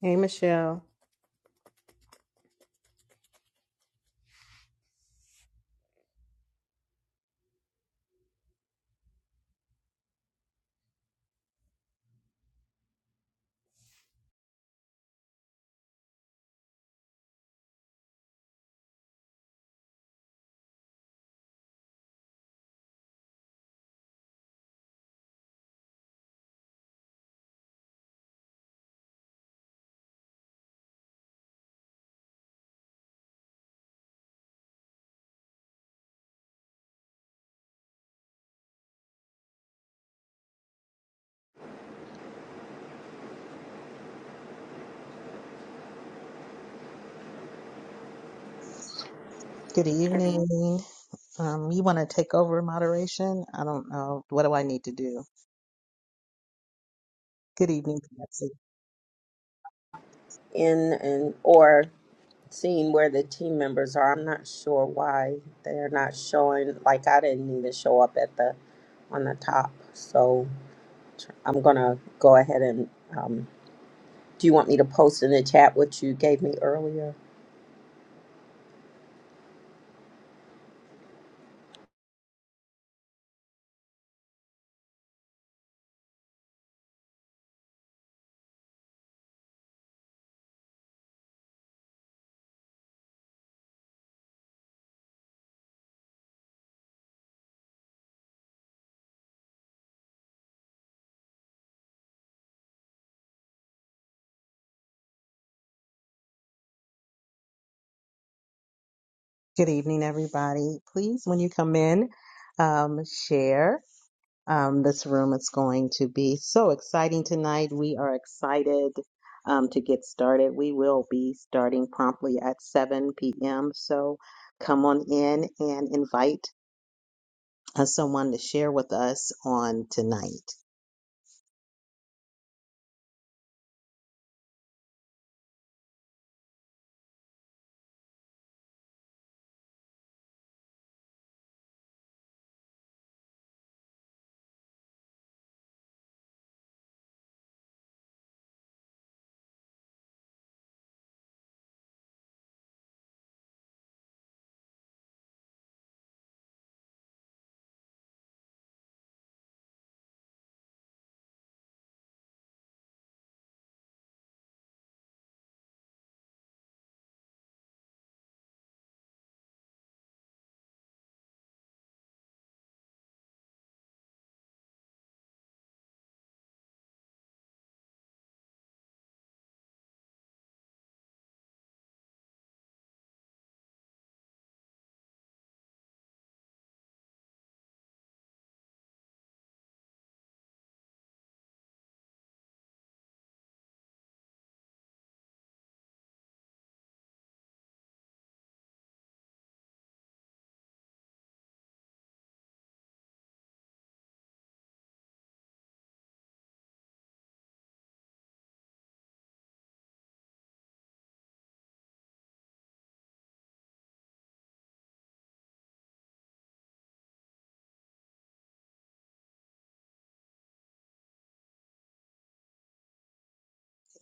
Hey, Michelle. Good evening. Um, you want to take over moderation? I don't know. What do I need to do? Good evening, Patsy. in and or seeing where the team members are. I'm not sure why they're not showing. Like I didn't need to show up at the on the top, so I'm gonna go ahead and. Um, do you want me to post in the chat what you gave me earlier? Good evening, everybody. Please, when you come in, um, share. Um, this room is going to be so exciting tonight. We are excited um, to get started. We will be starting promptly at 7 p.m. So come on in and invite uh, someone to share with us on tonight.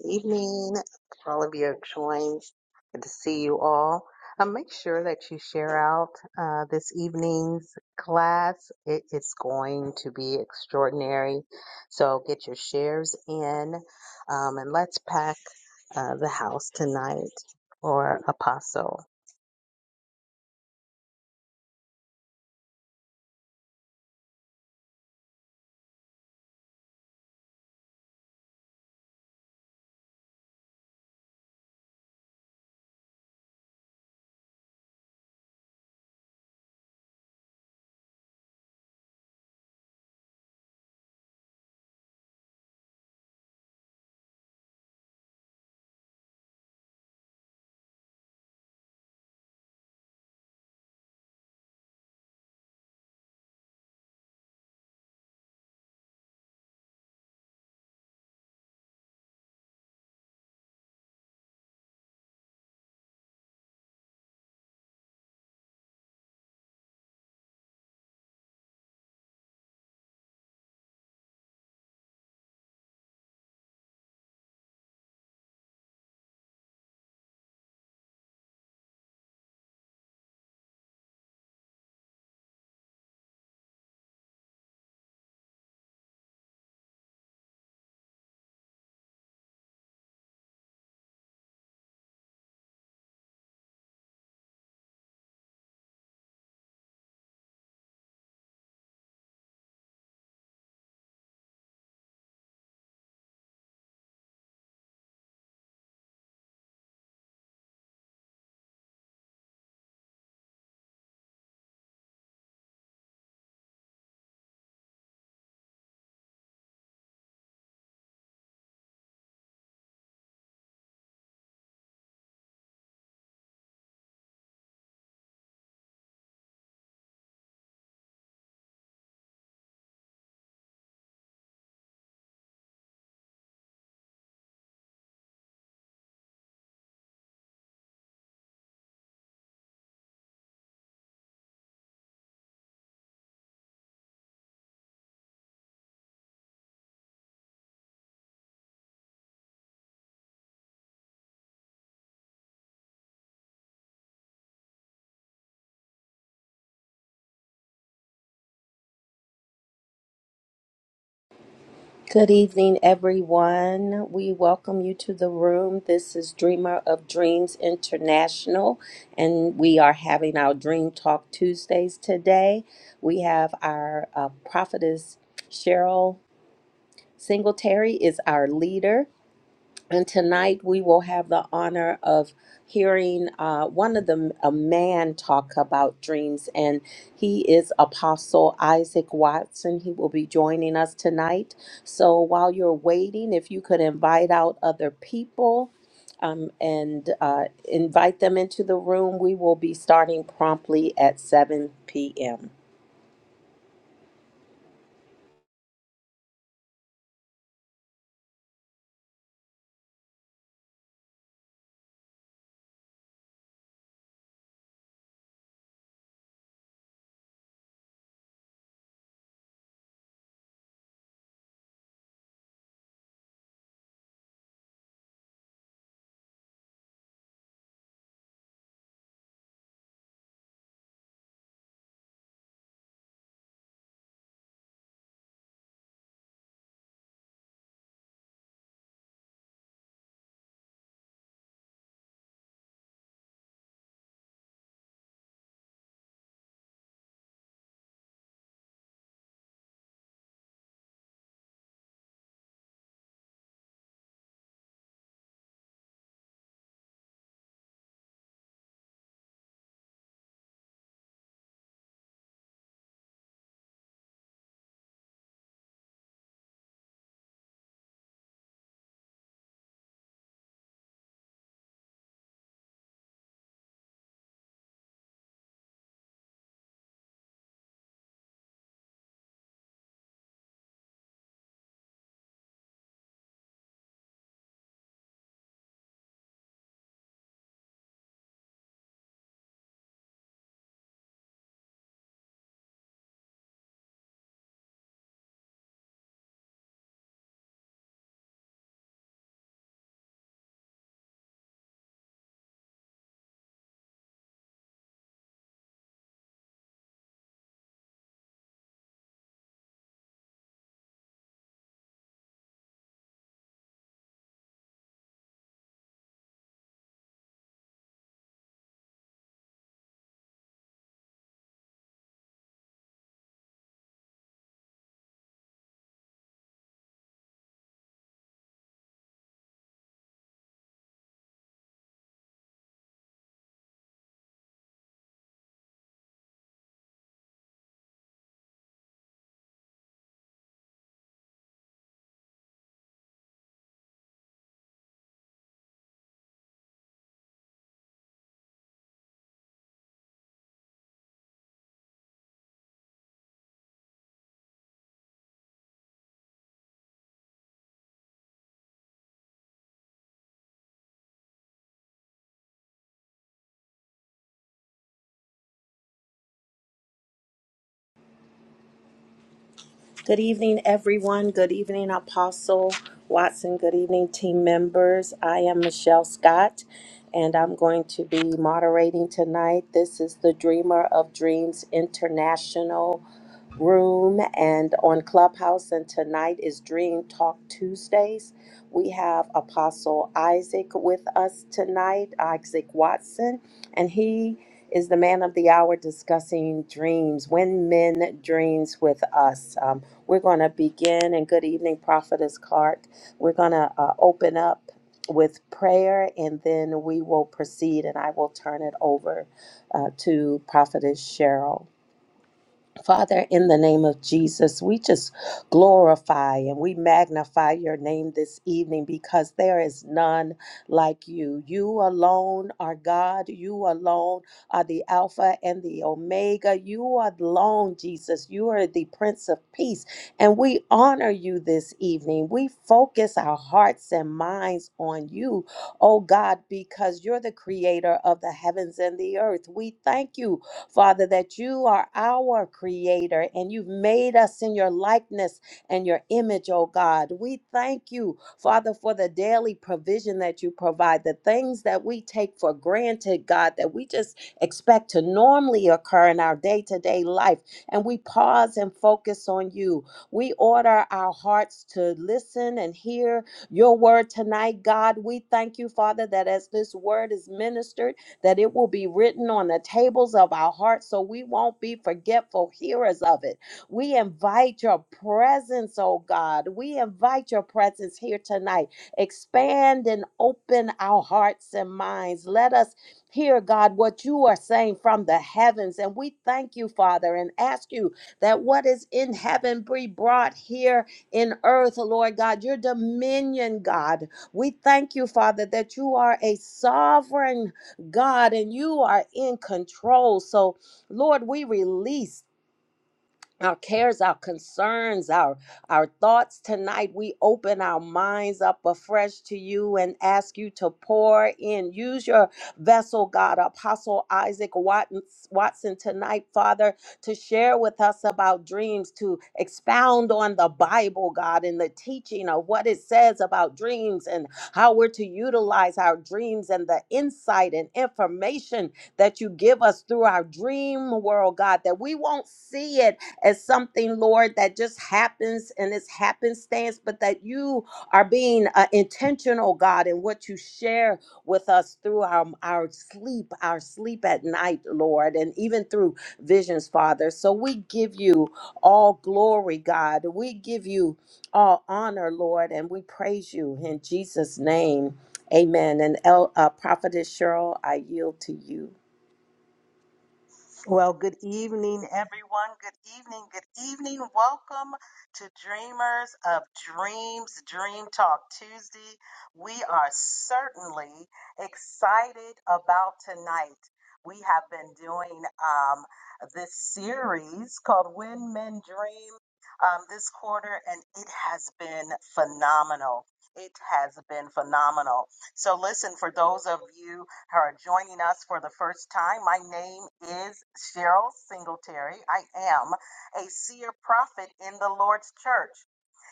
evening for all of your joins. Good to see you all. Um, make sure that you share out uh, this evening's class. It is going to be extraordinary. So get your shares in um, and let's pack uh, the house tonight for Apostle. Good evening, everyone. We welcome you to the room. This is Dreamer of Dreams International, and we are having our Dream Talk Tuesdays today. We have our uh, prophetess Cheryl Singletary is our leader, and tonight we will have the honor of hearing uh, one of the a man talk about dreams, and he is Apostle Isaac Watson. He will be joining us tonight. So while you're waiting, if you could invite out other people. Um, and uh, invite them into the room. We will be starting promptly at 7 p.m. Good evening, everyone. Good evening, Apostle Watson. Good evening, team members. I am Michelle Scott, and I'm going to be moderating tonight. This is the Dreamer of Dreams International room and on Clubhouse. And tonight is Dream Talk Tuesdays. We have Apostle Isaac with us tonight, Isaac Watson, and he is the man of the hour discussing dreams, when men dreams with us. Um, we're going to begin, and good evening, Prophetess Clark. We're going to uh, open up with prayer, and then we will proceed, and I will turn it over uh, to Prophetess Cheryl. Father, in the name of Jesus, we just glorify and we magnify your name this evening because there is none like you. You alone are God. You alone are the Alpha and the Omega. You are alone, Jesus. You are the Prince of Peace. And we honor you this evening. We focus our hearts and minds on you, oh God, because you're the creator of the heavens and the earth. We thank you Father, that you are our creator and you've made us in your likeness and your image, oh God. We thank you, Father, for the daily provision that you provide, the things that we take for granted, God, that we just expect to normally occur in our day to day life. And we pause and focus on you. We order our hearts to listen and hear your word tonight, God. We thank you, Father, that as this word is ministered, that it will be written on the tables of our hearts so we won't be forgetful hearers of it. We invite your presence, oh God. We invite your presence here tonight. Expand and open our hearts and minds. Let us hear, God, what you are saying from the heavens. And we thank you, Father, and ask you that what is in heaven be brought here in earth, Lord God, your dominion, God. We thank you, Father, that you are a sovereign. God, and you are in control. So, Lord, we release our cares, our concerns, our our thoughts tonight. We open our minds up afresh to you and ask you to pour in. Use your vessel, God, Apostle Isaac Watson, Watson tonight, Father, to share with us about dreams, to expound on the Bible, God, and the teaching of what it says about dreams and how we're to utilize our dreams and the insight and information that you give us through our dream world, God, that we won't see it as something, Lord, that just happens and it's happenstance, but that you are being uh, intentional, God, in what you share with us through our, our sleep, our sleep at night, Lord, and even through visions, Father. So we give you all glory, God. We give you all honor, Lord, and we praise you in Jesus' name. Amen. And El, uh, Prophetess Cheryl, I yield to you. Well, good evening, everyone. Good evening. Good evening. Welcome to Dreamers of Dreams Dream Talk Tuesday. We are certainly excited about tonight. We have been doing um, this series called When Men Dream um, this quarter, and it has been phenomenal. It has been phenomenal. So, listen, for those of you who are joining us for the first time. My name is Cheryl Singletary. I am a seer prophet in the Lord's church.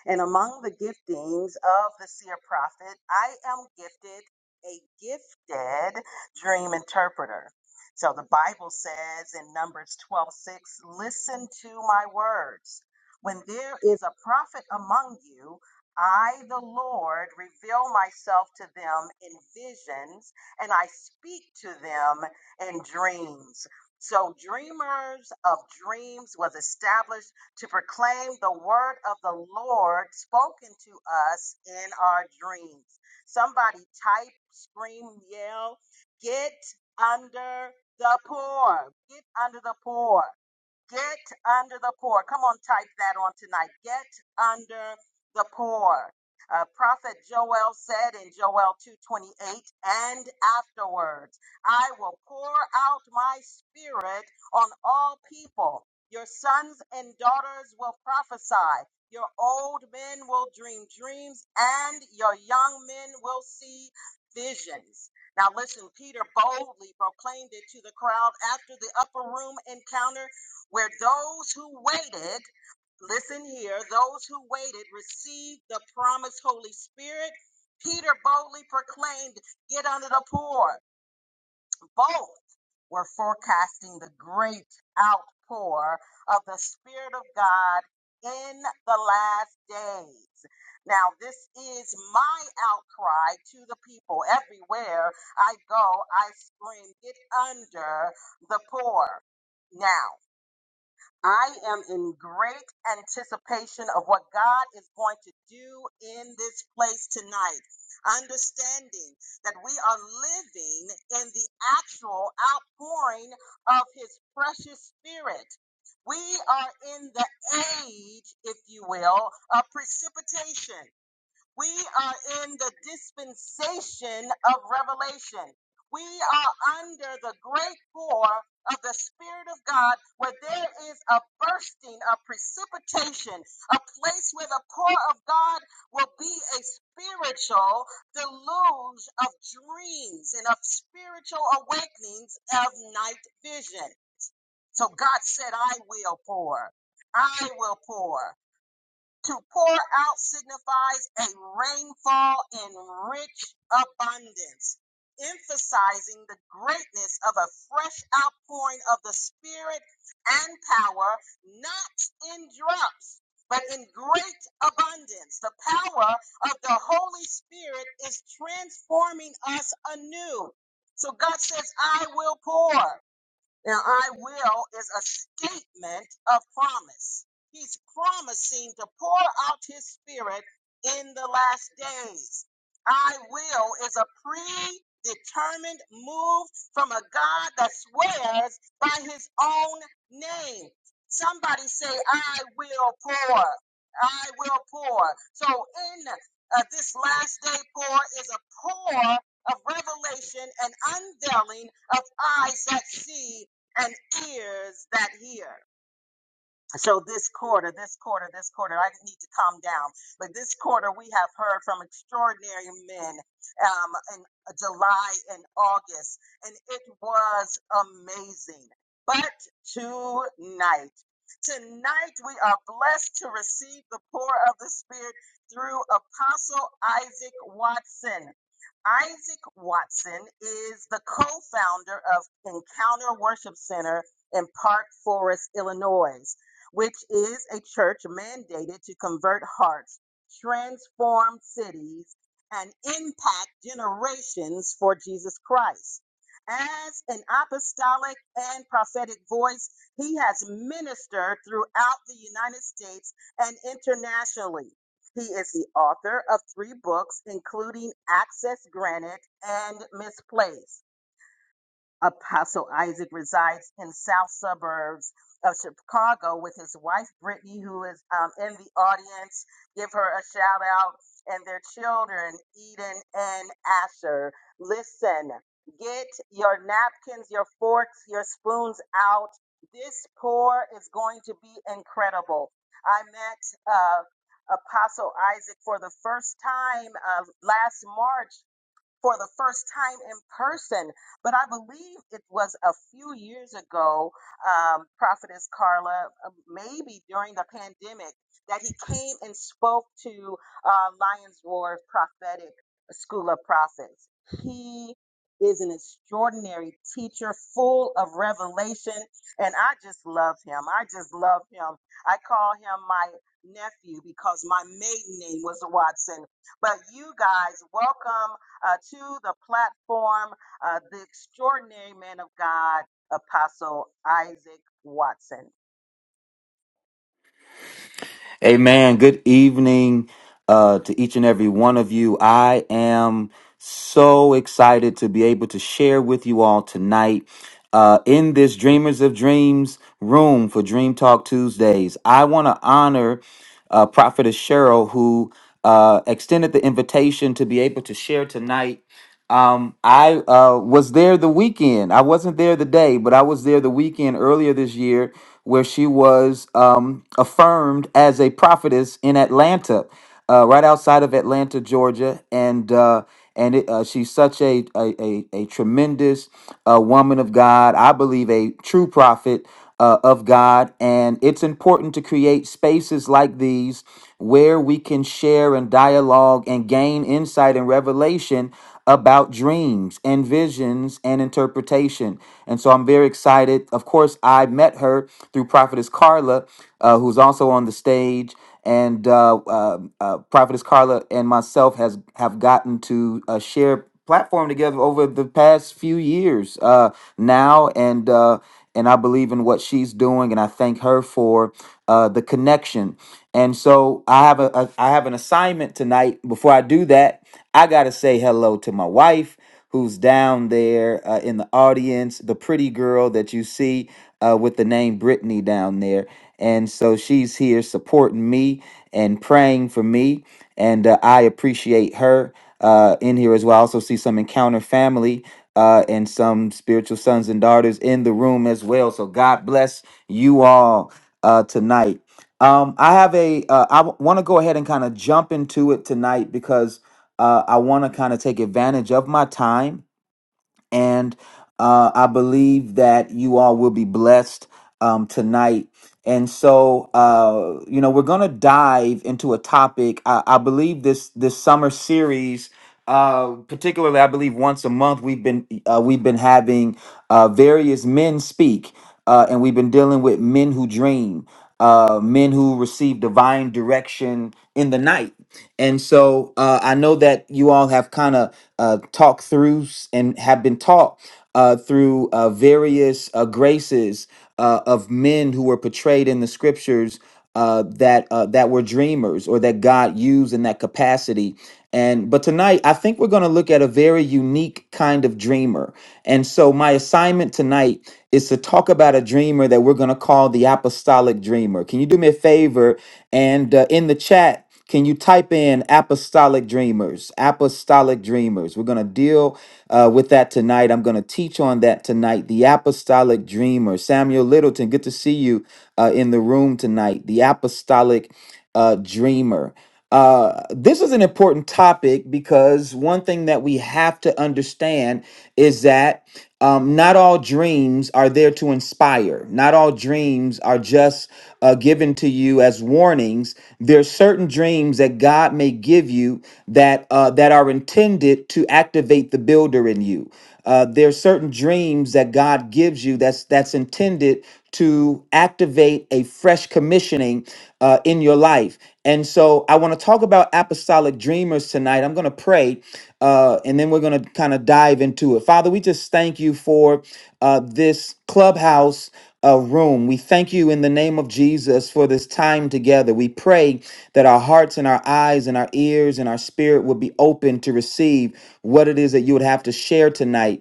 And among the giftings of the seer prophet, I am gifted a gifted dream interpreter. So the Bible says in Numbers 12 6, listen to my words. When there is a prophet among you, I, the Lord, reveal myself to them in visions and I speak to them in dreams. So, Dreamers of Dreams was established to proclaim the word of the Lord spoken to us in our dreams. Somebody type, scream, yell, get under the poor. Get under the poor. Get under the poor. Come on, type that on tonight. Get under the poor. Uh, Prophet Joel said in Joel 2:28, and afterwards, I will pour out my spirit on all people. Your sons and daughters will prophesy. Your old men will dream dreams, and your young men will see visions. Now listen, Peter boldly proclaimed it to the crowd after the upper room encounter where those who waited, listen here, those who waited received the promised Holy Spirit. Peter boldly proclaimed, Get under the poor. Both were forecasting the great outpour of the Spirit of God in the last days. Now, this is my outcry to the people. Everywhere I go, I scream, Get under the poor. Now, I am in great anticipation of what God is going to do in this place tonight. Understanding that we are living in the actual outpouring of His precious Spirit. We are in the age, if you will, of precipitation. We are in the dispensation of revelation. We are under the great pour of the Spirit of God, where there is a bursting, a precipitation, a place where the pour of God will be a spiritual deluge of dreams and of spiritual awakenings of night vision. So God said, I will pour. I will pour. To pour out signifies a rainfall in rich abundance, emphasizing the greatness of a fresh outpouring of the Spirit and power, not in drops, but in great abundance. The power of the Holy Spirit is transforming us anew. So God says, I will pour. Now, I will is a statement of promise. He's promising to pour out his spirit in the last days. I will is a predetermined move from a God that swears by his own name. Somebody say, I will pour. I will pour. So, in uh, this last day pour is a pour of revelation and unveiling of eyes that see and ears that hear. So this quarter, this quarter, this quarter, I need to calm down. But this quarter, we have heard from extraordinary men um, in July and August, and it was amazing. But tonight, tonight we are blessed to receive the pour of the Spirit through Apostle Isaac Watson. Isaac Watson is the co founder of Encounter Worship Center in Park Forest, Illinois which is a church mandated to convert hearts, transform cities, and impact generations for Jesus Christ. As an apostolic and prophetic voice, he has ministered throughout the United States and internationally. He is the author of three books, including Access Granted and Misplaced. Apostle Isaac resides in South suburbs of Chicago with his wife Brittany, who is um, in the audience. Give her a shout out and their children, Eden and Asher. Listen, get your napkins, your forks, your spoons out. This pour is going to be incredible. I met uh, Apostle Isaac for the first time uh, last March for the first time in person. But I believe it was a few years ago, um, Prophetess Carla, uh, maybe during the pandemic, that he came and spoke to uh, Lions Roar Prophetic School of Prophets. He is an extraordinary teacher full of revelation and I just love him. I just love him. I call him my nephew because my maiden name was Watson. But you guys, welcome uh, to the platform uh, the extraordinary man of God, Apostle Isaac Watson. Amen. Good evening uh, to each and every one of you. I am so excited to be able to share with you all tonight uh, in this Dreamers of Dreams room for Dream Talk Tuesdays. I want to honor uh, Prophetess Cheryl, who uh, extended the invitation to be able to share tonight um, I uh, was there the weekend. I wasn't there the day, but I was there the weekend earlier this year where she was um, affirmed as a prophetess in Atlanta, uh, right outside of Atlanta, Georgia. And uh, and it, uh, she's such a, a, a, a tremendous uh, woman of God. I believe a true prophet uh, of God. And it's important to create spaces like these where we can share and dialogue and gain insight and revelation about dreams and visions and interpretation. And so I'm very excited. Of course, I met her through Prophetess Carla, uh, who's also on the stage and uh, uh, uh, Prophetess Carla and myself has have gotten to uh, share platform together over the past few years uh, now, and uh, and I believe in what she's doing, and I thank her for uh, the connection. And so I have a, a I have an assignment tonight. Before I do that, I gotta say hello to my wife who's down there uh, in the audience, the pretty girl that you see uh, with the name Brittany down there. And so she's here supporting me and praying for me, and uh, I appreciate her uh, in here as well. I also see some Encounter family uh, and some spiritual sons and daughters in the room as well. So God bless you all uh, tonight. Um, I have a. Uh, I want to go ahead and kind of jump into it tonight because uh, I want to kind of take advantage of my time and uh, I believe that you all will be blessed um, tonight. And so, uh, you know, we're going to dive into a topic. I, I believe this this summer series, uh, particularly, I believe once a month we've been uh, we've been having uh, various men speak, uh, and we've been dealing with men who dream, uh, men who receive divine direction in the night and so uh, I know that you all have kind of uh, talked through s- and have been taught uh, through uh, various uh, graces uh, of men who were portrayed in the scriptures uh, that uh, that were dreamers or that God used in that capacity. And but tonight, I think we're going to look at a very unique kind of dreamer. And so my assignment tonight is to talk about a dreamer that we're going to call the apostolic dreamer. Can you do me a favor and uh, in the chat, can you type in apostolic dreamers? Apostolic dreamers. We're going to deal uh, with that tonight. I'm going to teach on that tonight. The apostolic dreamer. Samuel Littleton, good to see you uh, in the room tonight. The apostolic uh, dreamer. Uh, this is an important topic because one thing that we have to understand is that um, not all dreams are there to inspire. Not all dreams are just uh, given to you as warnings. There are certain dreams that God may give you that uh, that are intended to activate the builder in you. Uh, there are certain dreams that God gives you that's that's intended to activate a fresh commissioning uh, in your life. And so, I want to talk about apostolic dreamers tonight. I'm going to pray, uh, and then we're going to kind of dive into it. Father, we just thank you for uh, this clubhouse. uh room. We thank you in the name of Jesus for this time together. We pray that our hearts and our eyes and our ears and our spirit would be open to receive what it is that you would have to share tonight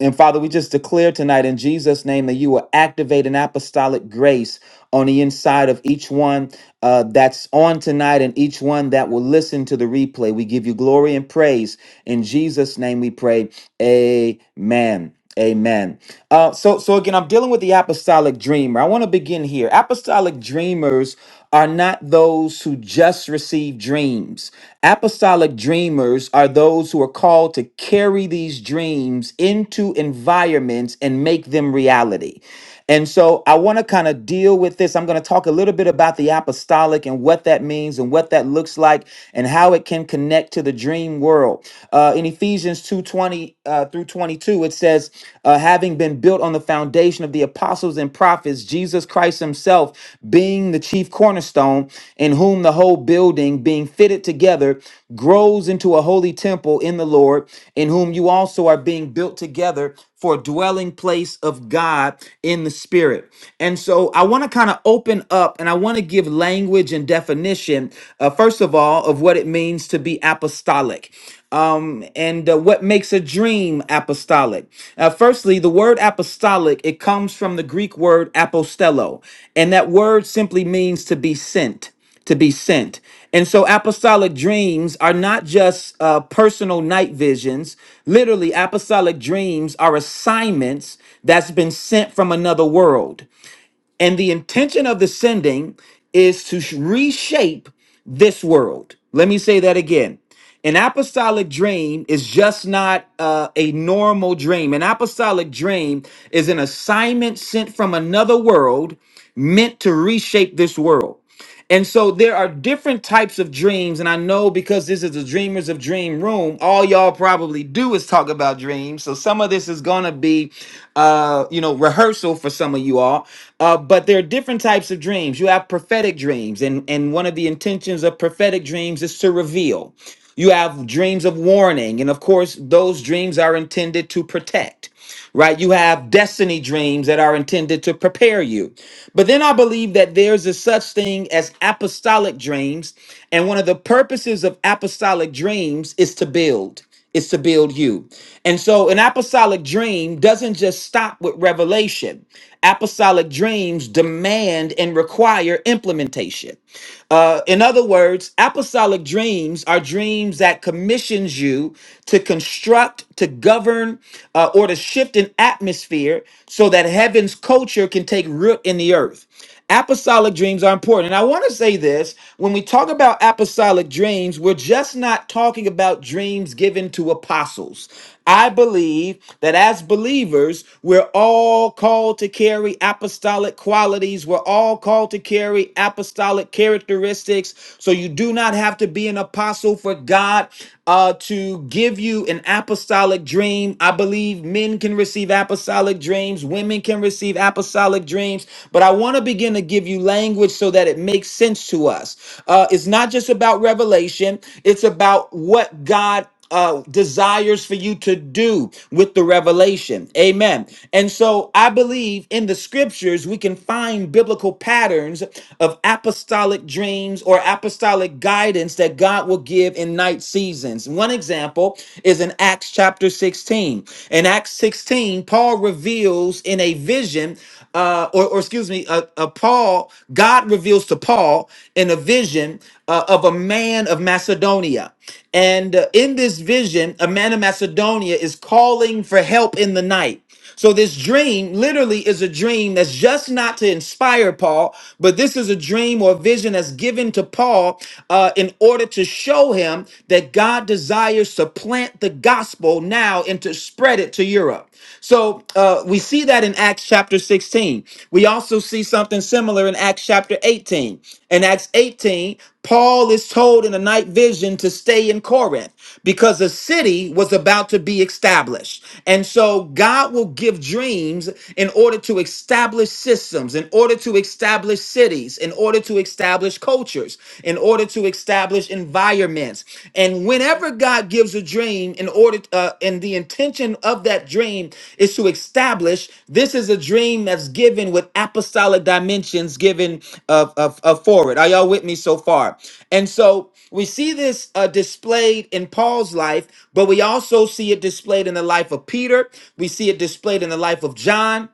and Father, we just declare tonight in Jesus' name that you will activate an apostolic grace on the inside of each one uh, that's on tonight and each one that will listen to the replay. We give you glory and praise. In Jesus' name we pray. Amen. Amen. Uh, so, so again, I'm dealing with the apostolic dreamer. I want to begin here. Apostolic dreamers are not those who just receive dreams. Apostolic dreamers are those who are called to carry these dreams into environments and make them reality. And so I want to kind of deal with this. I'm going to talk a little bit about the apostolic and what that means and what that looks like and how it can connect to the dream world. Uh, in Ephesians 2:20 uh, through 22, it says, uh, having been built on the foundation of the apostles and prophets, Jesus Christ himself being the chief cornerstone in whom the whole building being fitted together grows into a holy temple in the Lord, in whom you also are being built together for a dwelling place of God in the Spirit. And so I want to kind of open up and I want to give language and definition, uh, first of all, of what it means to be apostolic. Um, and uh, what makes a dream apostolic? Uh, firstly, the word apostolic it comes from the Greek word apostello, and that word simply means to be sent to be sent. And so apostolic dreams are not just uh, personal night visions. Literally, apostolic dreams are assignments that's been sent from another world. And the intention of the sending is to sh- reshape this world. Let me say that again. An apostolic dream is just not uh, a normal dream. An apostolic dream is an assignment sent from another world meant to reshape this world. And so there are different types of dreams. And I know because this is the Dreamers of Dream Room, all y'all probably do is talk about dreams. So some of this is going to be uh, you know, rehearsal for some of you all. Uh, but there are different types of dreams. You have prophetic dreams, and and one of the intentions of prophetic dreams is to reveal. You have dreams of warning, and of course, those dreams are intended to protect right? You have destiny dreams that are intended to prepare you. But then I believe that there's a such thing as apostolic dreams. And one of the purposes of apostolic dreams is to build, is to build you. And so an apostolic dream doesn't just stop with revelation, apostolic dreams demand and require implementation. Uh, in other words, apostolic dreams are dreams that commissions you to construct, to govern, uh, or to shift an atmosphere so that heaven's culture can take root in the earth. Apostolic dreams are important. And I want to say this when we talk about apostolic dreams, we're just not talking about dreams given to apostles. I believe that as believers, we're all called to carry apostolic qualities. We're all called to carry apostolic characteristics. So you do not have to be an apostle for God uh, to give you an apostolic dream. I believe men can receive apostolic dreams, women can receive apostolic dreams, but I want to begin to give you language so that it makes sense to us. Uh, it's not just about revelation, it's about what God uh, desires for you to do with the revelation. Amen. And so I believe in the scriptures, we can find biblical patterns of apostolic dreams or apostolic guidance that God will give in night seasons. One example is in Acts chapter 16. In Acts 16, Paul reveals in a vision uh, or, or excuse me, uh, uh, Paul, God reveals to Paul in a vision uh, of a man of Macedonia. And uh, in this vision, a man of Macedonia is calling for help in the night. So this dream literally is a dream that's just not to inspire Paul, but this is a dream or vision that's given to Paul uh, in order to show him that God desires to plant the gospel now and to spread it to Europe out. So uh, we see that in Acts chapter 16. We also see something similar in Acts chapter 18. In Acts 18, Paul is told in a night vision to stay in Corinth because a city was about to be established. And so God will give dreams in order to establish systems, in order to establish cities, in order to establish cultures, in order to establish environments. And whenever God gives a dream, in order, uh, and the intention of that dream is to establish this is a dream that's given with apostolic dimensions given of, of, of forward. Are y'all with me so far? And so we see this uh, displayed in Paul's life, but we also see it displayed in the life of Peter. We see it displayed in the life of John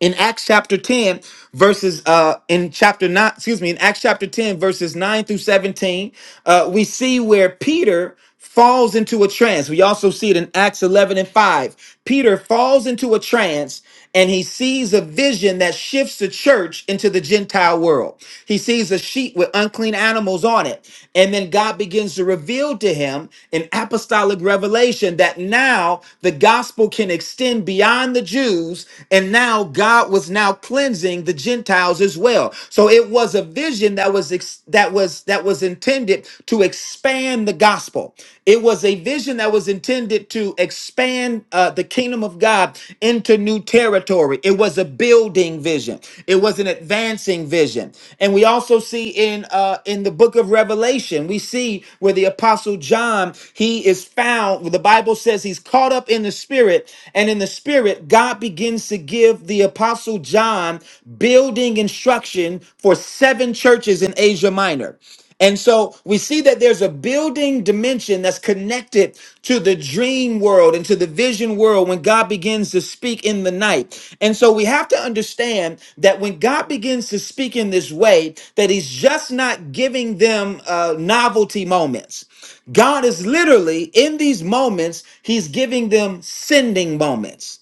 in Acts chapter 10, verses uh in chapter 9, excuse me, in Acts chapter 10, verses 9 through 17, uh, we see where Peter falls into a trance. We also see it in Acts 11 and 5. Peter falls into a trance and he sees a vision that shifts the church into the Gentile world. He sees a sheet with unclean animals on it. And then God God begins to reveal to him in apostolic revelation that now the gospel can extend beyond the Jews, and now God was now cleansing the Gentiles as well. So it was a vision that was ex- that was that was intended to expand the gospel. It was a vision that was intended to expand uh, the kingdom of God into new territory. It was a building vision. It was an advancing vision. And we also see in uh, in the book of Revelation, we see where the apostle John he is found. The Bible says he's caught up in the spirit, and in the spirit, God begins to give the apostle John building instruction for seven churches in Asia Minor. And so we see that there's a building dimension that's connected to the dream world and to the vision world when God begins to speak in the night. And so we have to understand that when God begins to speak in this way, that He's just not giving them uh, novelty moments. God is literally in these moments, He's giving them sending moments.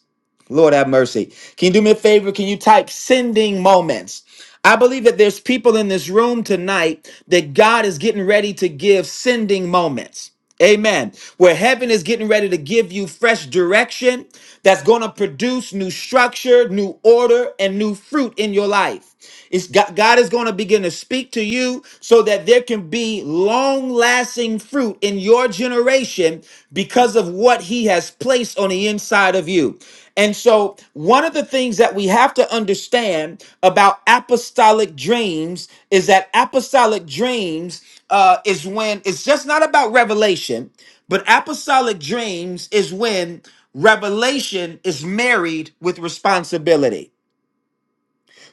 Lord have mercy. Can you do me a favor? Can you type sending moments? I believe that there's people in this room tonight that God is getting ready to give sending moments. Amen. Where heaven is getting ready to give you fresh direction that's going to produce new structure, new order, and new fruit in your life. It's God, God is going to begin to speak to you so that there can be long lasting fruit in your generation because of what He has placed on the inside of you. And so, one of the things that we have to understand about apostolic dreams is that apostolic dreams uh, is when it's just not about revelation, but apostolic dreams is when revelation is married with responsibility.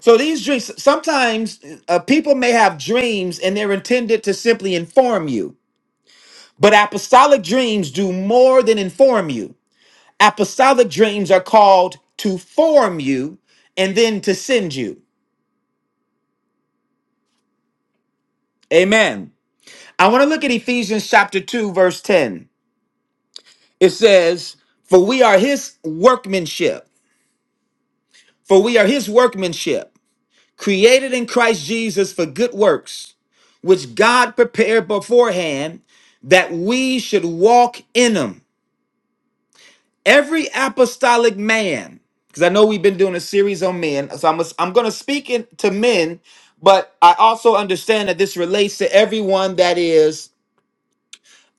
So these dreams, sometimes uh, people may have dreams and they're intended to simply inform you, but apostolic dreams do more than inform you. Apostolic dreams are called to form you and then to send you. Amen. I want to look at Ephesians chapter 2, verse 10. It says, For we are his workmanship. For we are his workmanship created in Christ Jesus for good works, which God prepared beforehand that we should walk in them. Every apostolic man, because I know we've been doing a series on men, so I'm, I'm going to speak in, to men, but I also understand that this relates to everyone that is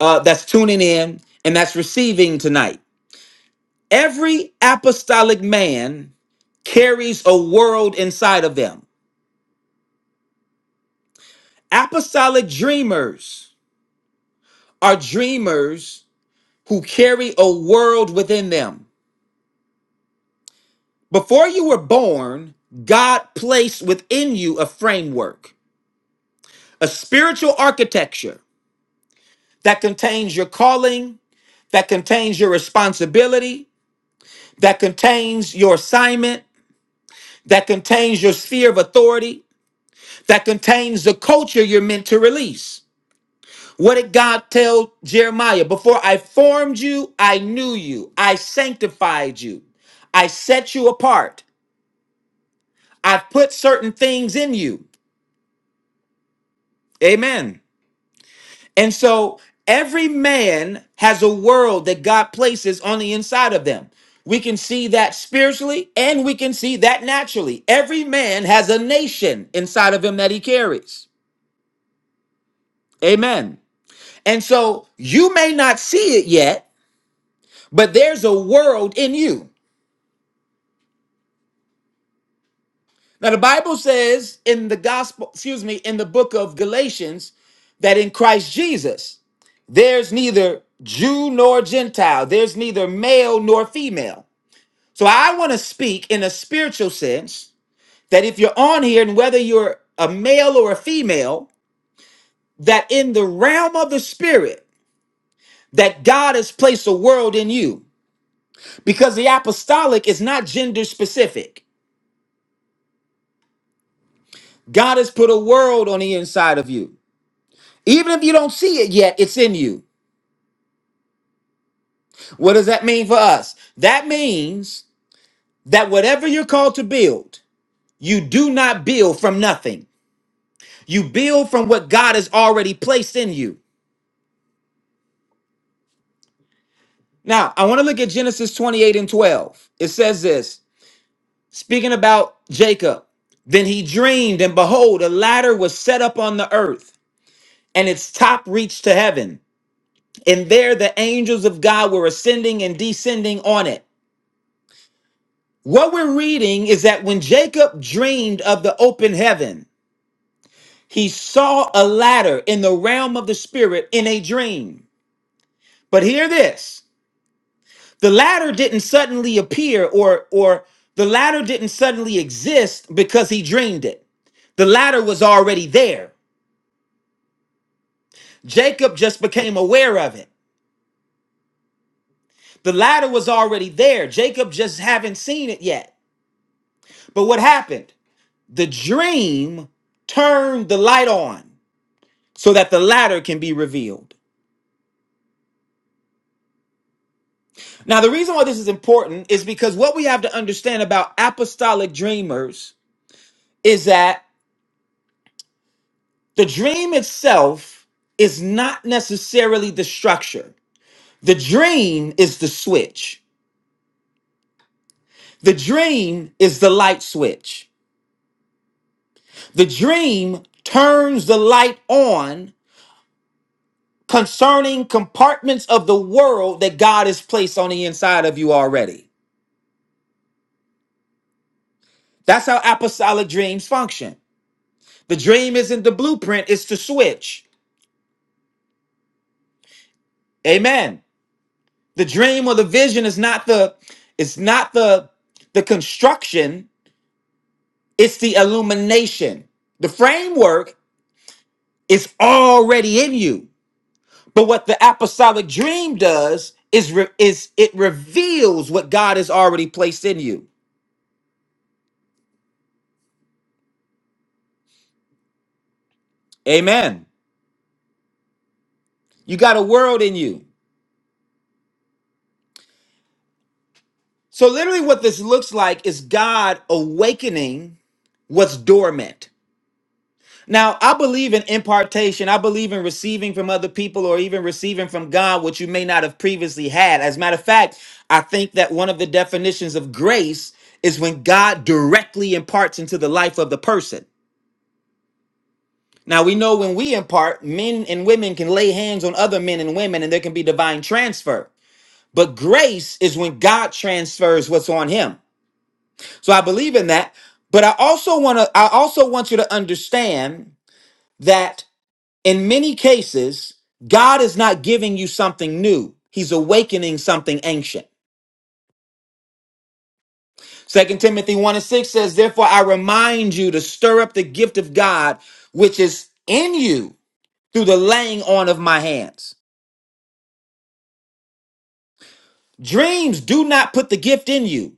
uh, that's tuning in and that's receiving tonight. Every apostolic man carries a world inside of them. Apostolic dreamers are dreamers who carry a world within them. Before you were born, God placed within you a framework, a spiritual architecture that contains your calling, that contains your responsibility, that contains your assignment, that contains your sphere of authority, that contains the culture you're meant to release. What did God tell Jeremiah? Before I formed you, I knew you. I sanctified you. I set you apart. i put certain things in you. Amen. And so every man has a world that God places on the inside of them. We can see that spiritually and we can see that naturally. Every man has a nation inside of him that he carries. Amen. And so you may not see it yet, but there's a world in you. Now, the Bible says in the gospel, excuse me, in the book of Galatians, that in Christ Jesus, there's neither Jew nor Gentile, there's neither male nor female. So I want to speak in a spiritual sense that if you're on here and whether you're a male or a female, that in the realm of the spirit, that God has placed a world in you. Because the apostolic is not gender specific. God has put a world on the inside of you. Even if you don't see it yet, it's in you. What does that mean for us? That means that whatever you're called to build, you do not build from nothing. You build from what God has already placed in you. Now, I want to look at Genesis 28 and 12. It says this, speaking about Jacob. Then he dreamed, and behold, a ladder was set up on the earth, and its top reached to heaven. And there the angels of God were ascending and descending on it. What we're reading is that when Jacob dreamed of the open heaven, he saw a ladder in the realm of the spirit in a dream. But hear this the ladder didn't suddenly appear, or, or the ladder didn't suddenly exist because he dreamed it. The ladder was already there. Jacob just became aware of it. The ladder was already there. Jacob just haven't seen it yet. But what happened? The dream turned the light on. so that the latter can be revealed. Now, the reason why this is important is because what we have to understand about apostolic dreamers is that the dream itself is not necessarily the structure, the dream is the switch, the dream is the light switch. The dream turns the light on concerning compartments of the world that God has placed on the inside of you already. That's how apostolic dreams function. The dream isn't the blueprint, it's the switch. Amen. The dream or the vision is not the it's not the the construction, it's the illumination. The framework is already in you. But what the apostolic dream does is re- is it reveals what God has already placed in you. Amen. You got a world in you. So literally what this looks like is God awakening what's dormant. Now, I believe in impartation. I believe in receiving from other people or even receiving from God what you may not have previously had. As a matter of fact, I think that one of the definitions of grace is when God directly imparts into the life of the person. Now, we know when we impart, men and women can lay hands on other men and women and there can be divine transfer. But grace is when God transfers what's on him. So I believe in that. But I also want to I also want you to understand that In many cases, God is not giving you something new. He's awakening something ancient. Second Timothy 1 and 6 says, Therefore I remind you to stir up the gift of God which is in you through the laying on of my hands. Dreams do not put the gift in you,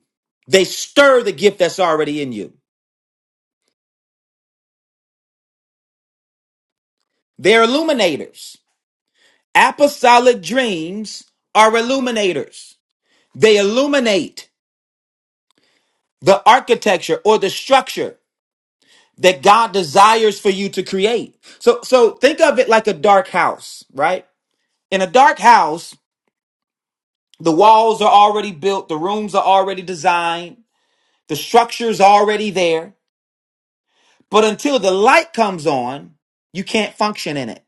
they stir the gift that's already in you. They're illuminators. Apostolic dreams are illuminators. They illuminate the architecture or the structure that God desires for you to create. So so think of it like a dark house, right? In a dark house, the walls are already built, the rooms are already designed, the structure's already there, but until the light comes on, you can't function in it.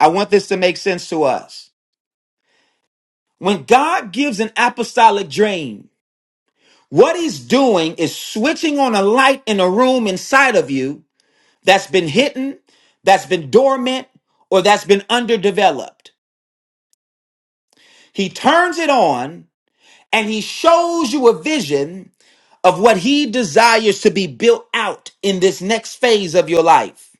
I want this to make sense to us. When God gives an apostolic dream, what he's doing is switching on a light in a room inside of you that's been hidden, that's been dormant, or that's been underdeveloped. He turns it on and he shows you a vision of what he desires to be built out in this next phase of your life.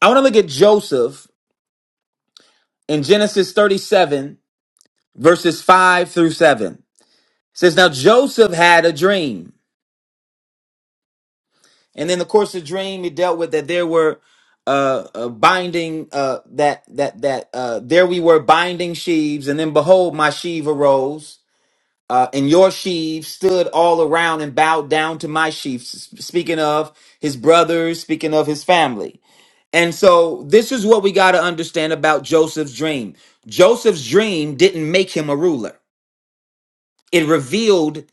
I want to look at Joseph in Genesis 37, verses 5 through 7. It says, Now Joseph had a dream. And in the course of the dream, he dealt with that there were uh, uh binding uh that that that uh there we were binding sheaves and then behold my sheave arose uh, and your sheaves stood all around and bowed down to my sheaves. S- Speaking of his brothers, speaking of his family. And so, this is what we got to understand about Joseph's dream. Joseph's dream didn't make him a ruler, it revealed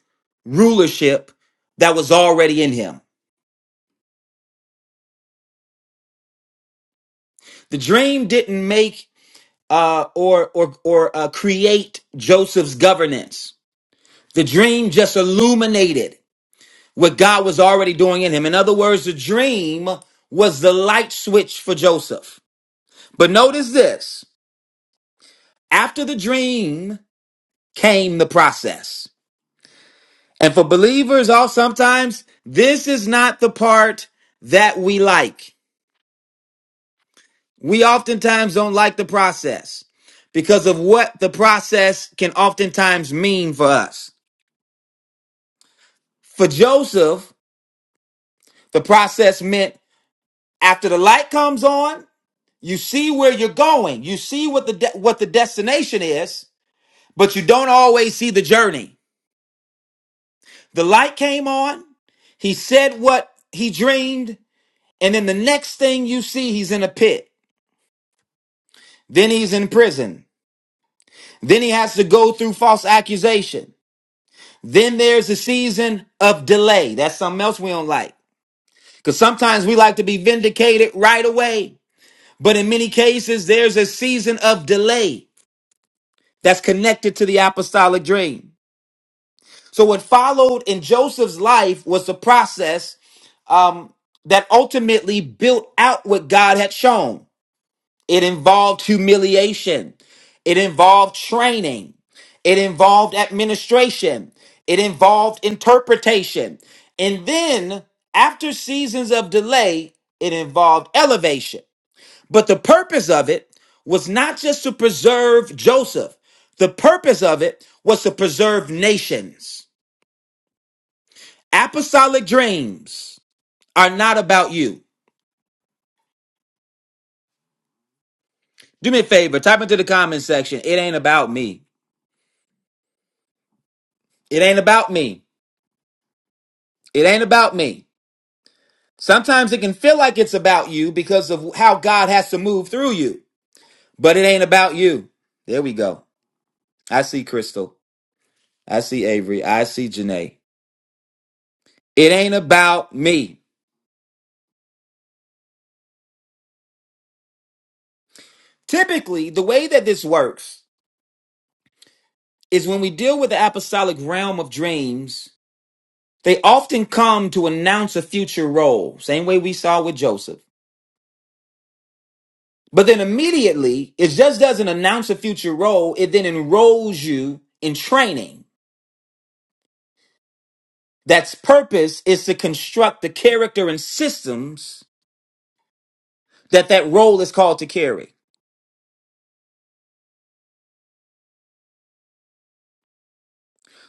rulership that was already in him. The dream didn't make uh, or, or, or uh, create Joseph's governance, the dream just illuminated. what God was already doing in him. In other words, the dream was the light switch for Joseph. But notice this after the dream came the process. And for believers, all sometimes this is not the part that we like. We oftentimes don't like the process because of what the process can oftentimes mean for us. For Joseph, the process meant after the light comes on, You see where you're going. You see what the de- what the destination is, but you don't always see the journey. The light came on. He said what he dreamed, and then the next thing you see, he's in a pit. Then he's in prison. Then he has to go through false accusation. Then there's a season of delay. That's something else we don't like. Because sometimes we like to be vindicated right away. But in many cases, there's a season of delay that's connected to the apostolic dream. So what followed in Joseph's life was the process um, that ultimately built out what God had shown. It involved humiliation. It involved training. It involved administration. It involved interpretation. And then after seasons of delay, it involved elevation. But the purpose of it was not just to preserve Joseph. The purpose of it was to preserve nations. Apostolic dreams are not about you. Do me a favor, type into the comment section. It ain't about me. It ain't about me. It ain't about me. Sometimes it can feel like it's about you because of how God has to move through you, but it ain't about you. There we go. I see Crystal. I see Avery. I see Janae. It ain't about me. Typically, the way that this works is when we deal with the apostolic realm of dreams They often come to announce a future role, same way we saw with Joseph. But then immediately, it just doesn't announce a future role, it then enrolls you in training. That's purpose is to construct the character and systems that that role is called to carry.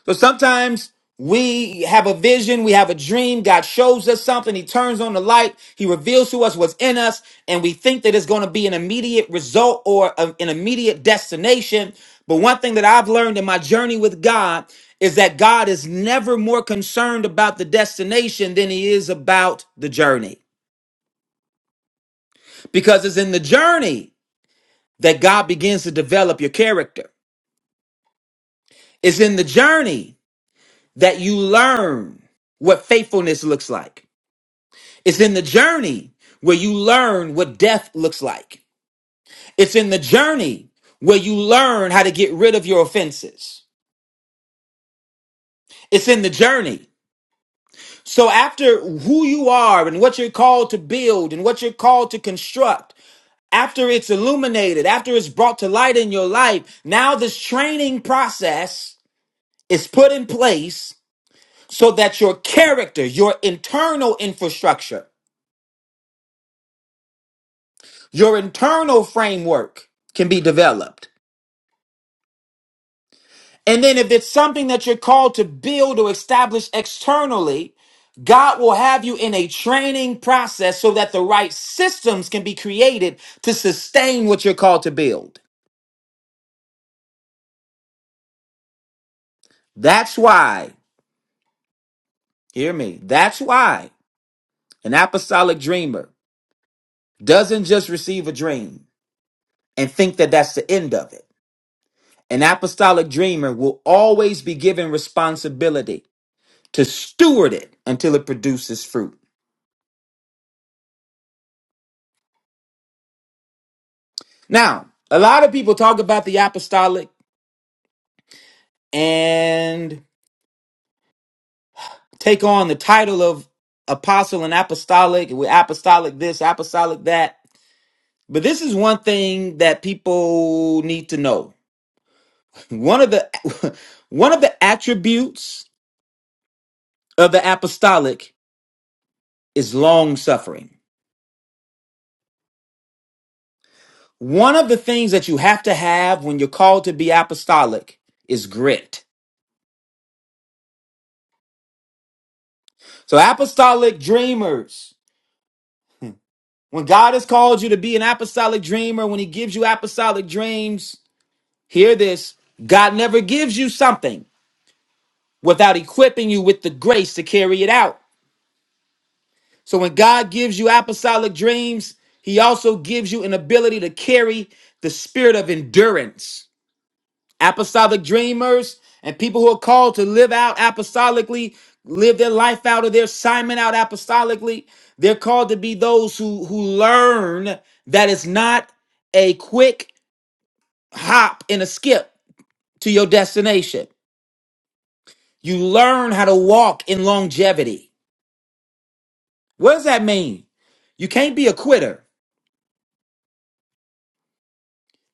So sometimes we have a vision, we have a dream, God shows us something, He turns on the light, He reveals to us what's in us, and we think that it's going to be an immediate result or a- an immediate destination. But one thing that I've learned in my journey with God is that God is never more concerned about the destination than He is about the journey. Because it's in the journey that God begins to develop your character, it's in the journey that you learn what faithfulness looks like. It's in the journey where you learn what death looks like. It's in the journey where you learn how to get rid of your offenses. It's in the journey. So, after who you are and what you're called to build and what you're called to construct, after it's illuminated, after it's brought to light in your life, now this training process is put in place so that your character, your internal infrastructure, your internal framework can be developed. And then if it's something that you're called to build or establish externally, God will have you in a training process so that the right systems can be created to sustain what you're called to build. That's why, hear me, that's why an apostolic dreamer doesn't just receive a dream and think that that's the end of it. An apostolic dreamer will always be given responsibility to steward it until it produces fruit. Now, a lot of people talk about the apostolic and take on the title of apostle and apostolic with apostolic this, apostolic that. But this is one thing that people need to know. One of the one of the attributes of the apostolic is long suffering. One of the things that you have to have when you're called to be apostolic is grit. So apostolic dreamers, when God has called you to be an apostolic dreamer, when he gives you apostolic dreams, Hear this God never gives you something without equipping you with the grace to carry it out. So when God gives you apostolic dreams, he also gives you an ability to carry the spirit of endurance. Apostolic dreamers and people who are called to live out apostolically, live their life out or their assignment out apostolically, they're called to be those who who learn that it's not a quick hop and a skip to your destination. You learn how to walk in longevity. What does that mean? You can't be a quitter.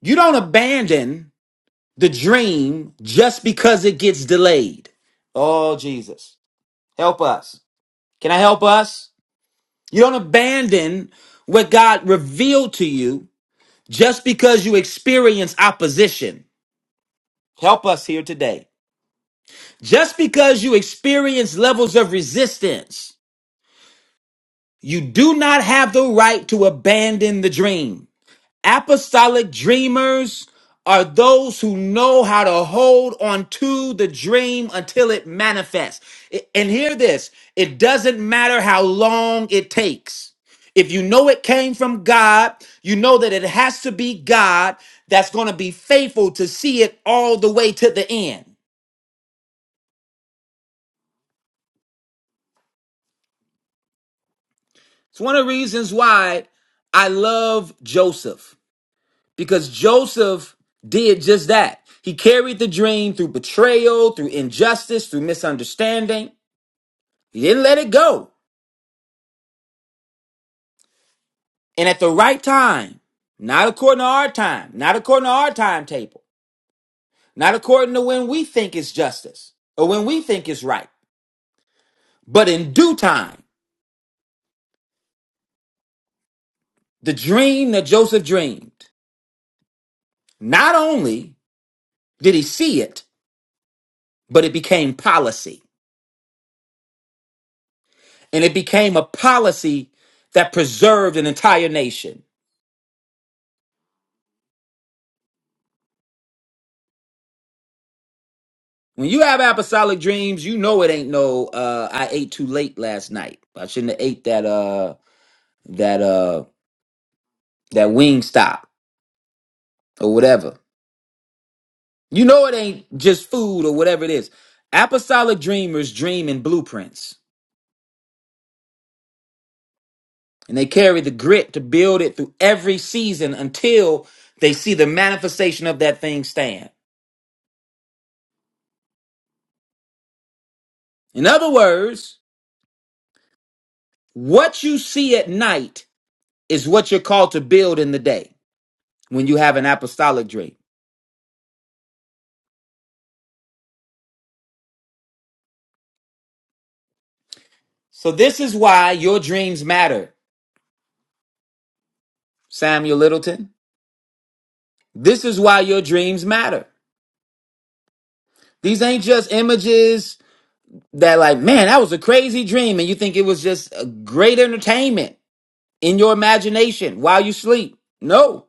You don't abandon the dream just because it gets delayed. Oh, Jesus. Help us. Can I help us? You don't abandon what God revealed to you just because you experience opposition. Help us here today. Just because you experience levels of resistance, you do not have the right to abandon the dream. Apostolic dreamers are those who know how to hold on to the dream until it manifests. I- And hear this it doesn't matter how long it takes. If you know it came from God, you know that it has to be God that's going to be faithful to see it all the way to the end. It's one of the reasons why I love Joseph. because Joseph did just that. He carried the dream through betrayal, through injustice, through misunderstanding. He didn't let it go. And at the right time, not according to our time, not according to our timetable, not according to when we think it's justice or when we think it's right, but in due time, the dream that Joseph dreamed, not only did he see it, but it became policy. And it became a policy that preserved an entire nation When you have apostolic dreams, you know it ain't no uh I ate too late last night. I shouldn't have ate that uh that uh that wing stop or whatever. You know it ain't just food or whatever it is. Apostolic dreamers dream in blueprints and they carry the grit to build it through every season until they see the manifestation of that thing stand. In other words, what you see at night is what you're called to build in the day when you have an apostolic dream. So this is why your dreams matter, Samuel Littleton. This is why your dreams matter. These ain't just images that like, man, that was a crazy dream and you think it was just a great entertainment in your imagination while you sleep. No.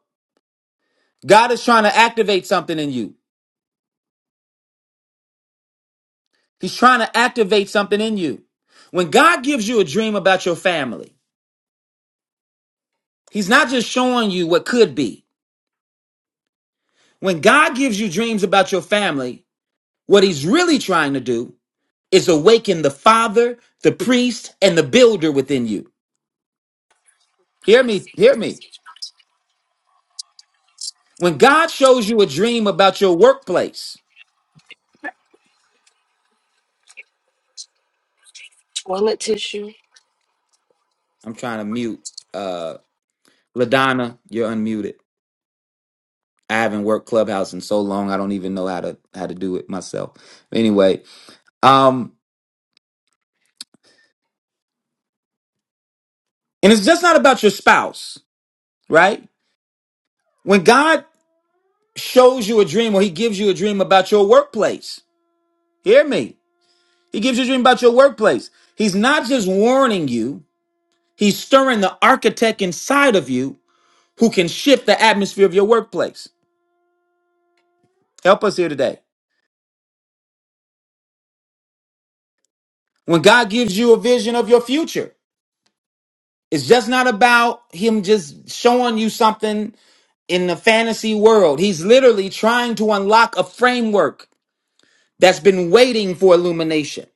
God is trying to activate something in you. He's trying to activate something in you. When God gives you a dream about your family, he's not just showing you what could be. When God gives you dreams about your family, what he's really trying to do is awaken the father, the priest, and the builder within you. Hear me, hear me. When God shows you a dream about your workplace, Toilet tissue. I'm trying to mute uh Ladonna, you're unmuted. I haven't worked Clubhouse in so long, I don't even know how to how to do it myself. Anyway, um, and it's just not about your spouse, right? When God shows you a dream or he gives you a dream about your workplace, hear me. He gives you a dream about your workplace. He's not just warning you, He's stirring the architect inside of you who can shift the atmosphere of your workplace. Help us here today. When God gives you a vision of your future, it's just not about Him just showing you something in the fantasy world. He's literally trying to unlock a framework that's been waiting for illumination.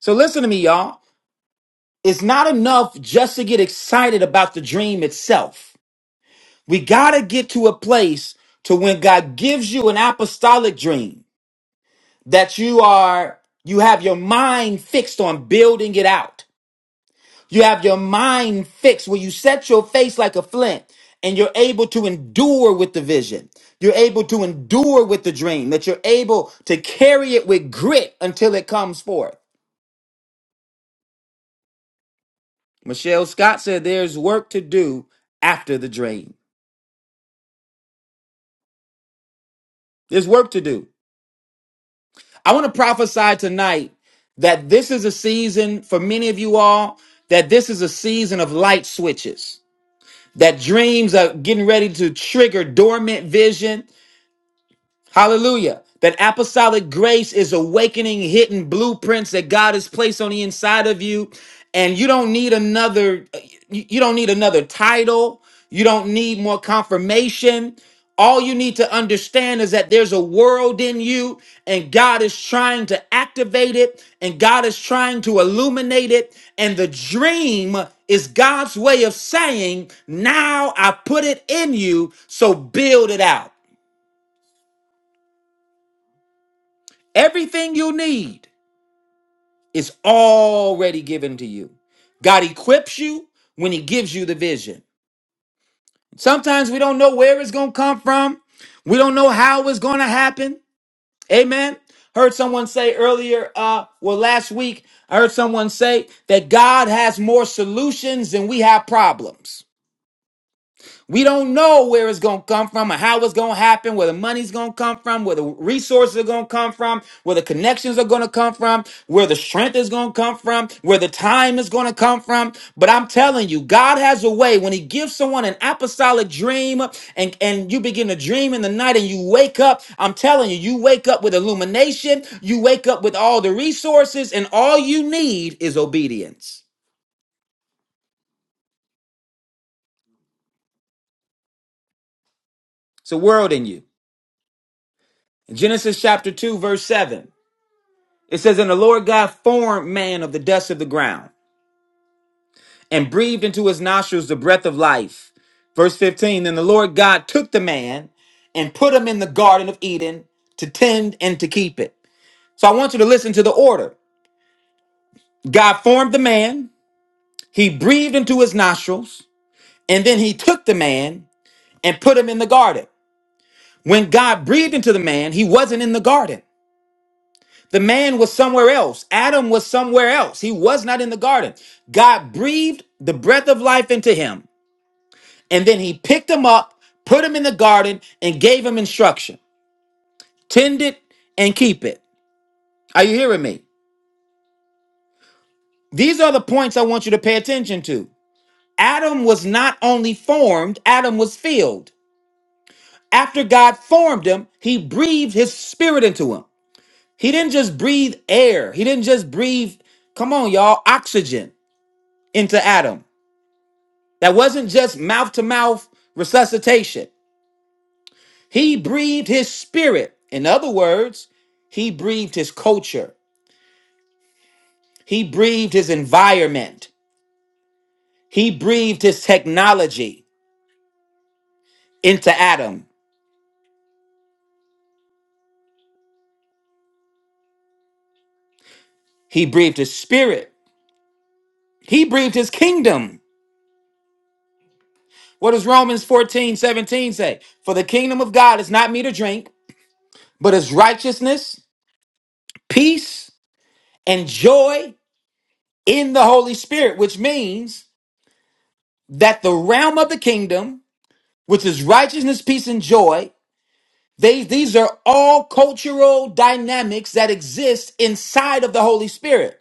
So listen to me, y'all. It's not enough just to get excited about the dream itself. We got to get to a place to when God gives you an apostolic dream that you are you have your mind fixed on building it out you have your mind fixed where you set your face like a flint and you're able to endure with the vision you're able to endure with the dream that you're able to carry it with grit until it comes forth michelle scott said there's work to do after the dream there's work to do i want to prophesy tonight that this is a season for many of you all that this is a season of light switches that dreams are getting ready to trigger dormant vision Hallelujah. That apostolic grace is awakening hidden blueprints that God has placed on the inside of you. And you don't need another, you you don't need another title. You don't need more confirmation. All you need to understand is that there's a world in you, and God is trying to activate it, and God is trying to illuminate it. And the dream is God's way of saying, Now I put it in you, so build it out. Everything you need is already given to you. God equips you when He gives you the vision. Sometimes we don't know where it's going to come from, we don't know how it's going to happen. Amen. Heard someone say earlier, uh, well, last week, I heard someone say that God has more solutions than we have problems. We don't know where it's going to come from or how it's going to happen, where the money's going to come from, where the resources are going to come from, where the connections are going to come from, where the strength is going to come from, where the time is going to come from. But I'm telling you, God has a way when he gives someone an apostolic dream and, and you begin to dream in the night and you wake up. I'm telling you, you wake up with illumination. You wake up with all the resources and all you need is obedience. It's a world in you. In Genesis chapter 2, verse 7. It says, And the Lord God formed man of the dust of the ground and breathed into his nostrils the breath of life. Verse 15 Then the Lord God took the man and put him in the Garden of Eden to tend and to keep it. So I want you to listen to the order God formed the man, he breathed into his nostrils, and then he took the man and put him in the garden. When God breathed into the man, he wasn't in the garden. The man was somewhere else. Adam was somewhere else. He was not in the garden. God breathed the breath of life into him, and then he picked him up, put him in the garden, and gave him instruction tend it and keep it. Are you hearing me? These are the points I want you to pay attention to. Adam was not only formed, Adam was filled. After God formed him, he breathed his spirit into him. He didn't just breathe air, he didn't just breathe, come on, y'all, oxygen into Adam. That wasn't just mouth to mouth resuscitation. He breathed his spirit. In other words, he breathed his culture, he breathed his environment, he breathed his technology into Adam, he breathed his spirit, he breathed his kingdom. What does Romans 14 17 say? For the kingdom of God is not meat to drink, but is righteousness, peace, and joy in the Holy Spirit, which means that the realm of the kingdom which is righteousness, peace, and joy. They, these are all cultural dynamics that exist inside of the Holy Spirit.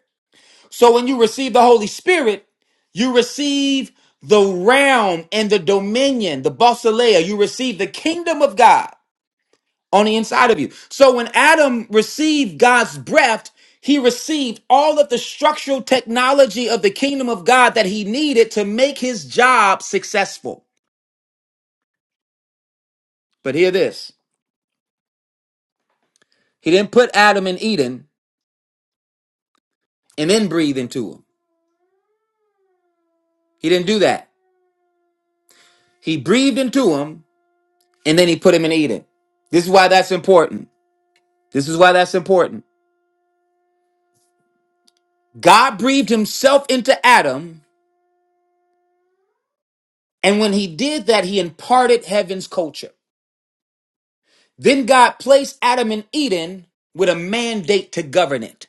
So when you receive the Holy Spirit, you receive the realm and the dominion, the basileia. You receive the kingdom of God on the inside of you. So when Adam received God's breath, he received all of the structural technology of the kingdom of God that he needed to make his job successful. But hear this. He didn't put Adam in Eden. and then breathe into him. He didn't do that. He breathed into him and then he put him in Eden. This is why that's important. This is why that's important. God breathed himself into Adam, and when he did that, he imparted heaven's culture. Then God placed Adam in Eden with a mandate to govern it.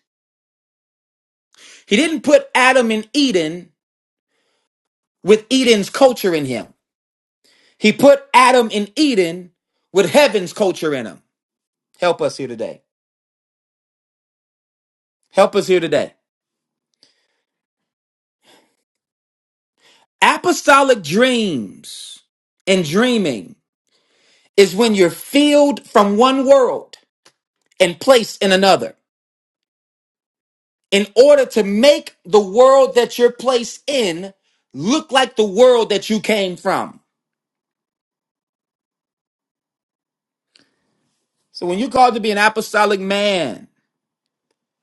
He didn't put Adam in Eden with Eden's culture in him. He put Adam in Eden with heaven's culture in him. Help us here today. Help us here today. Apostolic dreams and dreaming is when you're filled from one world and placed in another in order to make the world that you're placed in look like the world that you came from. So when you're called to be an apostolic man,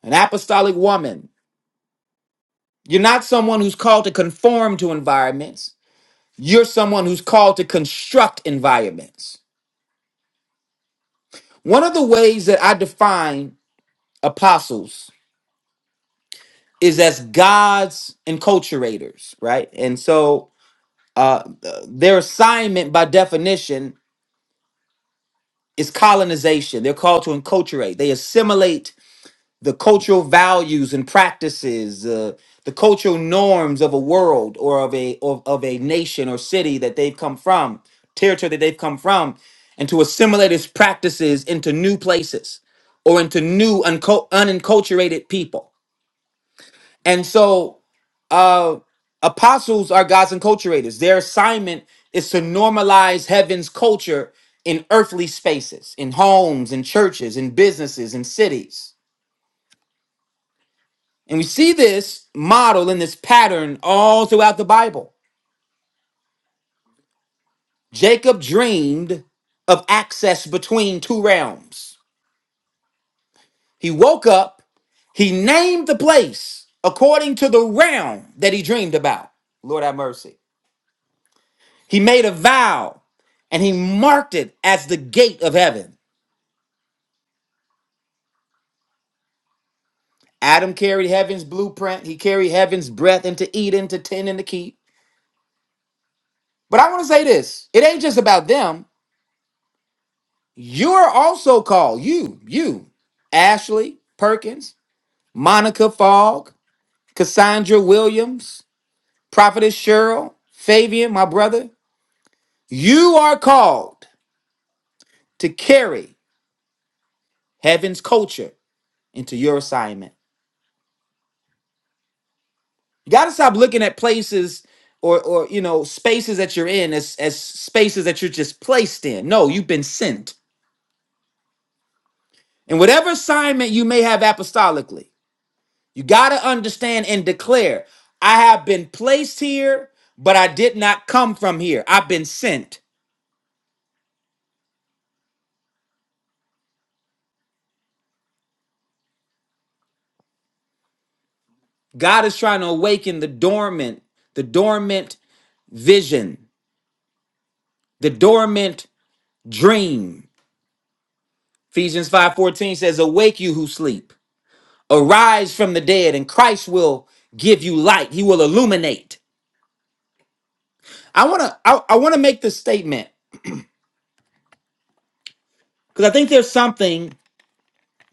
an apostolic woman, you're not someone who's called to conform to environments. You're someone who's called to construct environments. One of the ways that I define apostles is as gods enculturators, right? And so uh, their assignment by definition is colonization. They're called to enculturate. They assimilate the cultural values and practices, uh, the cultural norms of a world or of a of, of a nation or city that they've come from, territory that they've come from, and to assimilate its practices into new places or into new unco- unenculturated people. And so uh, apostles are God's enculturators. Their assignment is to normalize heaven's culture in earthly spaces, in homes, in churches, in businesses, in cities. And we see this model and this pattern all throughout the Bible. Jacob dreamed of access between two realms. He woke up, he named the place according to the realm that he dreamed about. Lord have mercy. He made a vow and he marked it as the gate of heaven. Adam carried heaven's blueprint. He carried heaven's breath into Eden to tend and to keep. But I want to say this it ain't just about them. You're also called, you, you, Ashley Perkins, Monica Fogg, Cassandra Williams, Prophetess Cheryl, Fabian, my brother. You are called to carry heaven's culture into your assignment. You got to stop looking at places or or you know spaces that you're in as as spaces that you're just placed in. No, you've been sent. And whatever assignment you may have apostolically, you got to understand and declare, I have been placed here, but I did not come from here. I've been sent. God is trying to awaken the dormant, the dormant vision, the dormant dream. Ephesians 5:14 says, "Awake you who sleep." arise from the dead and Christ will give you light. He will illuminate. I want to I, I want to make this statement because I think there's something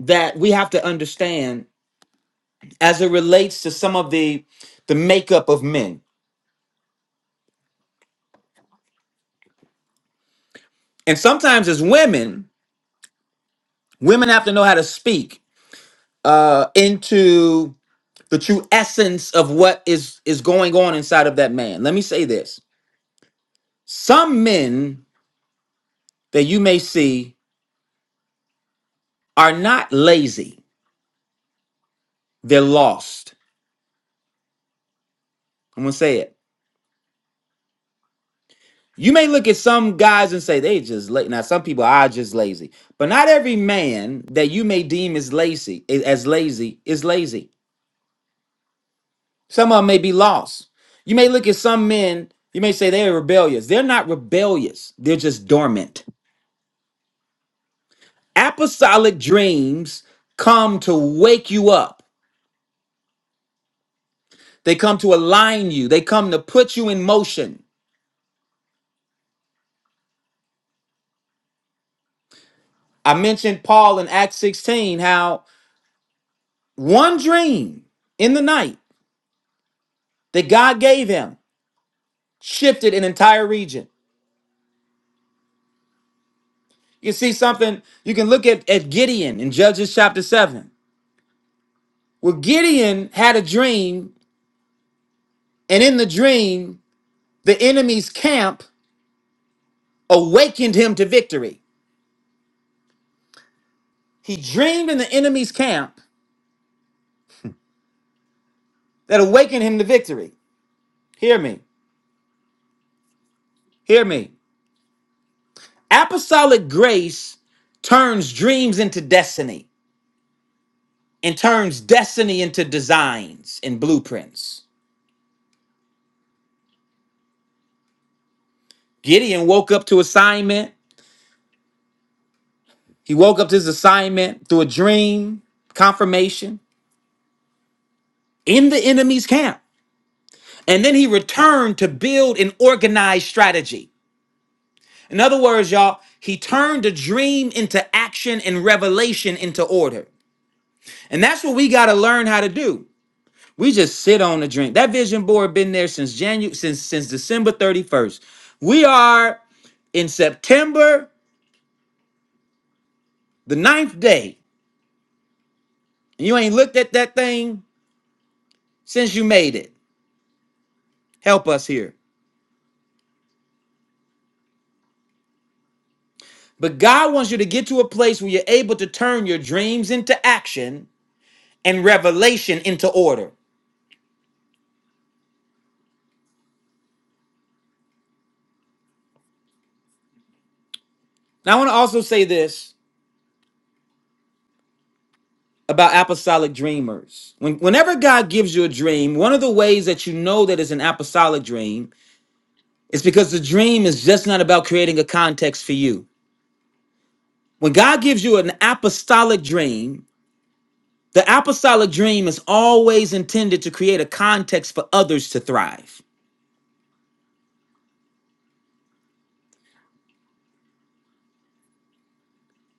that we have to understand as it relates to some of the the makeup of men. And sometimes as women, women have to know how to speak uh into the true essence of what is is going on inside of that man. Let me say this. Some men that you may see are not lazy. They're lost. I'm going to say it You may look at some guys and say they just lazy. Now, some people are just lazy, but not every man that you may deem as lazy as lazy is lazy. Some of them may be lost. You may look at some men. You may say they're rebellious. They're not rebellious. They're just dormant. Apostolic dreams come to wake you up. They come to align you. They come to put you in motion. I mentioned Paul in Acts 16 how one dream in the night that God gave him. shifted an entire region. You see something, you can look at, at Gideon in Judges chapter 7. Well, Gideon had a dream, and in the dream, the enemy's camp awakened him to victory. He dreamed in the enemy's camp that awakened him to victory. Hear me, hear me. Apostolic grace turns dreams into destiny and turns destiny into designs and blueprints. Gideon woke up to assignment He woke up to his assignment through a dream, confirmation in the enemy's camp. And then he returned to build an organized strategy. In other words, y'all, he turned the dream into action and revelation into order. And that's what we got to learn how to do. We just sit on the dream. That vision board been there since January since since December 31st. We are in September, the ninth day. And you ain't looked at that thing since you made it. Help us here. But God wants you to get to a place where you're able to turn your dreams into action and revelation into order. Now, I want to also say this about apostolic dreamers. When, whenever God gives you a dream, one of the ways that you know that it's an apostolic dream is because the dream is just not about creating a context for you. When God gives you an apostolic dream, the apostolic dream is always intended to create a context for others to thrive.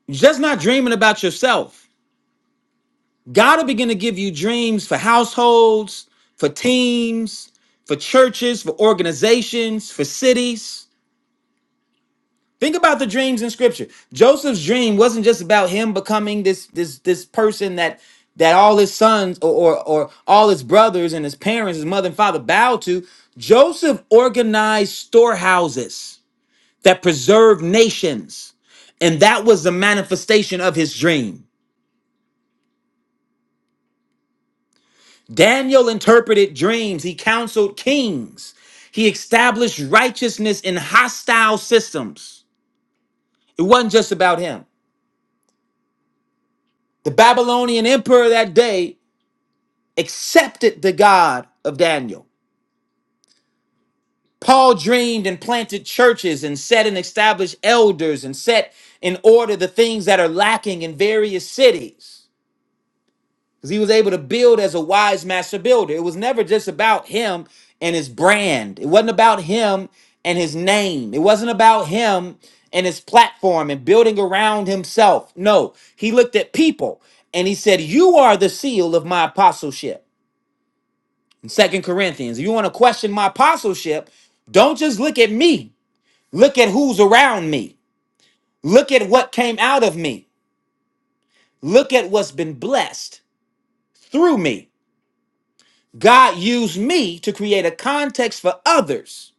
You're just not dreaming about yourself. God will begin to give you dreams for households, for teams, for churches, for organizations, for cities. Think about the dreams in scripture. Joseph's dream wasn't just about him becoming this this this person that that all his sons or or, or all his brothers and his parents, his mother and father bowed to. Joseph organized storehouses that preserved nations. And that was the manifestation of his dream. Daniel interpreted dreams, he counseled kings, he established righteousness in hostile systems. It wasn't just about him. The Babylonian emperor that day accepted the God of Daniel. Paul dreamed and planted churches and set and established elders and set in order the things that are lacking in various cities. because he was able to build as a wise master builder. It was never just about him and his brand. It wasn't about him and his name. It wasn't about him and his platform and building around himself. No, he looked at people and he said, "You are the seal of my apostleship." In 2 Corinthians, if you want to question my apostleship, don't just look at me. Look at who's around me. Look at what came out of me. Look at what's been blessed through me God used me to create a context for others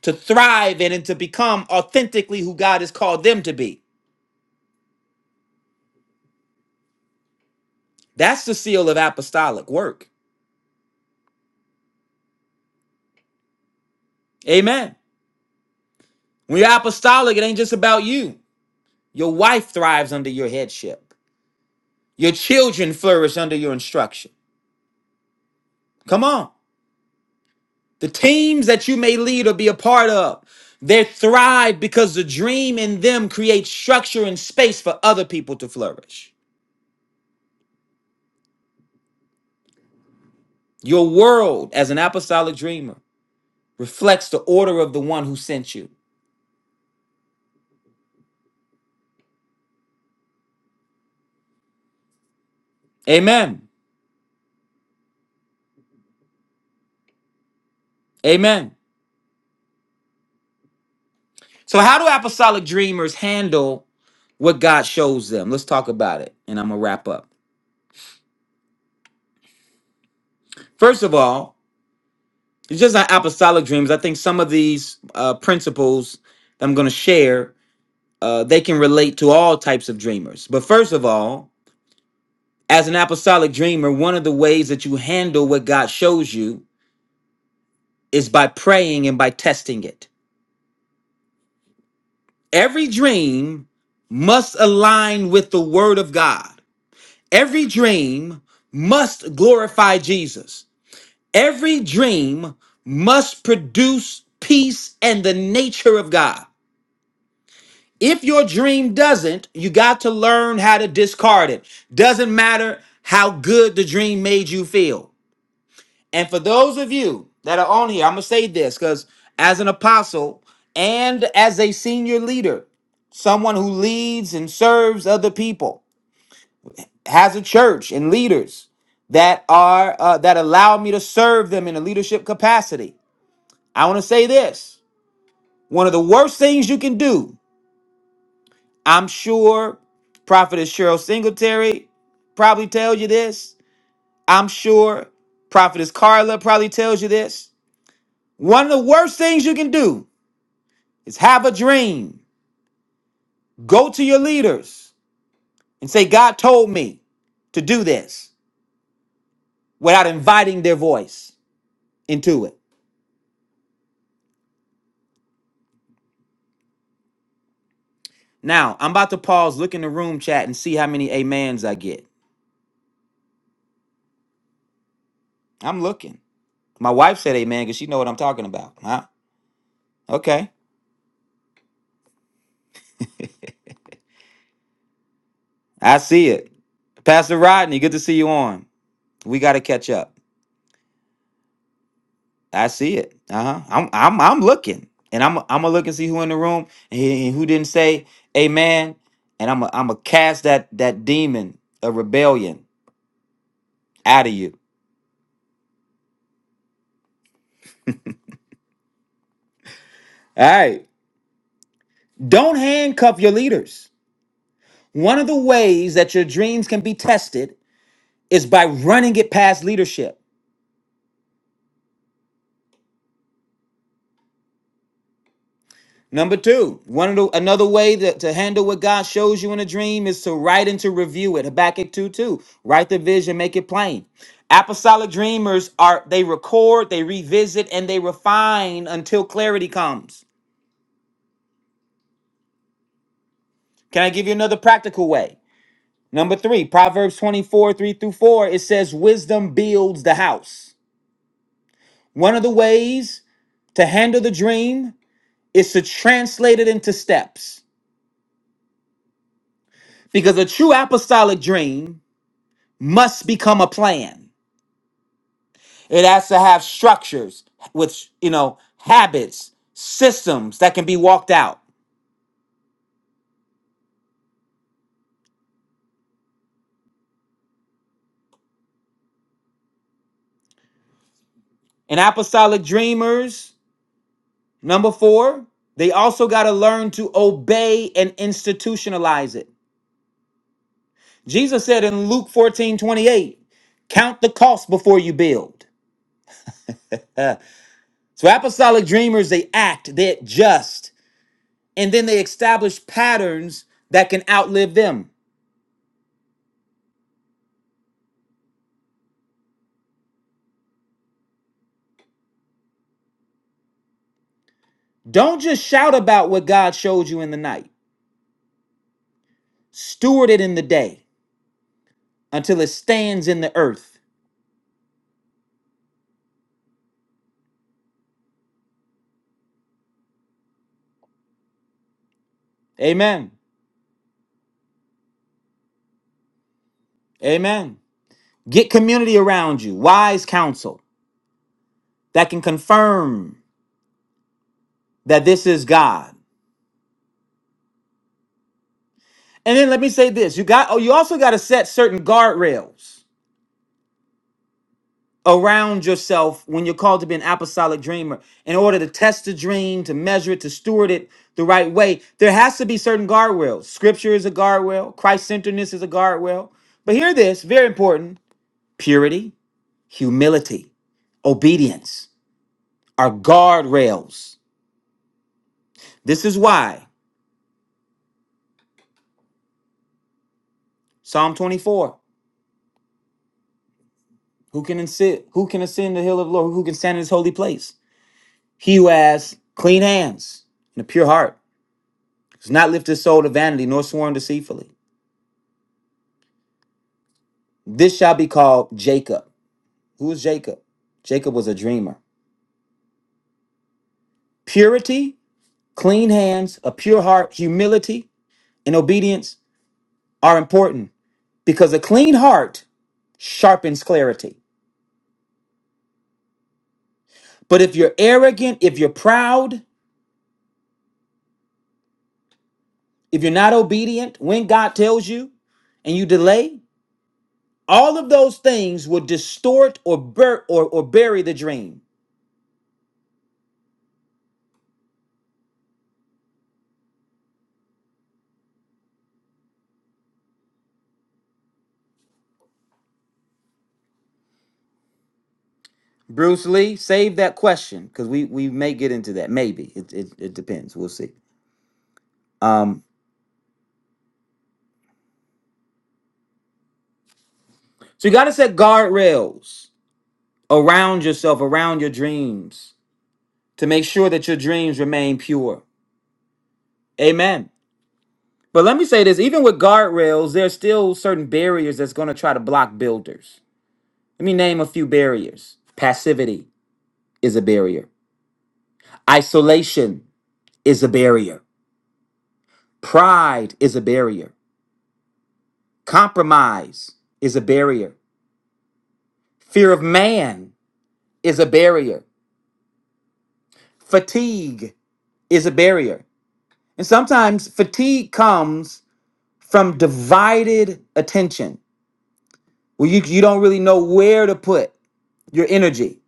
to thrive in and to become authentically who God has called them to be. That's the seal of apostolic work. Amen. When you're apostolic, it ain't just about you. Your wife thrives under your headship, your children flourish under your instruction. Come on. The teams that you may lead or be a part of, they thrive because the dream in them creates structure and space for other people to flourish. Your world as an apostolic dreamer reflects the order of the one who sent you. Amen. Amen. So, how do apostolic dreamers handle what God shows them? Let's talk about it, and I'm going to wrap up. First of all, it's just not apostolic dreams. I think some of these uh, principles that I'm going to share, uh, they can relate to all types of dreamers. But first of all, as an apostolic dreamer, one of the ways that you handle what God shows you is by praying and by testing it. Every dream must align with the word of God. Every dream must glorify Jesus. Every dream must produce peace and the nature of God. If your dream doesn't, you got to learn how to discard it. Doesn't matter how good the dream made you feel. And for those of you that are on here, I'm going to say this because as an apostle and as a senior leader, someone who leads and serves other people, has a church and leaders that are uh, that allow me to serve them in a leadership capacity. I want to say this: one of the worst things you can do. I'm sure Prophetess Cheryl Singletary probably tells you this. I'm sure Prophetess Carla probably tells you this. One of the worst things you can do is have a dream. Go to your leaders and say, God told me to do this without inviting their voice into it. Now, I'm about to pause, look in the room chat, and see how many amens I get. I'm looking. My wife said amen because she know what I'm talking about. Huh? Okay. I see it. Pastor Rodney, good to see you on. We got to catch up. I see it. Uh-huh. I'm I'm I'm looking. And I'm I'm gonna look and see who in the room and who and who didn't say amen. And I'm i I'm gonna cast that that demon of rebellion out of you. All right. Don't handcuff your leaders. One of the ways that your dreams can be tested is by running it past leadership. Number two, one of the, another way that, to handle what God shows you in a dream is to write and to review it. Habakkuk 2 2. Write the vision, make it plain. Apostolic dreamers are they record, they revisit, and they refine until clarity comes. Can I give you another practical way? Number three, Proverbs 24, 3 through 4, it says, Wisdom builds the house. One of the ways to handle the dream is to translate it into steps. Because a true apostolic dream must become a plan. It has to have structures with, you know, habits, systems that can be walked out. And apostolic dreamers, number four, they also got to learn to obey and institutionalize it. Jesus said in Luke 14 28, count the cost before you build. Uh, so apostolic dreamers, they act, they adjust, and then they establish patterns that can outlive them. Don't just shout about what God showed you in the night. Steward it in the day until it stands in the earth. Amen. Amen. Get community around you, wise counsel that can confirm that this is God. And then let me say this: you got oh, you also got to set certain guardrails around yourself when you're called to be an apostolic dreamer. In order to test the dream, to measure it, to steward it the right way, there has to be certain guardrails. Scripture is a guardrail, Christ centeredness is a guardrail. But hear this, very important. Purity. humility, obedience are guardrails. This is why Psalm 24, who can ascend, who can ascend the hill of the Lord, who can stand in his holy place? He who has clean hands and a pure heart, does not lift his soul to vanity, nor sworn deceitfully. This shall be called Jacob. Who is Jacob? Jacob was a dreamer. Purity, clean hands, a pure heart, humility, and obedience are important because a clean heart sharpens clarity But if you're arrogant, if you're proud, if you're not obedient when God tells you and you delay, all of those things will distort or bur- or, or bury the dream. Bruce Lee, save that question because we, we may get into that. Maybe. It, it, it depends. We'll see. Um, so you got to set guardrails around yourself, around your dreams to make sure that your dreams remain pure. Amen. But let me say this even with guardrails, there's still certain barriers that's going to try to block builders. Let me name a few barriers. Passivity is a barrier. Isolation is a barrier. Pride is a barrier. Compromise is a barrier. Fear of man is a barrier. Fatigue is a barrier. And sometimes fatigue comes from divided attention, where you, you don't really know where to put your energy.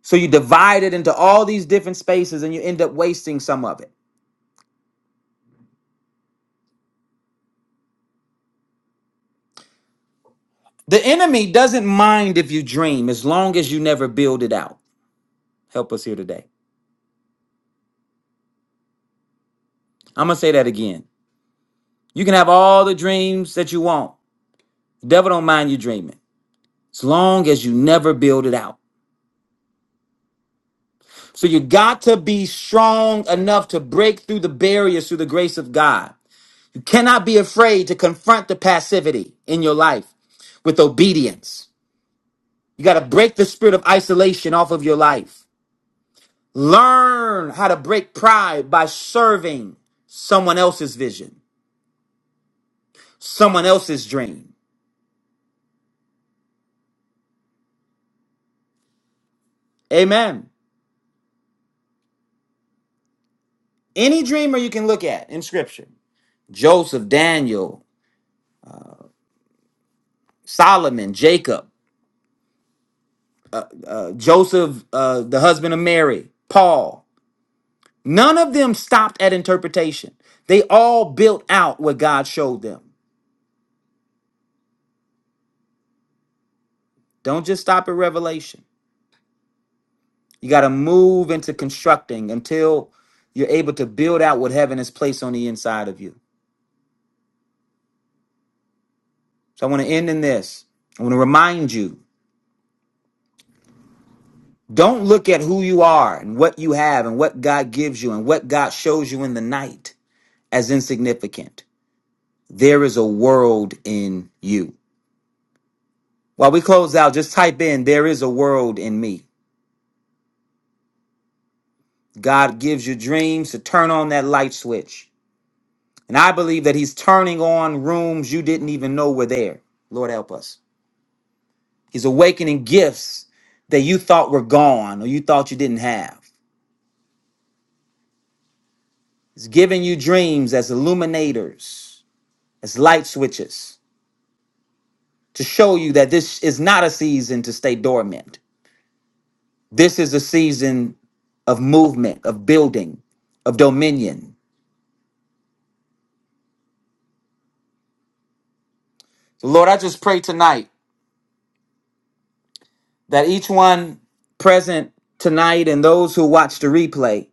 So you divide it into all these different spaces and you end up wasting some of it. The enemy doesn't mind if you dream as long as you never build it out. Help us here today. I'm going to say that again. You can have all the dreams that you want. The devil don't mind you dreaming as long as you never build it out. So you got to be strong enough to break through the barriers through the grace of God. You cannot be afraid to confront the passivity in your life with obedience. You got to break the spirit of isolation off of your life. Learn how to break pride by serving someone else's vision, someone else's dream. Amen. Any dreamer you can look at in scripture Joseph, Daniel, Solomon, Jacob, uh, Joseph, uh, the husband of Mary, Paul. None of them stopped at interpretation. They all built out what God showed them. Don't just stop at revelation. You got to move into constructing until you're able to build out what heaven has placed on the inside of you. So I want to end in this. I want to remind you don't look at who you are and what you have and what God gives you and what God shows you in the night as insignificant. There is a world in you. While we close out, just type in, there is a world in me. God gives you dreams to turn on that light switch. And I believe that He's turning on rooms you didn't even know were there. Lord help us. He's awakening gifts that you thought were gone or you thought you didn't have. He's giving you dreams as illuminators, as light switches to show you that this is not a season to stay dormant. This is a season of movement, of building, of dominion. So Lord, I just pray tonight that each one present tonight and those who watch the replay,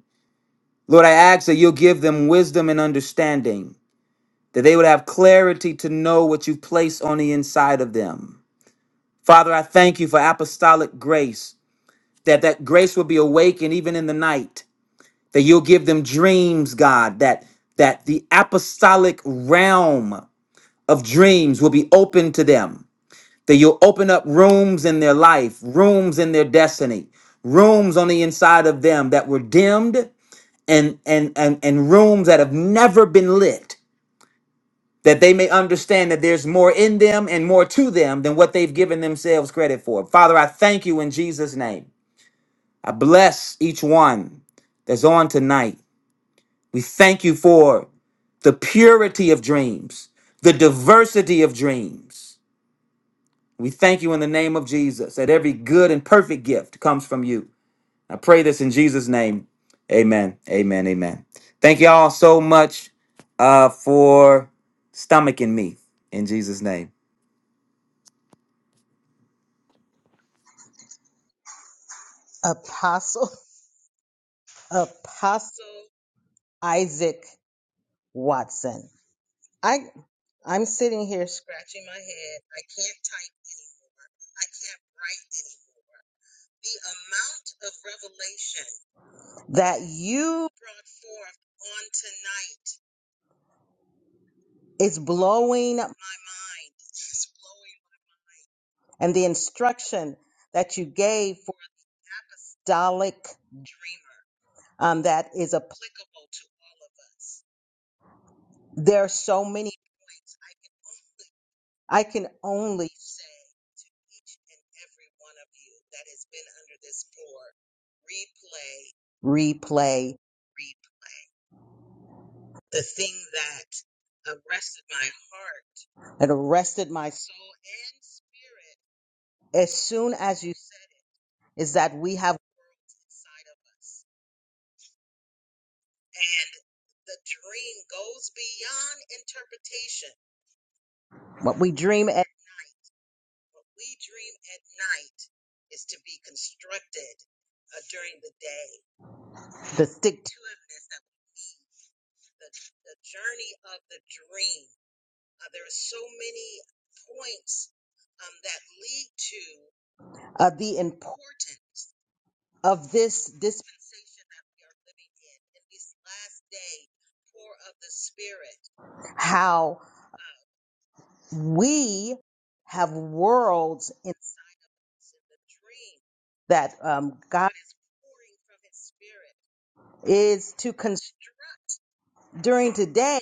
Lord, I ask that you'll give them wisdom and understanding, that they would have clarity to know what you've placed on the inside of them. Father, I thank you for apostolic grace that that grace will be awakened even in the night that you'll give them dreams god that that the apostolic realm of dreams will be open to them that you'll open up rooms in their life rooms in their destiny rooms on the inside of them that were dimmed and and and, and rooms that have never been lit that they may understand that there's more in them and more to them than what they've given themselves credit for. Father, I thank you in Jesus' name. I bless each one that's on tonight. We thank you for the purity of dreams, the diversity of dreams. We thank you in the name of Jesus that every good and perfect gift comes from you. I pray this in Jesus' name. Amen. Amen. Amen. Thank you all so much uh, for stomaching me in Jesus' name. Apostle Apostle Isaac Watson. I I'm sitting here scratching my head. I can't type. I can't write anymore. The amount of revelation that you brought forth on tonight is blowing my mind. It's blowing. And the instruction that you gave apostolic dreamer um, that is applicable to all of us. There are so many points I can only I can only say to each and every one of you that has been under this floor, replay, replay, replay. The thing that arrested my heart, that arrested my soul and spirit as soon as you said it, is that we have worlds inside of us And the dream goes beyond interpretation. What we dream at night, what we dream at night is to be constructed uh, during the day. The stick to itness that we need, the, the journey of the dream. Uh, there are so many points um, that lead to uh, the importance of this dispensation that we are living in, in this last day, pour of the Spirit. How? We have worlds inside of us in the dream that um, God is pouring from His Spirit is to construct during today,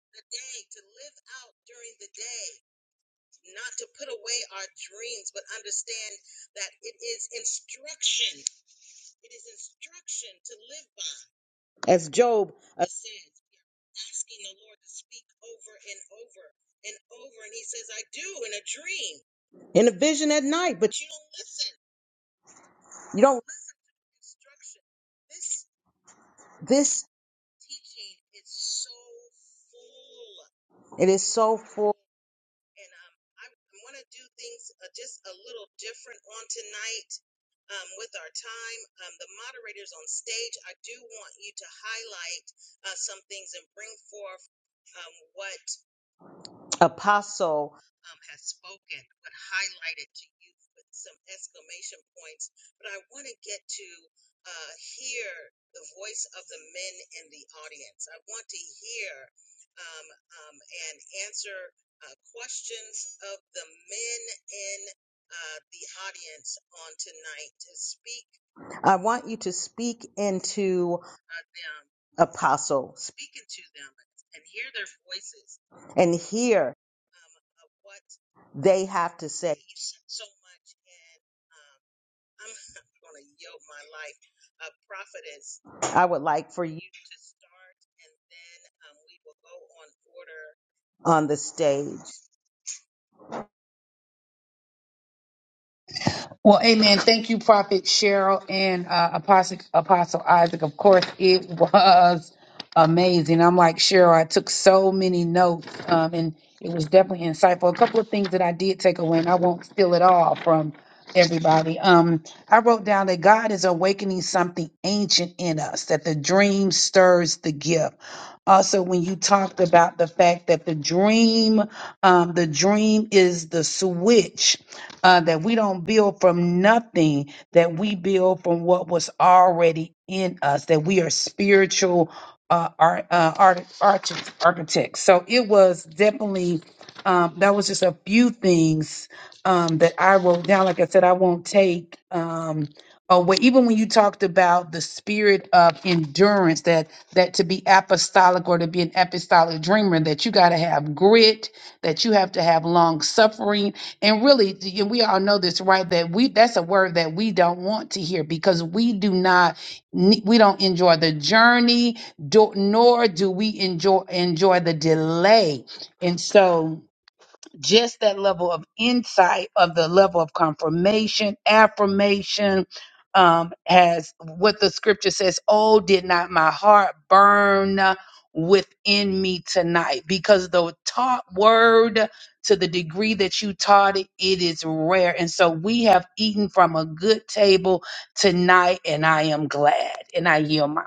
the day to live out during the day, not to put away our dreams, but understand that it is instruction. It is instruction to live by. As Job uh, says, asking the Lord to speak over and over and over. And he says, I do in a dream, in a vision at night, but you don't listen. You don't listen to instruction. This, this teaching is so full. It is so full. and um, I, I want to do things uh, just a little different on tonight um, with our time. Um, the moderators on stage, I do want you to highlight uh, some things and bring forth um, what apostle um, has spoken, but highlighted to you with some exclamation points. But I want to get to uh, hear the voice of the men in the audience. I want to hear um, um, and answer uh, questions of the men in uh, the audience on tonight to speak. I want you to speak into uh, them, Apostle. Speak into them and hear their voices and hear they have to say. I'm going to yield my life. Uh, prophetess, I would like for you to start, and then um, we will go on order on the stage. Well, amen. Thank you, Prophet Cheryl and uh, Apostle, Apostle Isaac. Of course, it was amazing. I'm like Cheryl, I took so many notes um, and it was definitely insightful. A couple of things that I did take away, and I won't steal it all from everybody. Um, I wrote down that God is awakening something ancient in us, that the dream stirs the gift. Also, when you talked about the fact that the dream, um, the dream is the switch uh, that we don't build from nothing, that we build from what was already in us, that we are spiritual uh, art, uh, art, arch- architects. So it was definitely, um, that was just a few things um, that I wrote down. Like I said, I won't take um, away, even when you talked about the spirit of endurance, that, that to be apostolic or to be an apostolic dreamer, that you got to have grit, that you have to have long suffering, and really, and we all know this, right? That we that's a word that we don't want to hear because we do not ne- we don't enjoy the journey, do, nor do we enjoy enjoy the delay. And so just that level of insight of the level of confirmation, affirmation, um, as what the scripture says, oh, did not my heart burn within me tonight? Because the taught word, to the degree that you taught it, it is rare. And so we have eaten from a good table tonight, and I am glad. And I yield my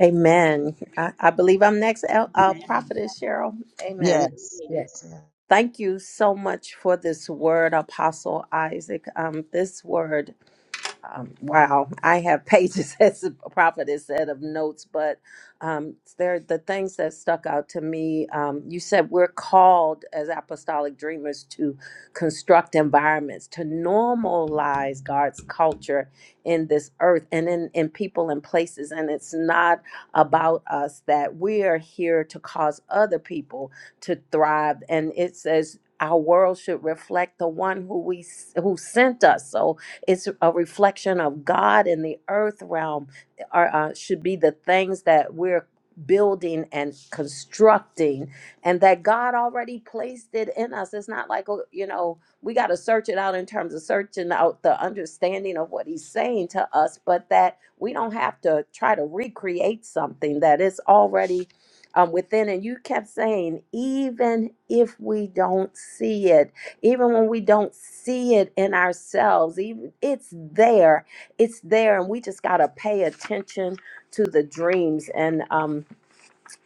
Amen. I, I believe I'm next, El- uh, Prophetess Cheryl. Amen. Yes, yes, yes. Thank you so much for this word, Apostle Isaac. Um, this word um, wow, I have pages, as the prophet has said, of notes, but um, there the things that stuck out to me. Um, you said we're called as apostolic dreamers to construct environments to normalize God's culture in this earth and in in people and places. And it's not about us that we are here to cause other people to thrive. And it says. Our world should reflect the one who we s- who sent us. So it's a reflection of God in the earth realm, are, uh, should be the things that we're building and constructing, and that God already placed it in us. It's not like, oh, you know, we got to search it out in terms of searching out the understanding of what He's saying to us, but that we don't have to try to recreate something that is already um, within. And you kept saying, even if we don't see it, even when we don't see it in ourselves even it's there it's there and we just got to pay attention to the dreams and um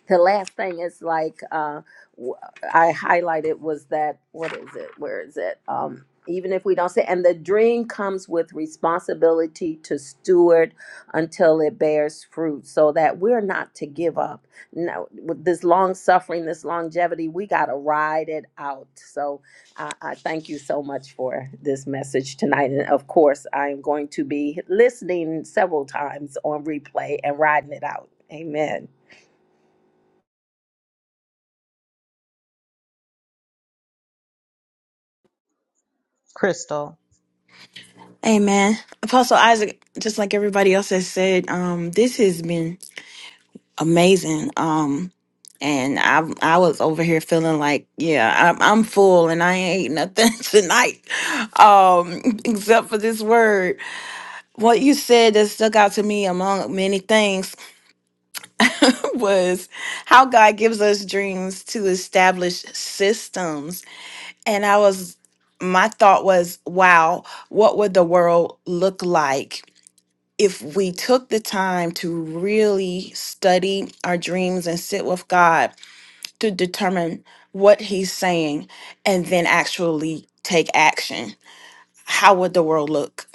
the last thing is like uh, w- I highlighted was that what is it? Where is it? Um, even if we don't say, and the dream comes with responsibility to steward until it bears fruit, so that we're not to give up. No, with this long suffering, this longevity, we got to ride it out. So I, I thank you so much for this message tonight. And of course, I am going to be listening several times on replay and riding it out. Amen. Crystal, Amen. Apostle Isaac, just like everybody else has said, um, this has been amazing. Um, and I I was over here feeling like, yeah, I'm, I'm full and I ain't ate nothing tonight, um, except for this word. What you said that stuck out to me among many things was how God gives us dreams to establish systems. And I was, my thought was, wow, what would the world look like? if we took the time to really study our dreams and sit with God to determine what He's saying and then actually take action, how would the world look?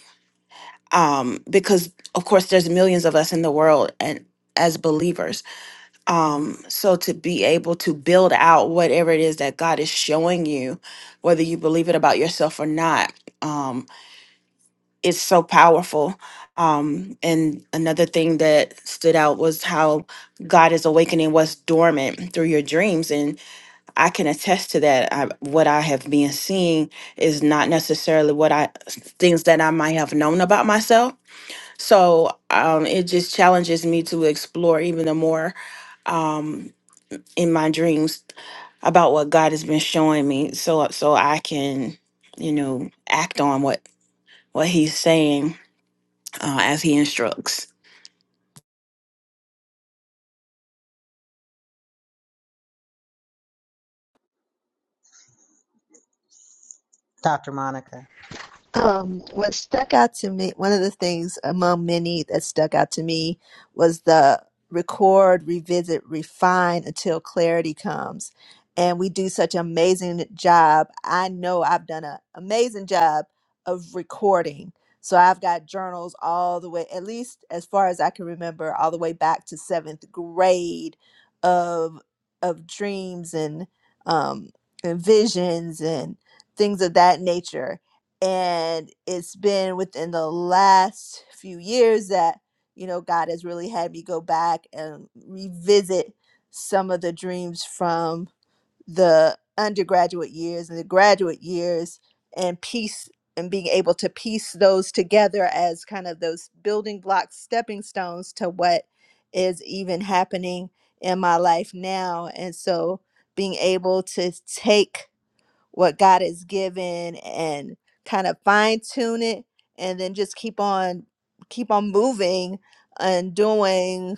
Um, because, of course, there's millions of us in the world and as believers. Um, so to be able to build out whatever it is that God is showing you, whether you believe it about yourself or not, um, it's so powerful. Um, and another thing that stood out was how God is awakening what's dormant through your dreams. And I can attest to that. I, what I have been seeing is not necessarily what I, things that I might have known about myself. So um, it just challenges me to explore even the more um, in my dreams about what God has been showing me so, so I can, you know, act on what, what he's saying uh, as he instructs. Dr. Monica. Um, what stuck out to me, one of the things among many that stuck out to me was the record, revisit, refine until clarity comes. And we do such an amazing job. I know I've done an amazing job of recording. So I've got journals all the way, at least as far as I can remember, all the way back to seventh grade of of dreams and um, and visions and things of that nature and it's been within the last few years that you know god has really had me go back and revisit some of the dreams from the undergraduate years and the graduate years and piece and being able to piece those together as kind of those building blocks stepping stones to what is even happening in my life now and so being able to take what God has given and kind of fine tune it and then just keep on keep on moving and doing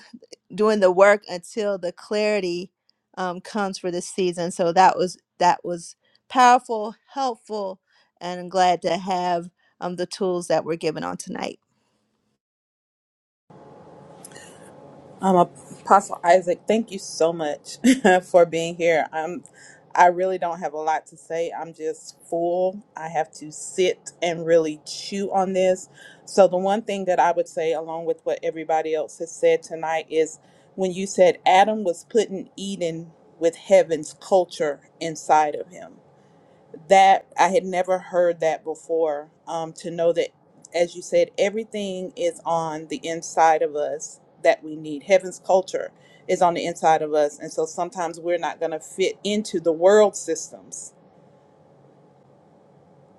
doing the work until the clarity um, comes for this season. So that was that was powerful, helpful, and I'm glad to have um, the tools that were given on tonight. Um, Apostle Isaac, thank you so much for being here. I'm, I really don't have a lot to say. I'm just full. I have to sit and really chew on this. So the one thing that I would say, along with what everybody else has said tonight, is when you said Adam was putting Eden with heaven's culture inside of him that I had never heard that before. Um, to know that, as you said, everything is on the inside of us that we need. Heaven's culture is on the inside of us, and so sometimes we're not going to fit into the world systems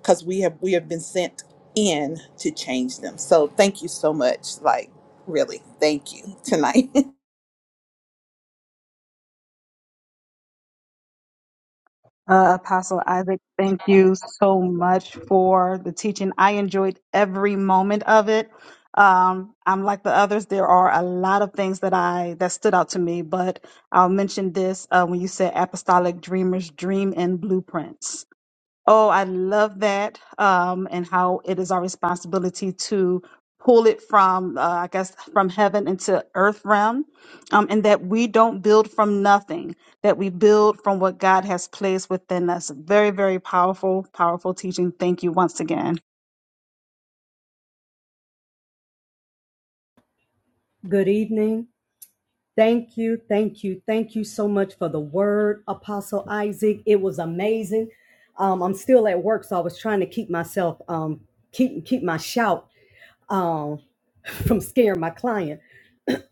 because we have we have been sent in to change them. So thank you so much. Like really, thank you tonight. Uh, Apostle Isaac, thank you so much for the teaching. I enjoyed every moment of it. Um, I'm like the others. There are a lot of things that I that stood out to me, but I'll mention this uh, when you said apostolic dreamers dream and blueprints. Oh, I love that. Um, and how it is our responsibility to pull it from, uh, I guess, from heaven into earth realm. Um, and that we don't build from nothing, that we build from what God has placed within us. Very, very powerful, powerful teaching. Thank you once again. Good evening. Thank you, thank you, thank you so much for the word, Apostle Isaac. It was amazing. Um, I'm still at work, so I was trying to keep myself um, keep keep my shout um, from scaring my client.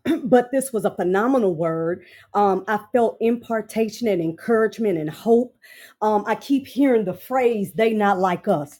But this was a phenomenal word. Um, I felt impartation and encouragement and hope. Um, I keep hearing the phrase "they not like us."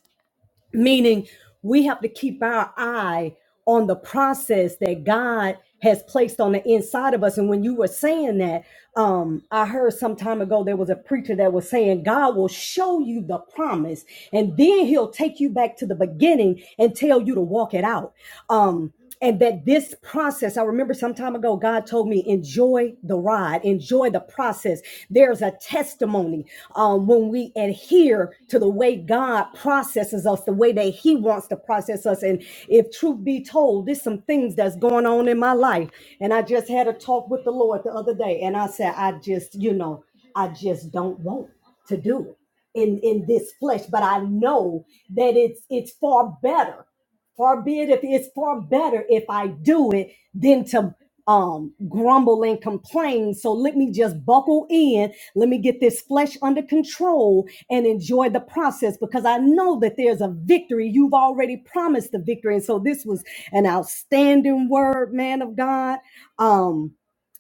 meaning we have to keep our eye on the process that God has placed on the inside of us. And when you were saying that, um, I heard some time ago there was a preacher that was saying, God will show you the promise and then he'll take you back to the beginning and tell you to walk it out. Um, and that this process, I remember some time ago, God told me, enjoy the ride, enjoy the process. There's a testimony um, when we adhere adhere to the way God processes us, the way that He wants to process us. And if truth be told, there's some things that's going on in my life. And I just had a talk with the Lord the other day, and I said, I just, you know, I just don't want to do it in in this flesh but i know that it's it's far better Far be it if it's far better if I do it than to um grumble and complain. So let me just buckle in. Let me get this flesh under control and enjoy the process because I know that there's a victory. You've already promised the victory. And so this was an outstanding word, man of God. Um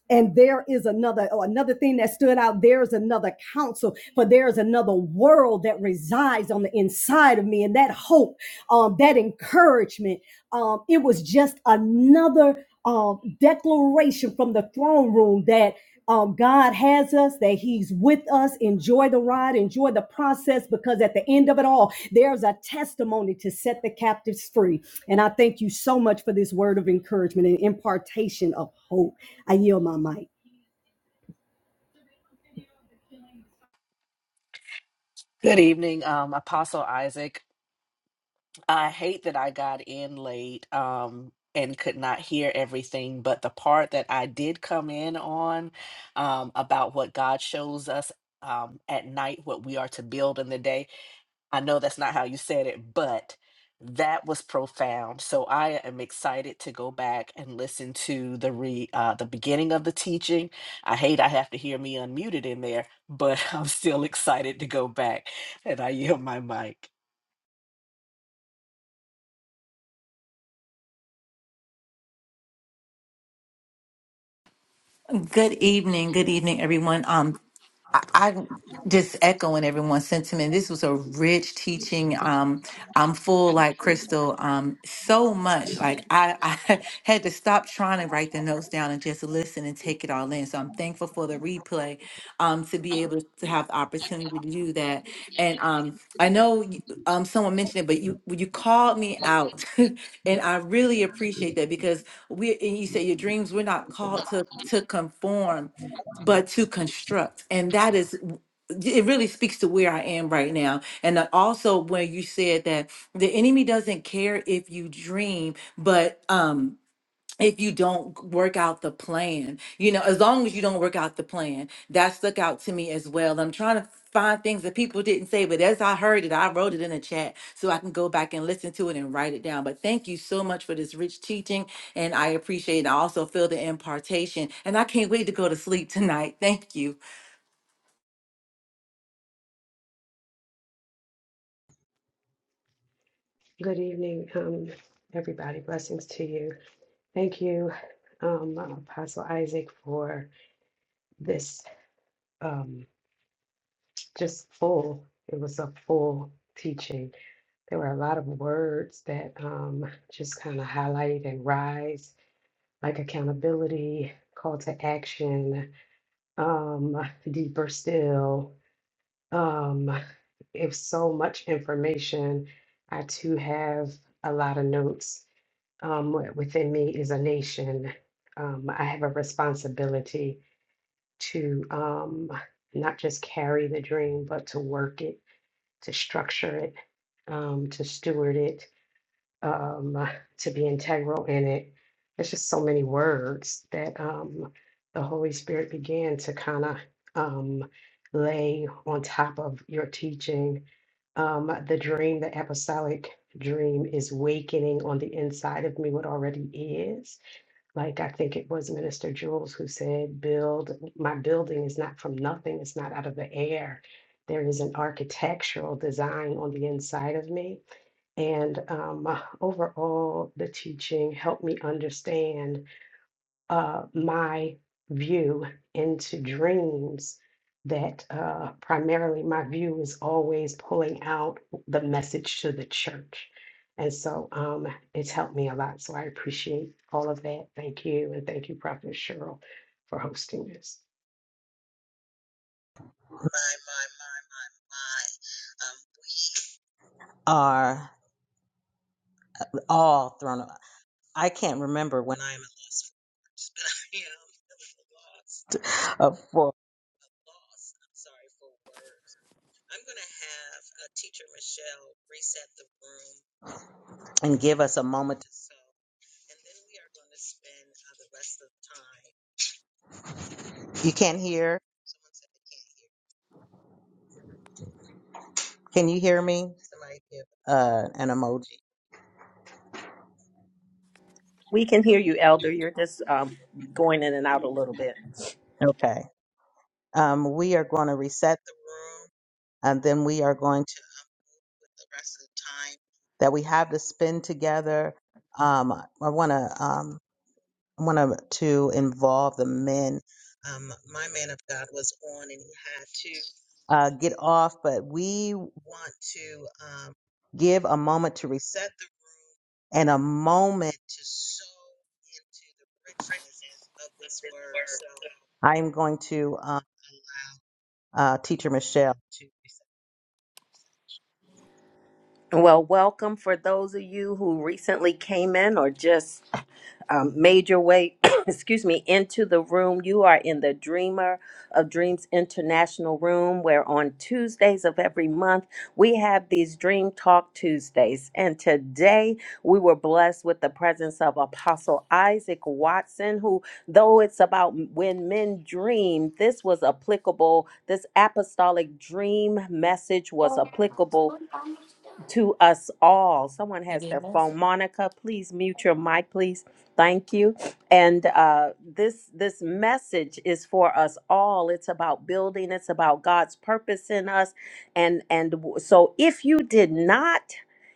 and there is another or another thing that stood out there is another counsel for there is another world that resides on the inside of me and that hope um, that encouragement um, it was just another um, declaration from the throne room that um, God has us, that He's with us. Enjoy the ride, enjoy the process, because at the end of it all, there's a testimony to set the captives free. And I thank you so much for this word of encouragement and impartation of hope. I yield my mic. Good evening, um, Apostle Isaac. I hate that I got in late um, and could not hear everything, but the part that I did come in on um, about what God shows us um, at night, what we are to build in the day. I know that's not how you said it, but that was profound. So I am excited to go back and listen to the re uh, the beginning of the teaching. I hate I have to hear me unmuted in there, but I'm still excited to go back. And I yield my mic. Good evening. Good evening, everyone. Um, I, I'm just echoing everyone's sentiment. This was a rich teaching. Um, I'm full like Crystal. Um, so much. Like I, I had to stop trying to write the notes down and just listen and take it all in. So I'm thankful for the replay, um, to be able to have the opportunity to do that. And um, I know you- um someone mentioned it, but you you called me out, and I really appreciate that because we and you say your dreams. We're not called to to conform but to construct. And that is, it really speaks to where I am right now. And then also when you said that the enemy doesn't care if you dream, but um if you don't work out the plan you know as long as you don't work out the plan that stuck out to me as well i'm trying to find things that people didn't say but as i heard it i wrote it in a chat so i can go back and listen to it and write it down but thank you so much for this rich teaching and i appreciate it i also feel the impartation and i can't wait to go to sleep tonight thank you Good evening, um, everybody. Blessings to you. Thank you, um, Apostle Isaac, for this um, just full. It was a full teaching. There were a lot of words that um, just kind of highlight and rise, like accountability, call to action, um, deeper still. Um, if so much information, I too have a lot of notes um, wi- within me is a nation. Um, I have a responsibility to um, not just carry the dream, but to work it, to structure it, um, to steward it, um, to be integral in it. It's just so many words that um, the Holy Spirit began to kind of um, lay on top of your teaching. Um, the dream, the apostolic dream, is wakening on the inside of me what already is. Like I think it was Minister Jules who said, "Build my building is not from nothing; it's not out of the air. There is an architectural design on the inside of me." And um, overall, the teaching helped me understand uh, my view into dreams. That uh, primarily my view is always pulling out the message to the church. And so um, it's helped me a lot. So I appreciate all of that. Thank you. And thank you, Prophet Cheryl, for hosting this. My, my, my, my, my. Um, we are all thrown off. I can't remember when I'm at loss for words, but I am really lost uh, for lost. I'm sorry for words. I'm going to have uh, teacher Michelle reset the room and give us a moment to so, and then we are going to spend uh, the rest of the time. You can't hear. Someone said they can't hear. Can you hear me? Somebody give uh, an emoji. We can hear you, Elder. You're just um, going in and out a little bit. Okay. Um, we are going to reset the room and then we are going to, with the rest of the time that we have to spend together. Um, I want to, um, I want to involve the men. Um, my man of God was on and he had to uh, get off, but we want to um, give a moment to reset the room and a moment to sow into the richness of this word. So I am going to um, uh, Teacher Michelle. to reset. Well, welcome for those of you who recently came in or just um, made your way, excuse me, into the room. You are in the Dreamer of Dreams International Room, where on Tuesdays of every month we have these Dream Talk Tuesdays. And today we were blessed with the presence of Apostle Isaac Watson, who, though it's about when men dream, this was applicable. This apostolic dream message was applicable to us all. Someone It has their is. phone. Monica, please mute your mic, please. Thank you. And uh, this this message is for us all. It's about building. It's about God's purpose in us. And and w- so, if you did not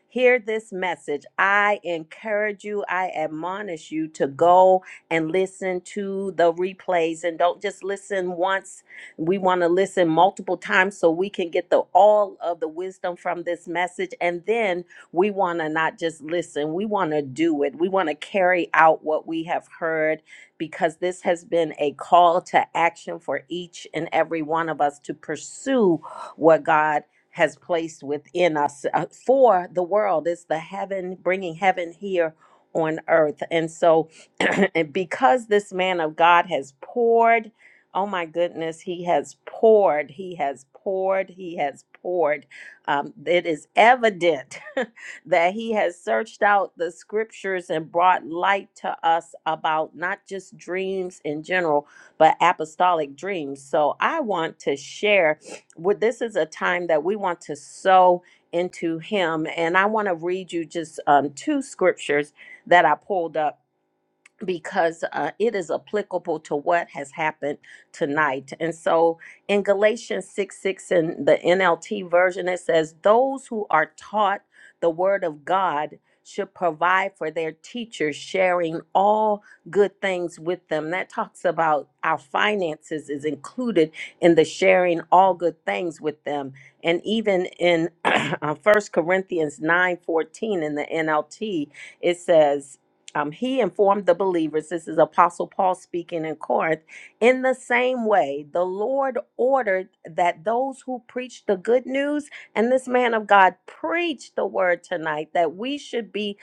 hear this message, I encourage you. I admonish you to go and listen to the replays, and don't just listen once we want to listen multiple times so we can get the all of the wisdom from this message. And then we want to not just listen, we want to do it. We want to carry out what we have heard because this has been a call to action for each and every one of us to pursue what God has placed within us uh, for the world. It's the heaven, bringing heaven here on earth. And so, and because this man of God has poured Oh my goodness, he has poured, he has poured, he has poured. Um, it is evident that he has searched out the scriptures and brought light to us about not just dreams in general, but apostolic dreams. So I want to share with this is a time that we want to sow into him. And I want to read you just um, two scriptures that I pulled up because uh, it is applicable to what has happened tonight. And so in Galatians 6 6 in the NLT version, it says, Those who are taught the word of God should provide for their teachers, sharing all good things with them. That talks about our finances is included in the sharing all good things with them. And even in First Corinthians nine fourteen in the NLT, it says, um, he informed the believers, this is Apostle Paul speaking in Corinth, in the same way, the Lord ordered that those who preach the good news, and this man of God preached the word tonight, that we should be,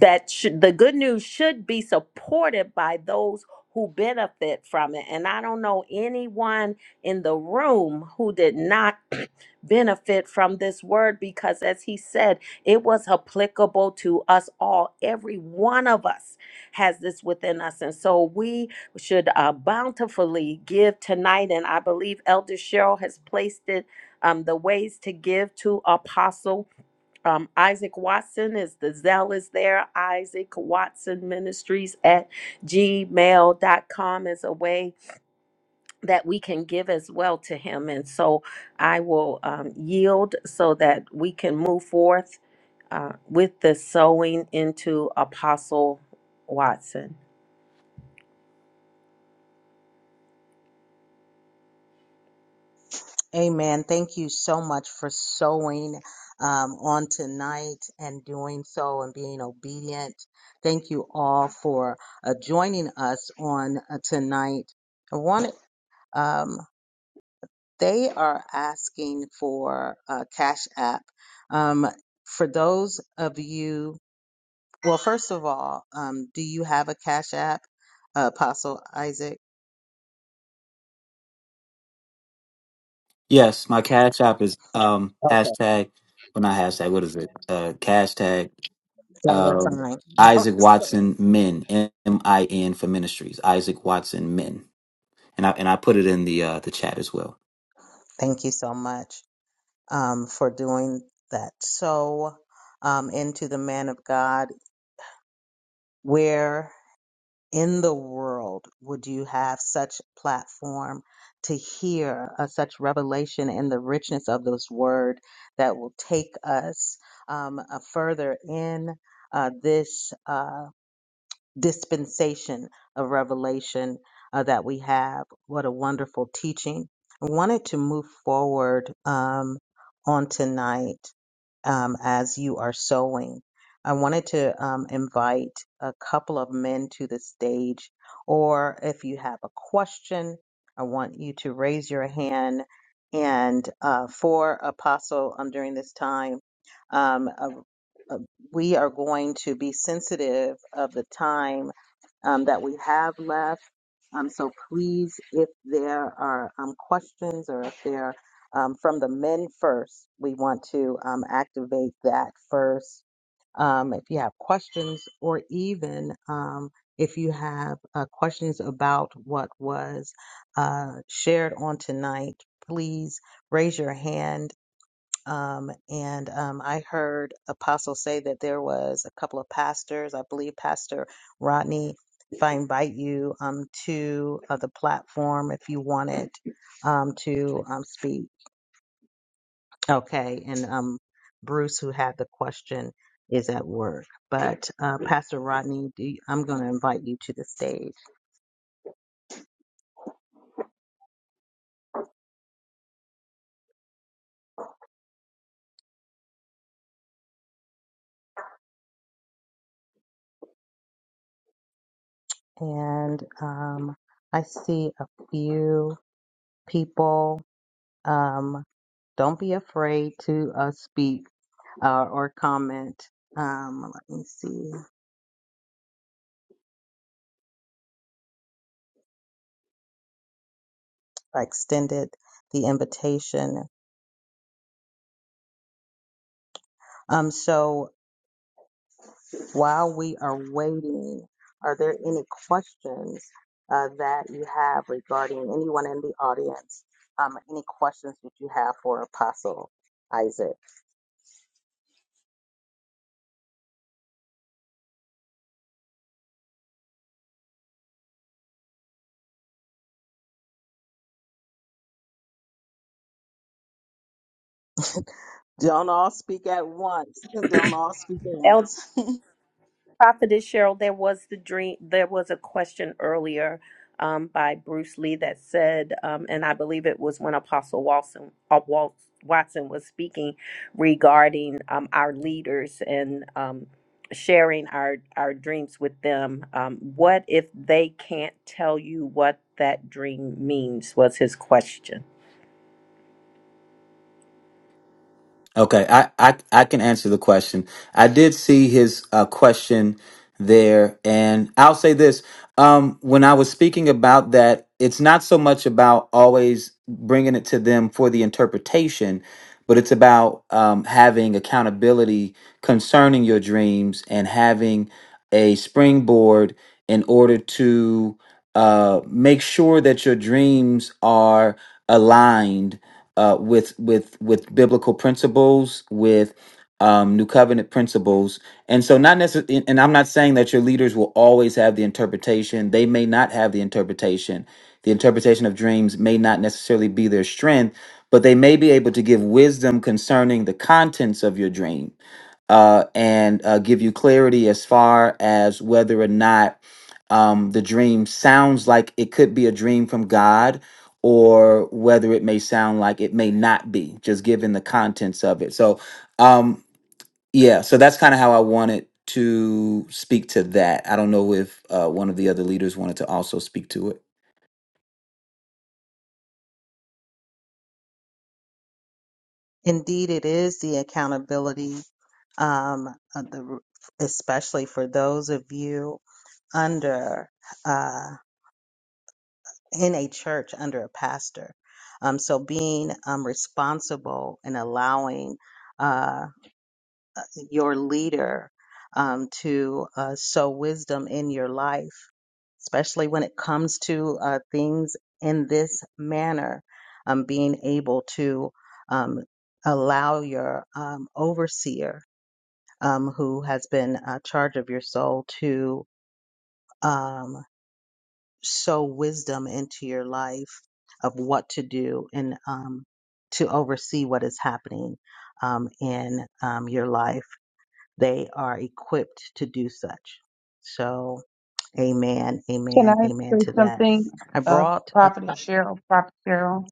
that should, the good news should be supported by those who benefit from it. And I don't know anyone in the room who did not benefit from this word because, as he said, it was applicable to us all. Every one of us has this within us. And so we should uh, bountifully give tonight. And I believe Elder Cheryl has placed it um, the ways to give to Apostle. Um, Isaac Watson is the zeal is there. Isaac Watson Ministries at gmail dot com is a way that we can give as well to him. And so I will um, yield so that we can move forth uh, with the sowing into Apostle Watson. Amen. Thank you so much for sowing um, on tonight and doing so and being obedient. Thank you all for uh, joining us on uh, tonight. I want um, they are asking for uh, Cash App. Um, for those of you, well, first of all, um, do you have a Cash App, uh, Apostle Isaac? Yes, my cash app is um Okay, hashtag, well not hashtag, what is it? Uh cash tag dollar Um, sign. Isaac dollar Watson Men M I N for Ministries. Isaac Watson Men, and I and I put it in the uh, the chat as well. Thank you so much um, for doing that. So, um, into the man of God, where in the world would you have such platform to hear uh, such revelation in the richness of this word that will take us um, uh, further in uh, this? Uh, dispensation of revelation uh, that we have. What a wonderful teaching. I wanted to move forward um, on tonight um, as you are sowing. I wanted to um, invite a couple of men to the stage, or if you have a question, I want you to raise your hand. And uh, for Apostle um, during this time, um, uh, uh, we are going to be sensitive of the time um, that we have left. Um, so please, if there are um, questions or if they're um, from the men first, we want to um, activate that first. Um, if you have questions or even um, if you have uh, questions about what was uh, shared on tonight, please raise your hand um, and um, I heard Apostle say that there was a couple of pastors, I believe Pastor Rodney. If I invite you um, to uh, the platform, if you wanted um, to um, speak, okay. And um, Bruce, who had the question, is at work. But uh, Pastor Rodney, do you- I'm going to invite you to the stage. And um, I see a few people. Um, don't be afraid to uh, speak uh, or comment. Um, let me see if I extended the invitation. Um, so While we are waiting, are there any questions uh, that you have regarding anyone in the audience? Um, any questions that you have for Apostle Isaac? Don't all speak at once. Don't all speak at El once. Prophetess Cheryl, there was the dream. There was a question earlier um, by Bruce Lee that said, um, and I believe it was when Apostle Watson, uh, Wal- Watson was speaking regarding um, our leaders and. um, sharing our our dreams with them um, what if they can't tell you what that dream means was his question Okay, I, I I can answer the question. I did see his uh, question there, and I'll say this: um, when I was speaking about that, it's not so much about always bringing it to them for the interpretation, but it's about um, having accountability concerning your dreams and having a springboard in order to uh, make sure that your dreams are aligned uh, with with with biblical principles, with um, new covenant principles, and so not necessarily. And I'm not saying that your leaders will always have the interpretation. They may not have the interpretation. The interpretation of dreams may not necessarily be their strength, but they may be able to give wisdom concerning the contents of your dream uh, and uh, give you clarity as far as whether or not um, the dream sounds like it could be a dream from God or whether it may sound like it may not be, just given the contents of it. So, um, yeah, so that's kind of how I wanted to speak to that. I don't know if uh, one of the other leaders wanted to also speak to it. Indeed, it is the accountability, um, of the, especially for those of you under. Uh, in a church under a pastor. Um, so being um, responsible and allowing uh, your leader um, to uh, sow wisdom in your life, especially when it comes to uh, things in this manner, um, being able to um, allow your um, overseer um, who has been uh, charge of your soul to. Um, sow wisdom into your life of what to do and um, to oversee what is happening um, in um, your life. They are equipped to do such. So, amen, Can amen, I amen say to that. something, I uh, brought a Prophet couple. Cheryl, Prophet Cheryl?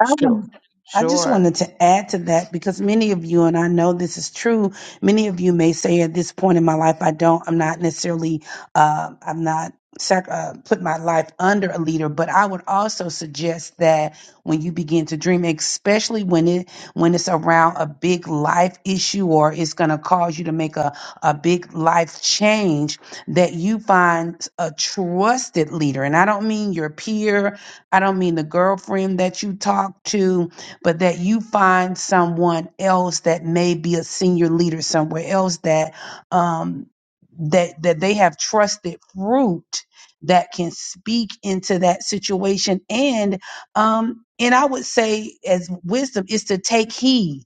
I Sure, want, I just sure. wanted to add to that because many of you, and I know this is true, many of you may say at this point in my life, I don't, I'm not necessarily, uh, I'm not sac- uh, put my life under a leader, but I would also suggest that when you begin to dream, especially when it, when it's around a big life issue or it's going to cause you to make a, a big life change, that you find a trusted leader. And I don't mean your peer, I don't mean the girlfriend that you talk to, but that you find someone else that may be a senior leader somewhere else that um, that that they have trusted fruit that can speak into that situation and um and i would say as wisdom is to take heed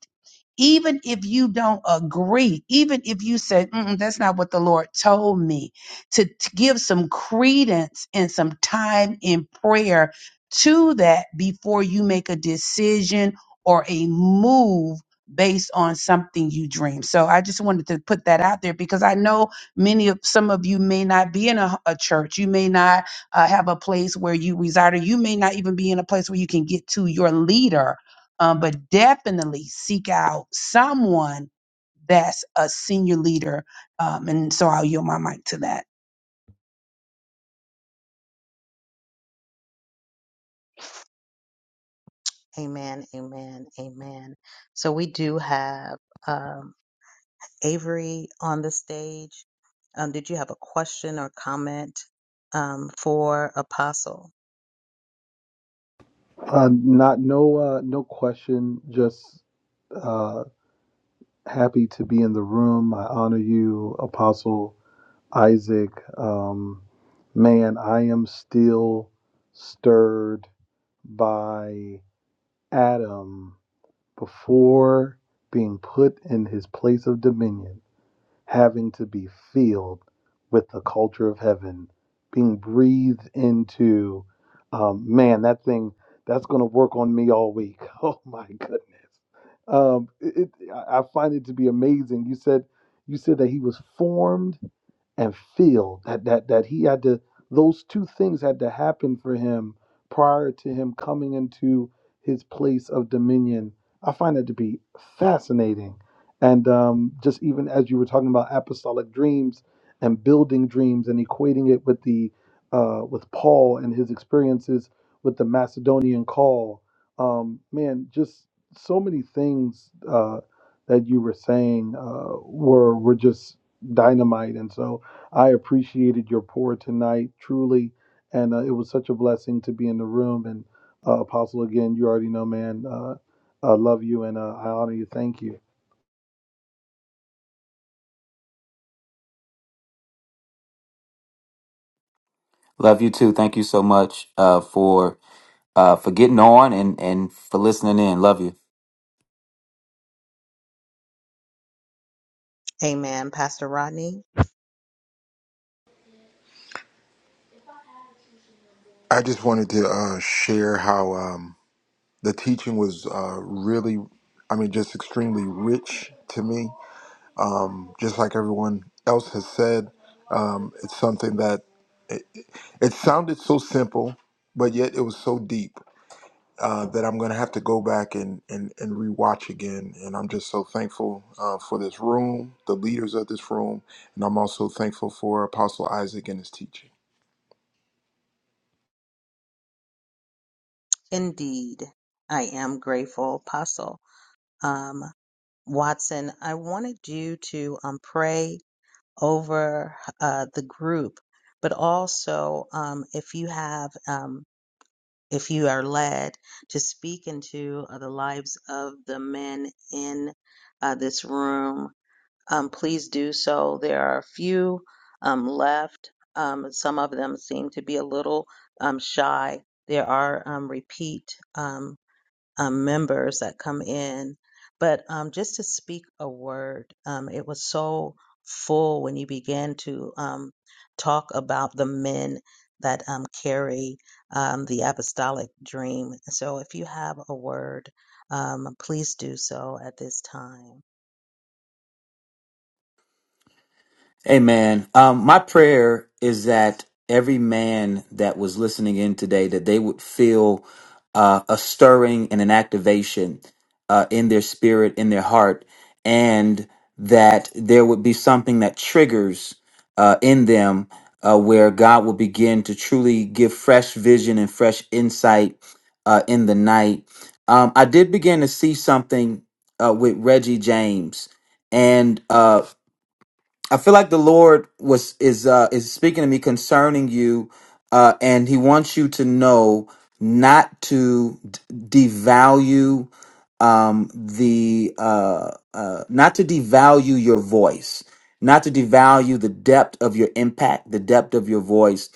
even if you don't agree even if you say "Mm-mm, that's not what the lord told me to, to give some credence and some time in prayer to that before you make a decision or a move based on something you dream. So I just wanted to put that out there because I know many of some of you may not be in a, a church. You may not uh, have a place where you reside, or you may not even be in a place where you can get to your leader. Um, but definitely seek out someone that's a senior leader. Um, and so I'll yield my mic to that. Amen, amen, amen. So, we do have um, Avery on the stage. Um, did you have a question or comment um, for Apostle? Uh, not no uh, no question. Just uh, happy to be in the room. I honor you, Apostle Isaac. Um, man, I am still stirred by Adam before being put in his place of dominion having to be filled with the culture of heaven, being breathed into. Um, man, that thing that's going to work on me all week. Oh my goodness. Um, it, it- I I find it to be amazing. You said you said that he was formed and feel that that that he had to those two things had to happen for him prior to him coming into his place of dominion i find that to be fascinating and um, just even as you were talking about apostolic dreams and building dreams and equating it with the uh, with paul and his experiences with the macedonian call um, man just so many things uh, that you were saying uh, were were just dynamite and so I appreciated your pour tonight, truly, and uh, it was such a blessing to be in the room. And uh, Apostle, again, you already know, man, uh, I love you and uh, I honor you. Thank you. Love you too. Thank you so much uh, for uh, for getting on and and for listening in. Love you. Amen, Pastor Rodney. I just wanted to uh, share how um, the teaching was uh, really, I mean, just extremely rich to me. Um, just like everyone else has said, um, it's something that it, it sounded so simple, but yet it was so deep uh, that I'm going to have to go back and, and, and rewatch again. And I'm just so thankful uh, for this room, the leaders of this room, and I'm also thankful for Apostle Isaac and his teaching. Indeed, I am grateful, Apostle um, Watson. I wanted you to um, pray over uh, the group, but also um, if you have, um, if you are led to speak into uh, the lives of the men in uh, this room, um, please do so. There are a few um, left. Um, some of them seem to be a little um, shy. There are um, repeat um, um, members that come in. But um, just to speak a word, um, it was so full when you began to um, talk about the men that um, carry um, the apostolic dream. So if you have a word, um, please do so at this time. Amen. Um, my prayer is that every man that was listening in today that they would feel uh, a stirring and an activation uh, in their spirit, in their heart, and that there would be something that triggers uh, in them uh, where God will begin to truly give fresh vision and fresh insight uh, in the night. Um, I did begin to see something uh, with Reggie James, and uh, I feel like the Lord was is uh is speaking to me concerning you uh and he wants you to know not to d- devalue um the uh uh not to devalue your voice not to devalue the depth of your impact the depth of your voice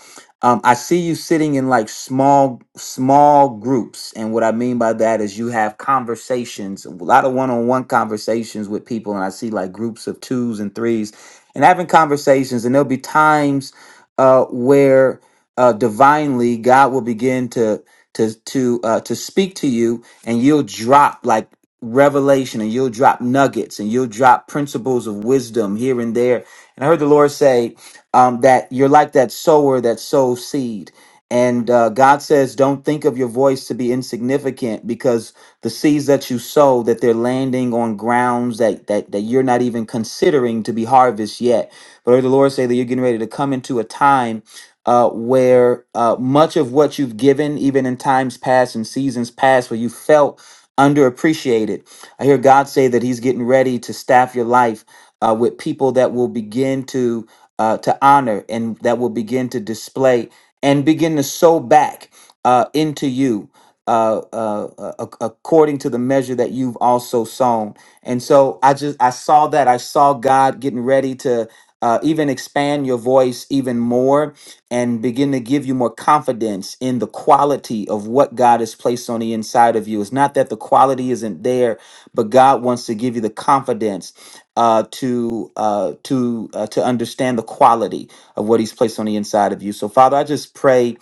um I see you sitting in like small small groups and what I mean by that is you have conversations a lot of one-on-one conversations with people and I see like groups of twos and threes and having conversations. And there'll be times uh, where uh, divinely God will begin to to to uh, to speak to you, and you'll drop like revelation, and you'll drop nuggets, and you'll drop principles of wisdom here and there. And I heard the Lord say um, that you're like that sower that sows seed. And uh, God says, don't think of your voice to be insignificant because the seeds that you sow that they're landing on grounds that that that you're not even considering to be harvest yet but I heard the lord say that you're getting ready to come into a time uh, where uh, much of what you've given even in times past and seasons past where you felt underappreciated i hear god say that he's getting ready to staff your life uh, with people that will begin to uh, to honor and that will begin to display and begin to sow back uh, into you uh, uh, uh, according to the measure that you've also sown. And so I just I saw that I saw God getting ready to uh, even expand your voice even more and begin to give you more confidence in the quality of what God has placed on the inside of you. It's not that the quality isn't there, but God wants to give you the confidence uh, to uh, to uh, to understand the quality of what He's placed on the inside of you. So, Father, I just pray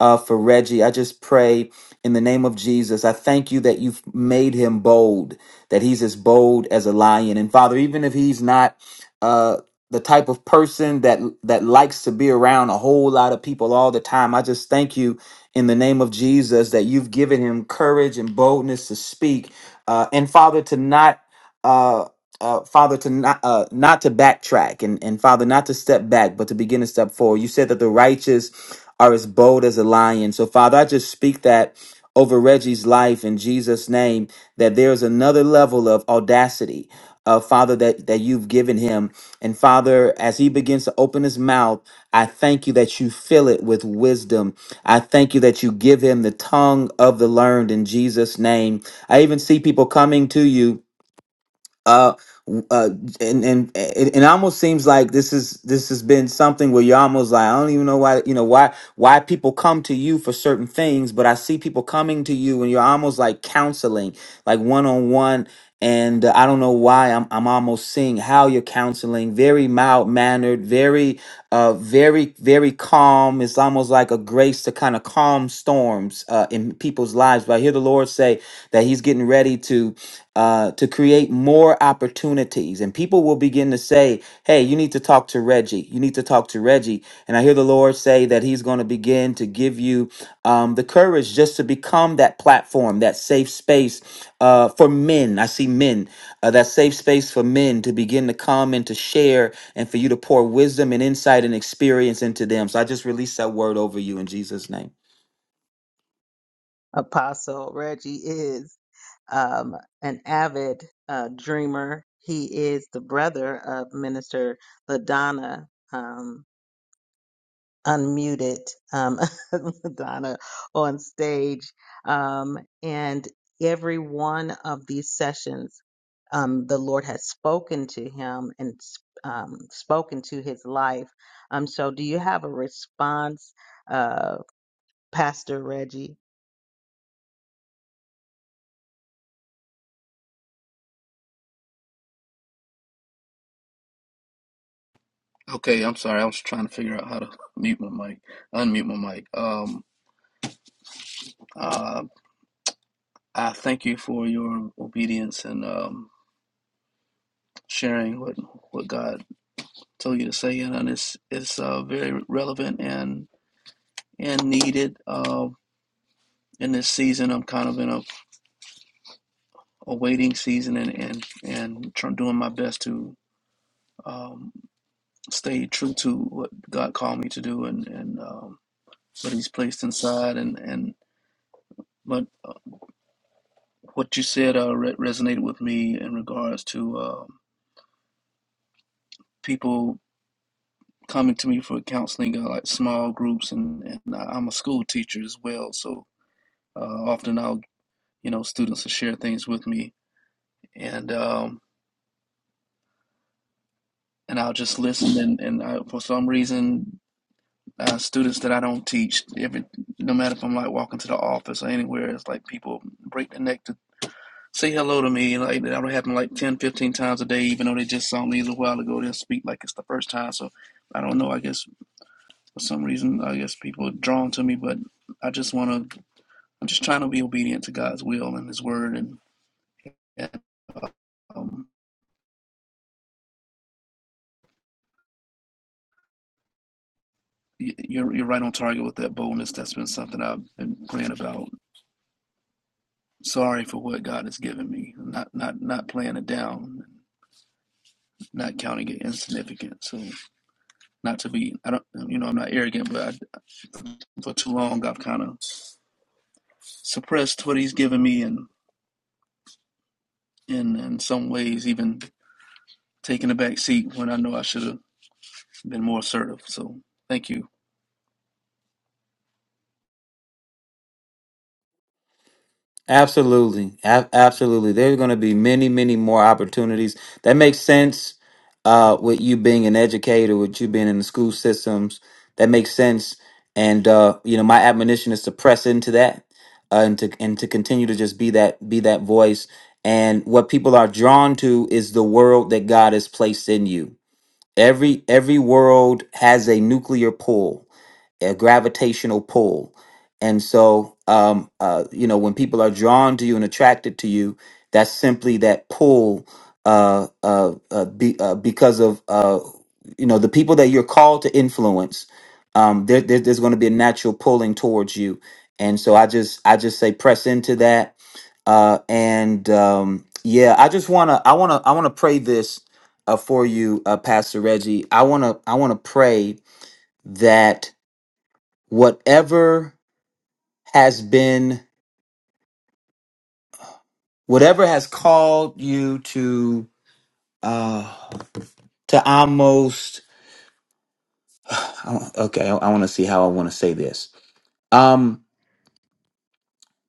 uh, for Reggie. I just pray in the name of Jesus, I thank you that you've made him bold, that he's as bold as a lion. And Father, even if he's not uh, the type of person that that likes to be around a whole lot of people all the time, I just thank you in the name of Jesus that you've given him courage and boldness to speak. Uh, and Father, to not. Uh, uh, Father, to not uh, not to backtrack and, and Father, not to step back, but to begin to step forward. You said that the righteous are as bold as a lion. So Father, I just speak that over Reggie's life in Jesus' name, that there's another level of audacity, uh, Father, that, that you've given him. And Father, as he begins to open his mouth, I thank you that you fill it with wisdom. I thank you that you give him the tongue of the learned in Jesus' name. I even see people coming to you uh, w- uh, and and it, it almost seems like this is this has been something where you're almost like I don't even know why you know why why people come to you for certain things, but I see people coming to you and you're almost like counseling, like one on one, and uh, I don't know why I'm I'm almost seeing how you're counseling, very mild mannered, very uh very very calm. It's almost like a grace to kind of calm storms uh in people's lives. But I hear the Lord say that He's getting ready to uh, to create more opportunities. And people will begin to say, hey, you need to talk to Reggie. You need to talk to Reggie. And I hear the Lord say that He's going to begin to give you um, the courage just to become that platform, that safe space uh, for men. I see men, uh, that safe space for men to begin to come and to share and for you to pour wisdom and insight and experience into them. So I just release that word over you in Jesus' name. Apostle Reggie is um, an avid uh, dreamer. He is the brother of Minister LaDonna, um, unmuted um, LaDonna on stage. Um, and every one of these sessions, um, the Lord has spoken to him and um, spoken to his life. Um, so, do you have a response, uh, Pastor Reggie? Okay, I'm sorry. I was trying to figure out how to mute my mic, unmute my mic. Um, uh, I thank you for your obedience and um, sharing what what God told you to say, and it's it's uh, very relevant and and needed. Uh, in this season, I'm kind of in a, a waiting season, and and and trying, doing my best to um, stay true to what God called me to do, and and um, what He's placed inside, and and but. What you said uh, re- resonated with me in regards to um people coming to me for counseling, uh, like small groups, and, and I- I'm a school teacher as well, so uh, often I'll, you know, students will share things with me, and um, and I'll just listen, and and I, for some reason, uh, students that I don't teach, every no matter if I'm like walking to the office or anywhere, it's like people break their neck to. Say hello to me. Like that'll happen like 10, 15 times a day, even though they just saw me a little while ago. They'll speak like it's the first time. So I don't know. I guess for some reason, I guess people are drawn to me, but I just want to. I'm just trying to be obedient to God's will and His word, and, and um, you're you're right on target with that boldness. That's been something I've been praying about. Sorry for what God has given me. Not not not playing it down, not counting it insignificant. So not to be. I don't. You know, I'm not arrogant, but I, for too long, I've kind of. suppressed what he's given me and in in some ways even taking a back seat when I know I should have been more assertive. So thank you. Absolutely. A- absolutely. There's going to be many, many more opportunities. That makes sense uh, with you being an educator, with you being in the school systems. That makes sense. And, uh, you know, my admonition is to press into that uh, and to and to continue to just be that be that voice. And what people are drawn to is the world that God has placed in you Every every world has a nuclear pull, a gravitational pull, and so um, uh, you know when people are drawn to you and attracted to you, that's simply that pull uh, uh, uh, be, uh, because of uh, you know the people that you're called to influence. Um, there, there, there's going to be a natural pulling towards you, and so I just I just say press into that uh, and um, yeah, I just wanna, I wanna, I wanna pray this uh, for you, uh, Pastor Reggie. I wanna, I wanna pray that whatever has been, whatever has called you to, uh, to almost, okay, I, I wanna see how I wanna say this. Um,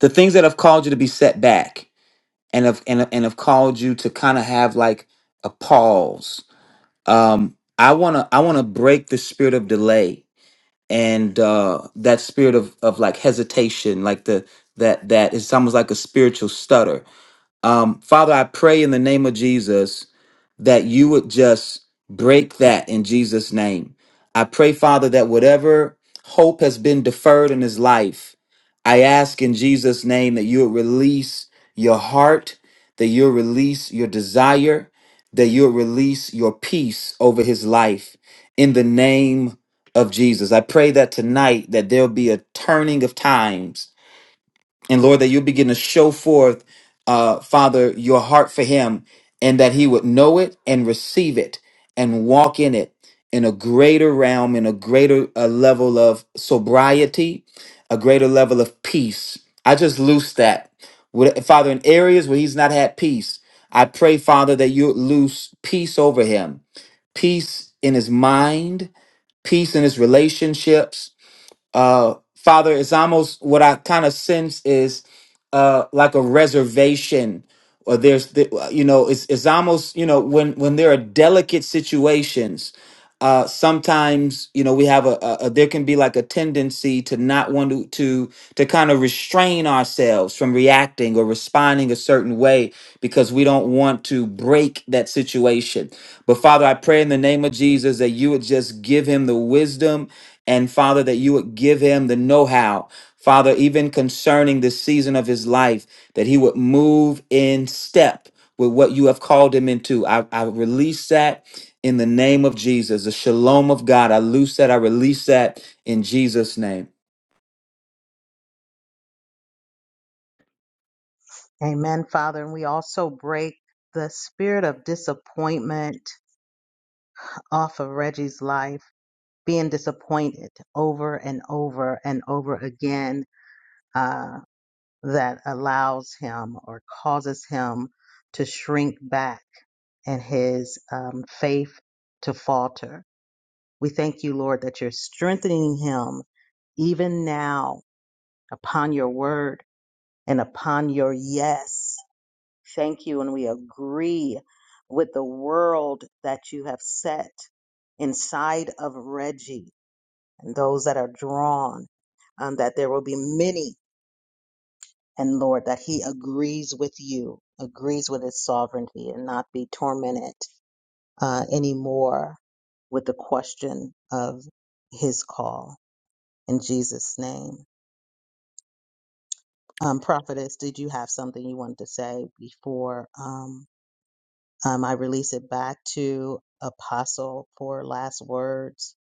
the things that have called you to be set back and have and, and have called you to kind of have like a pause um i want to i want to break the spirit of delay and uh that spirit of of like hesitation like the that that is almost like a spiritual stutter um, Father, I pray in the name of Jesus that you would just break that in Jesus' name. I pray, Father, that whatever hope has been deferred in his life, I ask in Jesus' name that you would release your heart, that you'll release your desire, that you'll release your peace over his life in the name of Jesus. I pray that tonight that there'll be a turning of times and Lord, that you begin to show forth, uh, Father, your heart for him and that he would know it and receive it and walk in it in a greater realm, in a greater uh, level of sobriety, a greater level of peace. I just loose that. With- Father, in areas where he's not had peace, I pray, Father, that you loose peace over him, peace in his mind, peace in his relationships, uh, Father, it's almost what I kind of sense is uh, like a reservation, or there's, the, uh, you know, it's it's almost you know when when there are delicate situations, uh, sometimes you know we have a, a, a there can be like a tendency to not want to to to kind of restrain ourselves from reacting or responding a certain way because we don't want to break that situation. But Father, I pray in the name of Jesus that you would just give him the wisdom and Father, that you would give him the know how, Father, even concerning the season of his life, that he would move in step with what you have called him into. I, I release that in the name of Jesus, the shalom of God. I loose that, I release that in Jesus' name. Amen, Father. And we also break the spirit of disappointment off of Reggie's life, being disappointed over and over and over again uh, that allows him or causes him to shrink back and his um, faith to falter. We thank you, Lord, that you're strengthening him even now upon your word and upon your yes. Thank you. And we agree with the world that you have set inside of Reggie and those that are drawn, um, that there will be many. And Lord, that he agrees with you, agrees with his sovereignty, and not be tormented uh, anymore with the question of his call. In Jesus' name. Um, Prophetess, did you have something you wanted to say before? Um, Um, I release it back to Apostle for last words.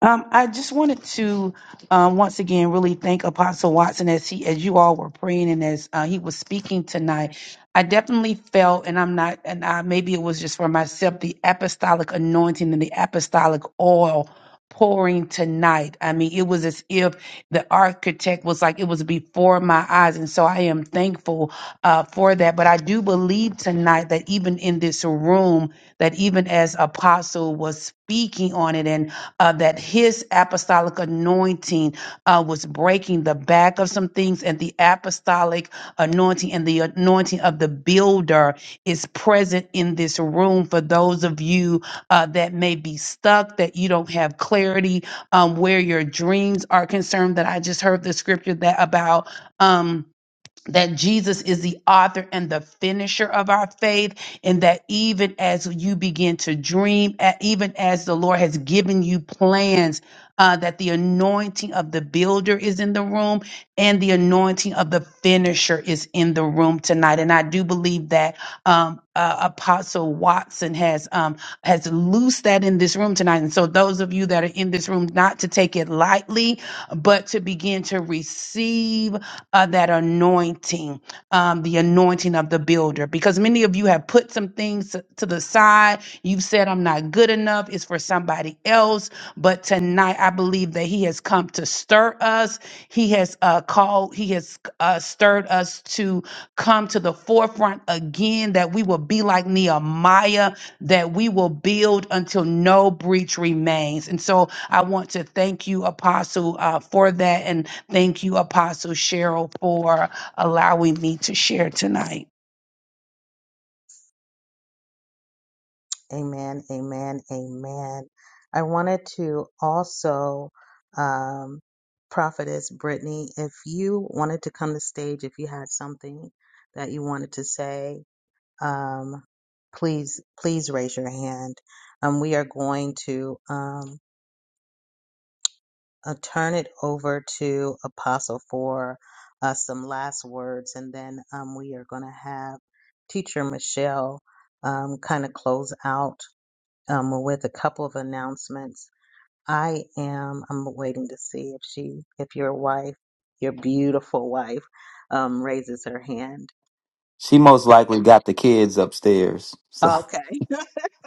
Um, I just wanted to um, once again really thank Apostle Watson as he, as you all were praying and as uh, he was speaking tonight. I definitely felt, and I'm not, and I, maybe it was just for myself, the apostolic anointing and the apostolic oil pouring tonight. I mean, it was as if the architect was like it was before my eyes, and so I am thankful uh, for that. But I do believe tonight that even in this room, that even as Apostle was speaking on it and uh, that his apostolic anointing uh, was breaking the back of some things, and the apostolic anointing and the anointing of the builder is present in this room for those of you uh, that may be stuck, that you don't have clarity um, where your dreams are concerned. That I just heard the scripture that about. Um, that Jesus is the author and the finisher of our faith, and that even as you begin to dream, a- even as the Lord has given you plans, uh, that the anointing of the builder is in the room and the anointing of the finisher is is in the room tonight, and I do believe that um, uh, Apostle Watson has um, has loosed that in this room tonight. And so, those of you that are in this room, not to take it lightly, but to begin to receive uh, that anointing, um, the anointing of the builder, because many of you have put some things to to the side. You've said, "I'm not good enough; it's for somebody else." But tonight, I believe that He has come to stir us he has uh, called, He has uh, stirred us to come to the forefront again, that we will be like Nehemiah, that we will build until no breach remains. And so I want to thank you, Apostle, uh, for that. And thank you, Apostle Cheryl, for allowing me to share tonight. Amen, amen, amen. I wanted to also, um, Prophetess Brittany, if you wanted to come to stage, if you had something that you wanted to say, um, please, please raise your hand. Um, we are going to. um, uh, turn it over to Apostle for uh, some last words, and then um, we are going to have Teacher Michelle um, kind of close out um, with a couple of announcements. I am. I'm waiting to see if she, if your wife, your beautiful wife, um, raises her hand. She most likely got the kids upstairs. So, Okay.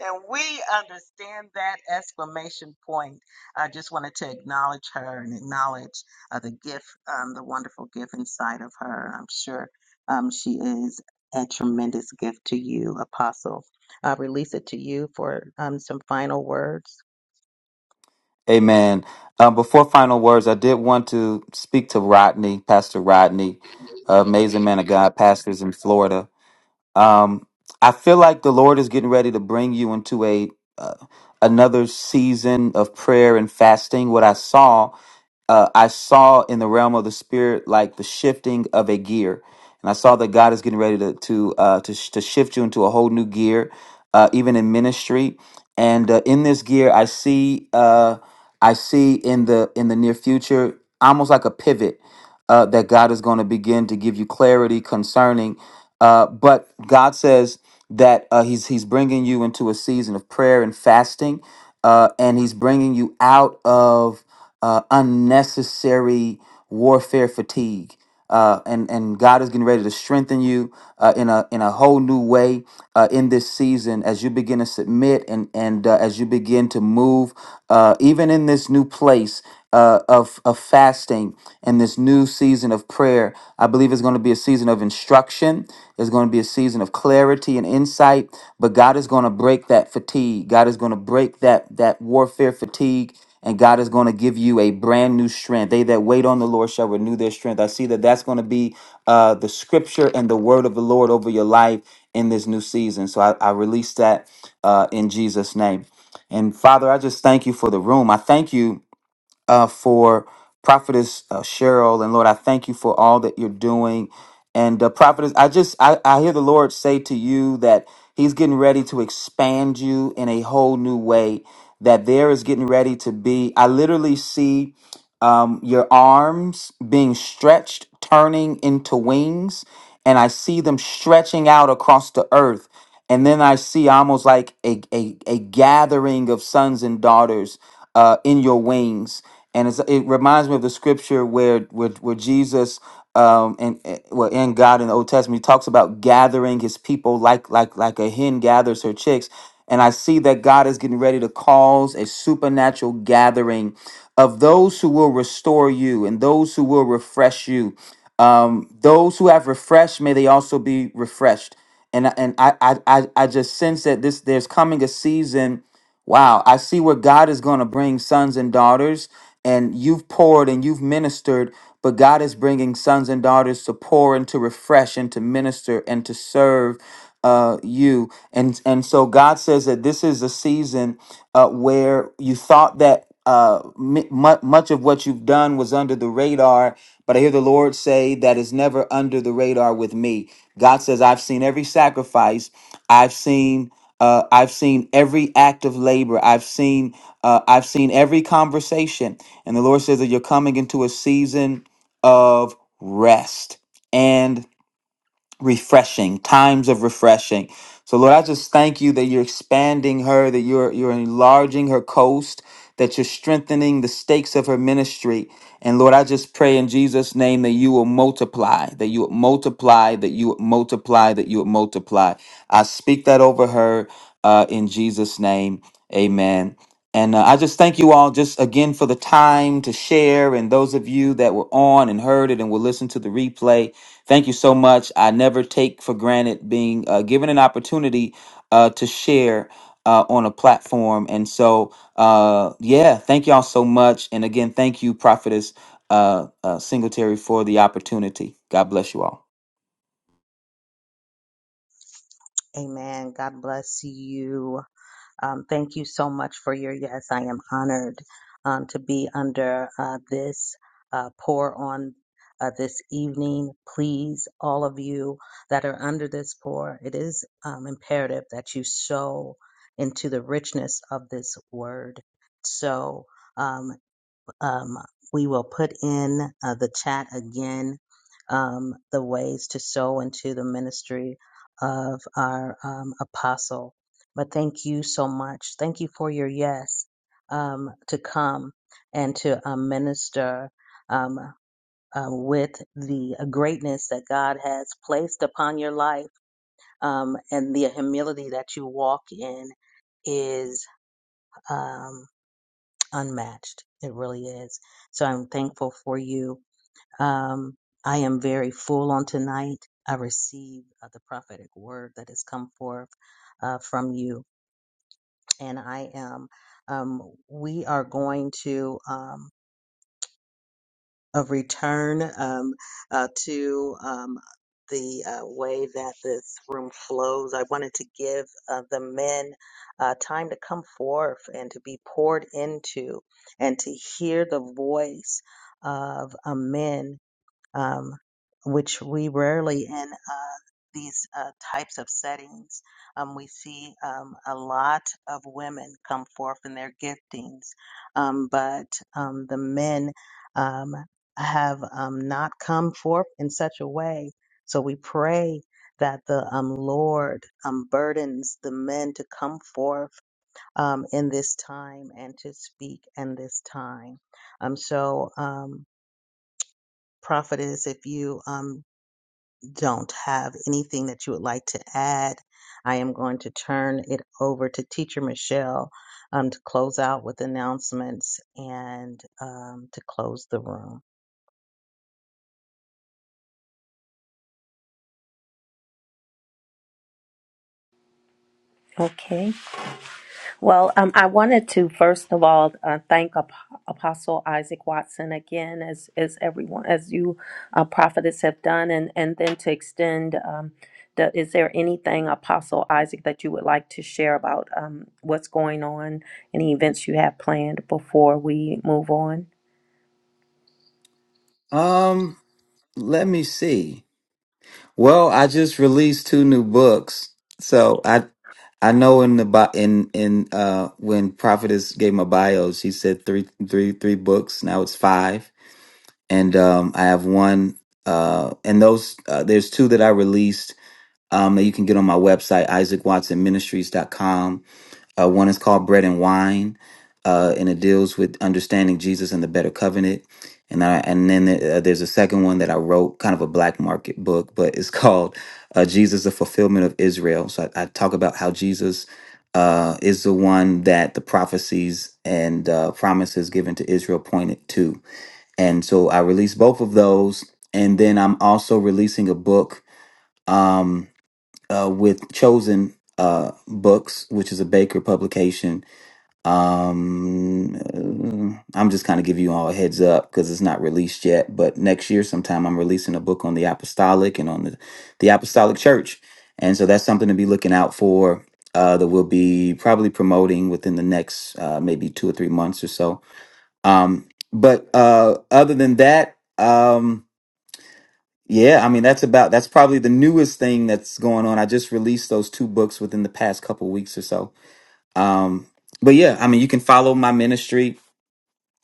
And we understand that exclamation point. I just wanted to acknowledge her and acknowledge uh, the gift, um, the wonderful gift inside of her. I'm sure um, she is a tremendous gift to you, Apostle. I release it to you for um, some final words. amen. Um, before final words, I did want to speak to Rodney, Pastor Rodney, uh, amazing man of God, pastors in Florida. Um, I feel like the Lord is getting ready to bring you into a uh, another season of prayer and fasting. What I saw uh, I saw in the realm of the spirit like the shifting of a gear, and I saw that God is getting ready to to uh, to, sh- to shift you into a whole new gear, uh, even in ministry. And uh, in this gear, I see uh, I see in the in the near future almost like a pivot uh, that God is going to begin to give you clarity concerning. Uh, but God says that uh, He's He's bringing you into a season of prayer and fasting, uh, and He's bringing you out of uh, unnecessary warfare fatigue. Uh, and and God is getting ready to strengthen you uh, in a in a whole new way uh, in this season as you begin to submit and and uh, as you begin to move uh, even in this new place uh, of of fasting and this new season of prayer. I believe it's going to be a season of instruction. It's going to be a season of clarity and insight. But God is going to break that fatigue. God is going to break that that warfare fatigue. And God is going to give you a brand new strength. They that wait on the Lord shall renew their strength. I see that that's going to be uh, the scripture and the word of the Lord over your life in this new season. So I, I release that uh, in Jesus' name. And Father, I just thank you for the room. I thank you uh, for Prophetess uh, Cheryl. And Lord, I thank you for all that you're doing. And uh, Prophetess, I just, I, I hear the Lord say to you that He's getting ready to expand you in a whole new way, that there is getting ready to be. I literally see um, your arms being stretched, turning into wings, and I see them stretching out across the earth. And then I see almost like a, a, a gathering of sons and daughters uh, in your wings. And it's, it reminds me of the scripture where, where, where Jesus um, and and- well, in God in the Old Testament, he talks about gathering his people like like like a hen gathers her chicks. And I see that God is getting ready to cause a supernatural gathering of those who will restore you and those who will refresh you. Um, those who have refreshed, may they also be refreshed. And, I- and I, I, I I just sense that this there's coming a season. Wow, I see where God is going to bring sons and daughters, and you've poured and you've ministered, but God is bringing sons and daughters to pour and to refresh and to minister and to serve uh, you. And and so God says that this is a season uh, where you thought that uh, mi- mu- much of what you've done was under the radar, but I hear the Lord say that is never under the radar with me. God says, I've seen every sacrifice. I've seen. Uh, I've seen every act of labor. I've seen. Uh, I've seen every conversation. And the Lord says that you're coming into a season of rest and refreshing times of refreshing so lord i just thank you that you're expanding her that you're you're enlarging her coast that you're strengthening the stakes of her ministry and lord i just pray in jesus name that you will multiply that you would multiply that you would multiply that you would multiply i speak that over her uh, in jesus name amen and uh, I just thank you all just again for the time to share and those of you that were on and heard it and will listen to the replay. Thank you so much. I never take for granted being uh, given an opportunity uh, to share uh, on a platform. And so, uh, yeah, thank y'all so much. And again, thank you, Prophetess uh, uh, Singletary, for the opportunity. God bless you all. Amen. God bless you. Um, thank you so much for your yes. I am honored um, to be under uh, this uh, pour on uh, this evening. Please, all of you that are under this pour, it is um, imperative that you sow into the richness of this word. So. um, um, we will put in uh, the chat again um, the ways to sow into the ministry of our um, apostle. But thank you so much. Thank you for your yes um, to come and to um, minister um, uh, with the greatness that God has placed upon your life um, and the humility that you walk in is. Um, unmatched. It really is. So I'm thankful for you. Um, I am very full on tonight. I receive uh, the prophetic word that has come forth uh, from you, and I am. Um, we are going to. um, of return um, uh, to um, the uh, way that this room flows. I wanted to give uh, the men uh, time to come forth and to be poured into and to hear the voice of a men um, which we rarely in uh, these uh, types of settings. Um, we see um, a lot of women come forth in their giftings, um, but um, the men um, have um, not come forth in such a way. So we pray that the um, Lord um, burdens the men to come forth um, in this time and to speak in this time. Um, so, um, prophetess, if you um, don't have anything that you would like to add, I am going to turn it over to Teacher Michelle um, to close out with announcements and um, to close the room. okay Well, um, I wanted to first of all uh, thank Ap- Apostle Isaac Watson again, as as everyone, as you uh, prophetess have done, and and then to extend. Um, the, is there anything, Apostle Isaac, that you would like to share about um, what's going on, any events you have planned before we move on? Um, let me see. Well, I just released two new books, so I I know in the bi- in in uh when Prophetess gave my bio, she said three three three books. Now it's five and um, I have one. Uh, and those uh, there's two that I released um, that you can get on my website isaacwatsonministries.com. Uh, one is called Bread and Wine, uh, and it deals with understanding Jesus and the Better Covenant. And I, and then uh, there's a second one that I wrote, kind of a black market book, but it's called uh, Jesus: The Fulfillment of Israel. So I, I talk about how Jesus. Uh, is the one that the prophecies and uh, promises given to Israel pointed to and so I released both of those, and then I'm also releasing a book um, uh, with Chosen uh, Books, which is a Baker publication. Um, uh, I'm just kind of giving you all a heads up because it's not released yet, but next year sometime I'm releasing a book on the apostolic and on the the apostolic church, and so that's something to be looking out for. Uh, that we'll be probably promoting within the next uh, maybe two or three months or so um, but uh, other than that, um, yeah, I mean that's about that's probably the newest thing that's going on. I just released those two books within the past couple weeks or so. Um, but yeah, I mean you can follow my ministry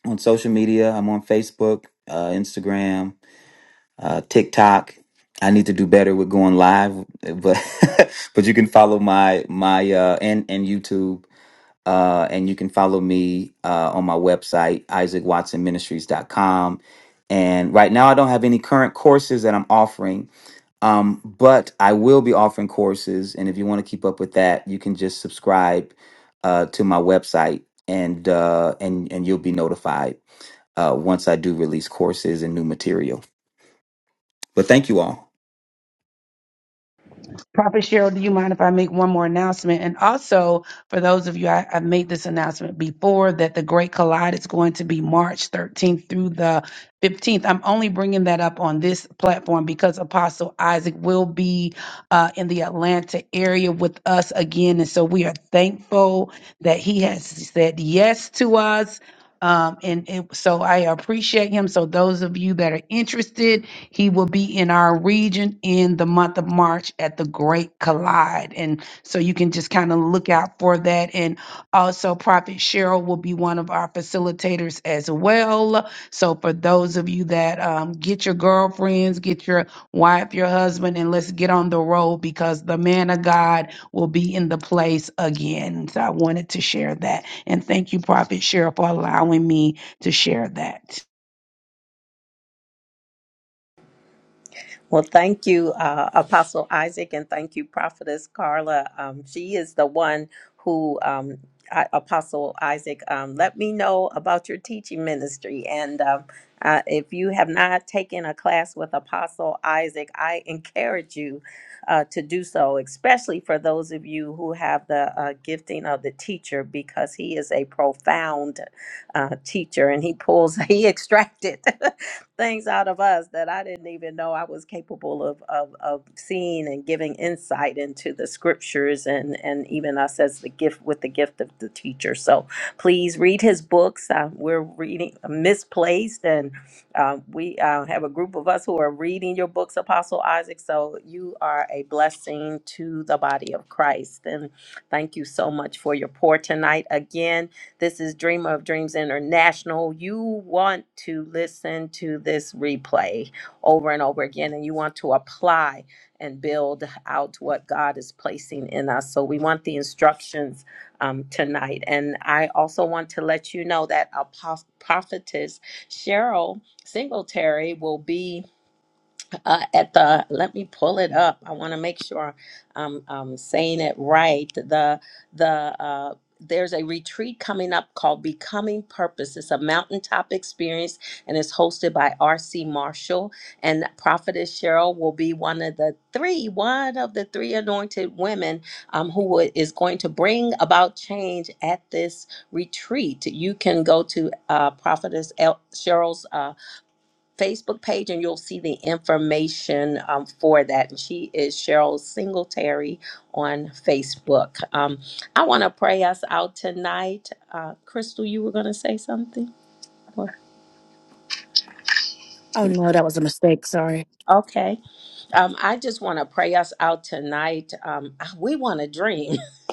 on social media. I'm on Facebook, uh, Instagram, uh, TikTok. I need to do better with going live, but but you can follow my my uh, and and YouTube. Uh, and you can follow me uh, on my website, isaacwatsonministries.com. And right now, I don't have any current courses that I'm offering, um, but I will be offering courses. And if you want to keep up with that, you can just subscribe uh, to my website, and uh, and and you'll be notified uh, once I do release courses and new material. But thank you all. Prophet Cheryl, do you mind if I make one more announcement? And also, for those of you, I, I made this announcement before that the Great Collide is going to be March 13th through the 15th. I'm only bringing that up on this platform because Apostle Isaac will be uh, in the Atlanta area with us again. And so we are thankful that he has said yes to us um, and, and so I appreciate him. So those of you that are interested, he will be in our region in the month of March at the Great Collide. And so you can just kind of look out for that. And also Prophet Cheryl will be one of our facilitators as well. So for those of you that um, get your girlfriends, get your wife, your husband, and let's get on the road because the man of God will be in the place again. So I wanted to share that. And thank you, Prophet Cheryl, for allowing me to share that. Well, thank you, uh, Apostle Isaac, and thank you, Prophetess Carla. Um, she is the one who, um, I, Apostle Isaac, um, let me know about your teaching ministry. And um, uh, if you have not taken a class with Apostle Isaac, I encourage you uh, to do so, especially for those of you who have the uh, gifting of the teacher, because he is a profound uh, teacher and he pulls, he extracted. things out of us that I didn't even know I was capable of, of, of seeing and giving insight into the scriptures and, and even us as the gift with the gift of the teacher. So please read his books. Uh, we're reading uh, misplaced and uh, we uh, have a group of us who are reading your books, Apostle Isaac. So you are a blessing to the body of Christ. And thank you so much for your pour tonight. Again, this is Dreamer of Dreams International. You want to listen to this replay over and over again, and you want to apply and build out what God is placing in us. So we want the instructions um, tonight. And I also want to let you know that our proph- prophetess Cheryl Singletary will be uh, at the let me pull it up i want to make sure i'm, I'm saying it right the the uh, there's a retreat coming up called Becoming Purpose. It's a mountaintop experience and it's hosted by R.C. Marshall. And Prophetess Cheryl will be one of the three, one of the three anointed women um, who wi- is going to bring about change at this retreat. You can go to uh, Prophetess El- Cheryl's uh, Facebook page and you'll see the information um, for that. And she is Cheryl Singletary on Facebook. Um, I want to pray us out tonight. Uh, Crystal, you were going to say something? Or- Oh no, that was a mistake. Sorry. Okay. Um, I just want to pray us out tonight. Um, we want to dream.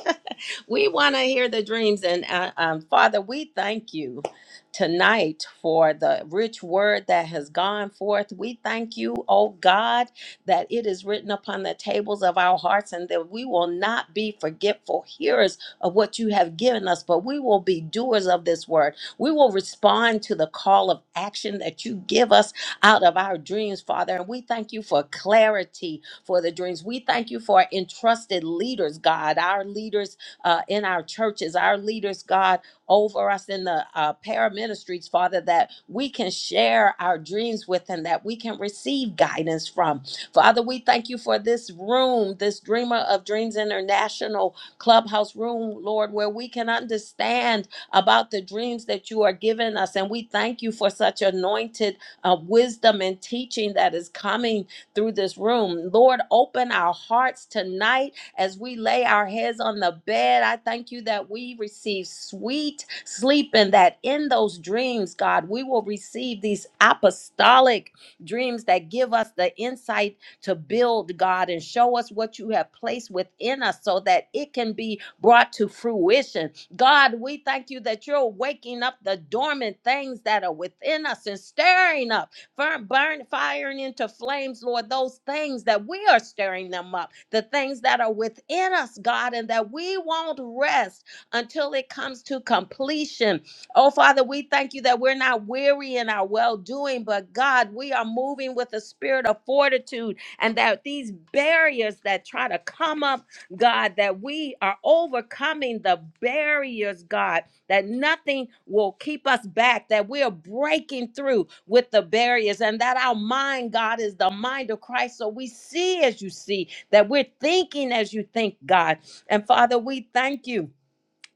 we want to hear the dreams. And uh, um, Father, we thank you tonight for the rich word that has gone forth. We thank you, oh God, that it is written upon the tables of our hearts and that we will not be forgetful hearers of what you have given us, but we will be doers of this word. We will respond to the call of action that you give us out of our dreams, Father. And we thank you for clarity for the dreams. We thank you for entrusted leaders, God, our leaders uh, in our churches, our leaders, God, over us in the uh, para ministries, Father, that we can share our dreams with and that we can receive guidance from. Father, we thank you for this room, this Dreamer of Dreams International clubhouse room, Lord, where we can understand about the dreams that you are giving us. And we thank you for such anointed uh, wisdom and teaching that is coming through this room. Lord, open our hearts tonight as we lay our heads on the bed, I thank you that we receive sweet sleep and that in those dreams, God, we will receive these apostolic dreams that give us the insight to build, God, and show us what you have placed within us so that it can be brought to fruition. God, we thank you that you're waking up the dormant things that are within us and stirring up burn, burn firing into flames, Lord, those things that we are stirring them up, the things that are within us, God, and that we won't rest until it comes to completion. Oh, Father, we thank you that we're not weary in our well doing, but God, we are moving with a spirit of fortitude, and that these barriers that try to come up, God, that we are overcoming the barriers, God that nothing will keep us back, that we are breaking through with the barriers, and that our mind, God, is the mind of Christ. So we see as you see, that we're thinking as you think, God. And Father, we thank you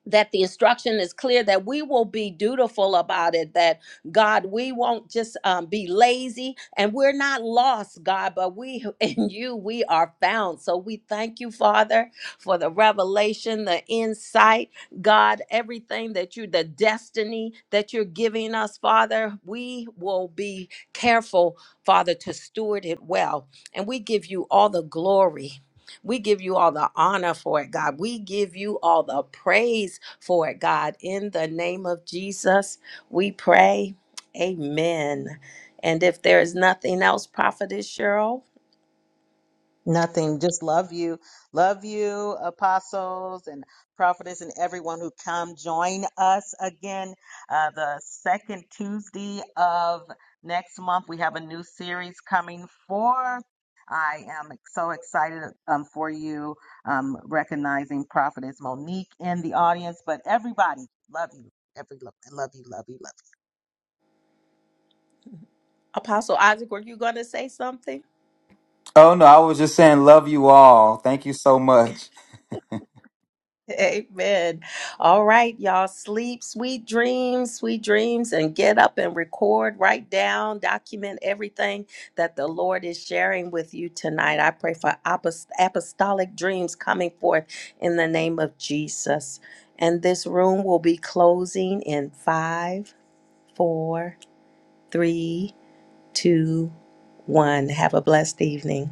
that the instruction is clear that we will be dutiful about it that god we won't just um, be lazy and we're not lost god but we in you we are found so we thank you father for the revelation the insight god everything that you the destiny that you're giving us father we will be careful father to steward it well and we give you all the glory we give you all the honor for it, God. We give you all the praise for it, God. In the name of Jesus, we pray. Amen. And if there is nothing else, Prophetess Cheryl, Nothing. Just love you. Love you, apostles and prophets and everyone who come join us again. Uh, the second Tuesday of next month, we have a new series coming forth. I am so excited um, for you um, recognizing prophetess Monique in the audience, but everybody, love you. Every love, love you, love you, love you. Apostle Isaac, were you going to say something? Oh no, I was just saying, love you all. Thank you so much. Amen. All right, y'all. Sleep, sweet dreams, sweet dreams, and get up and record, write down, document everything that the Lord is sharing with you tonight. I pray for apos- apostolic dreams coming forth in the name of Jesus. And this room will be closing in five, four, three, two, one. Have a blessed evening.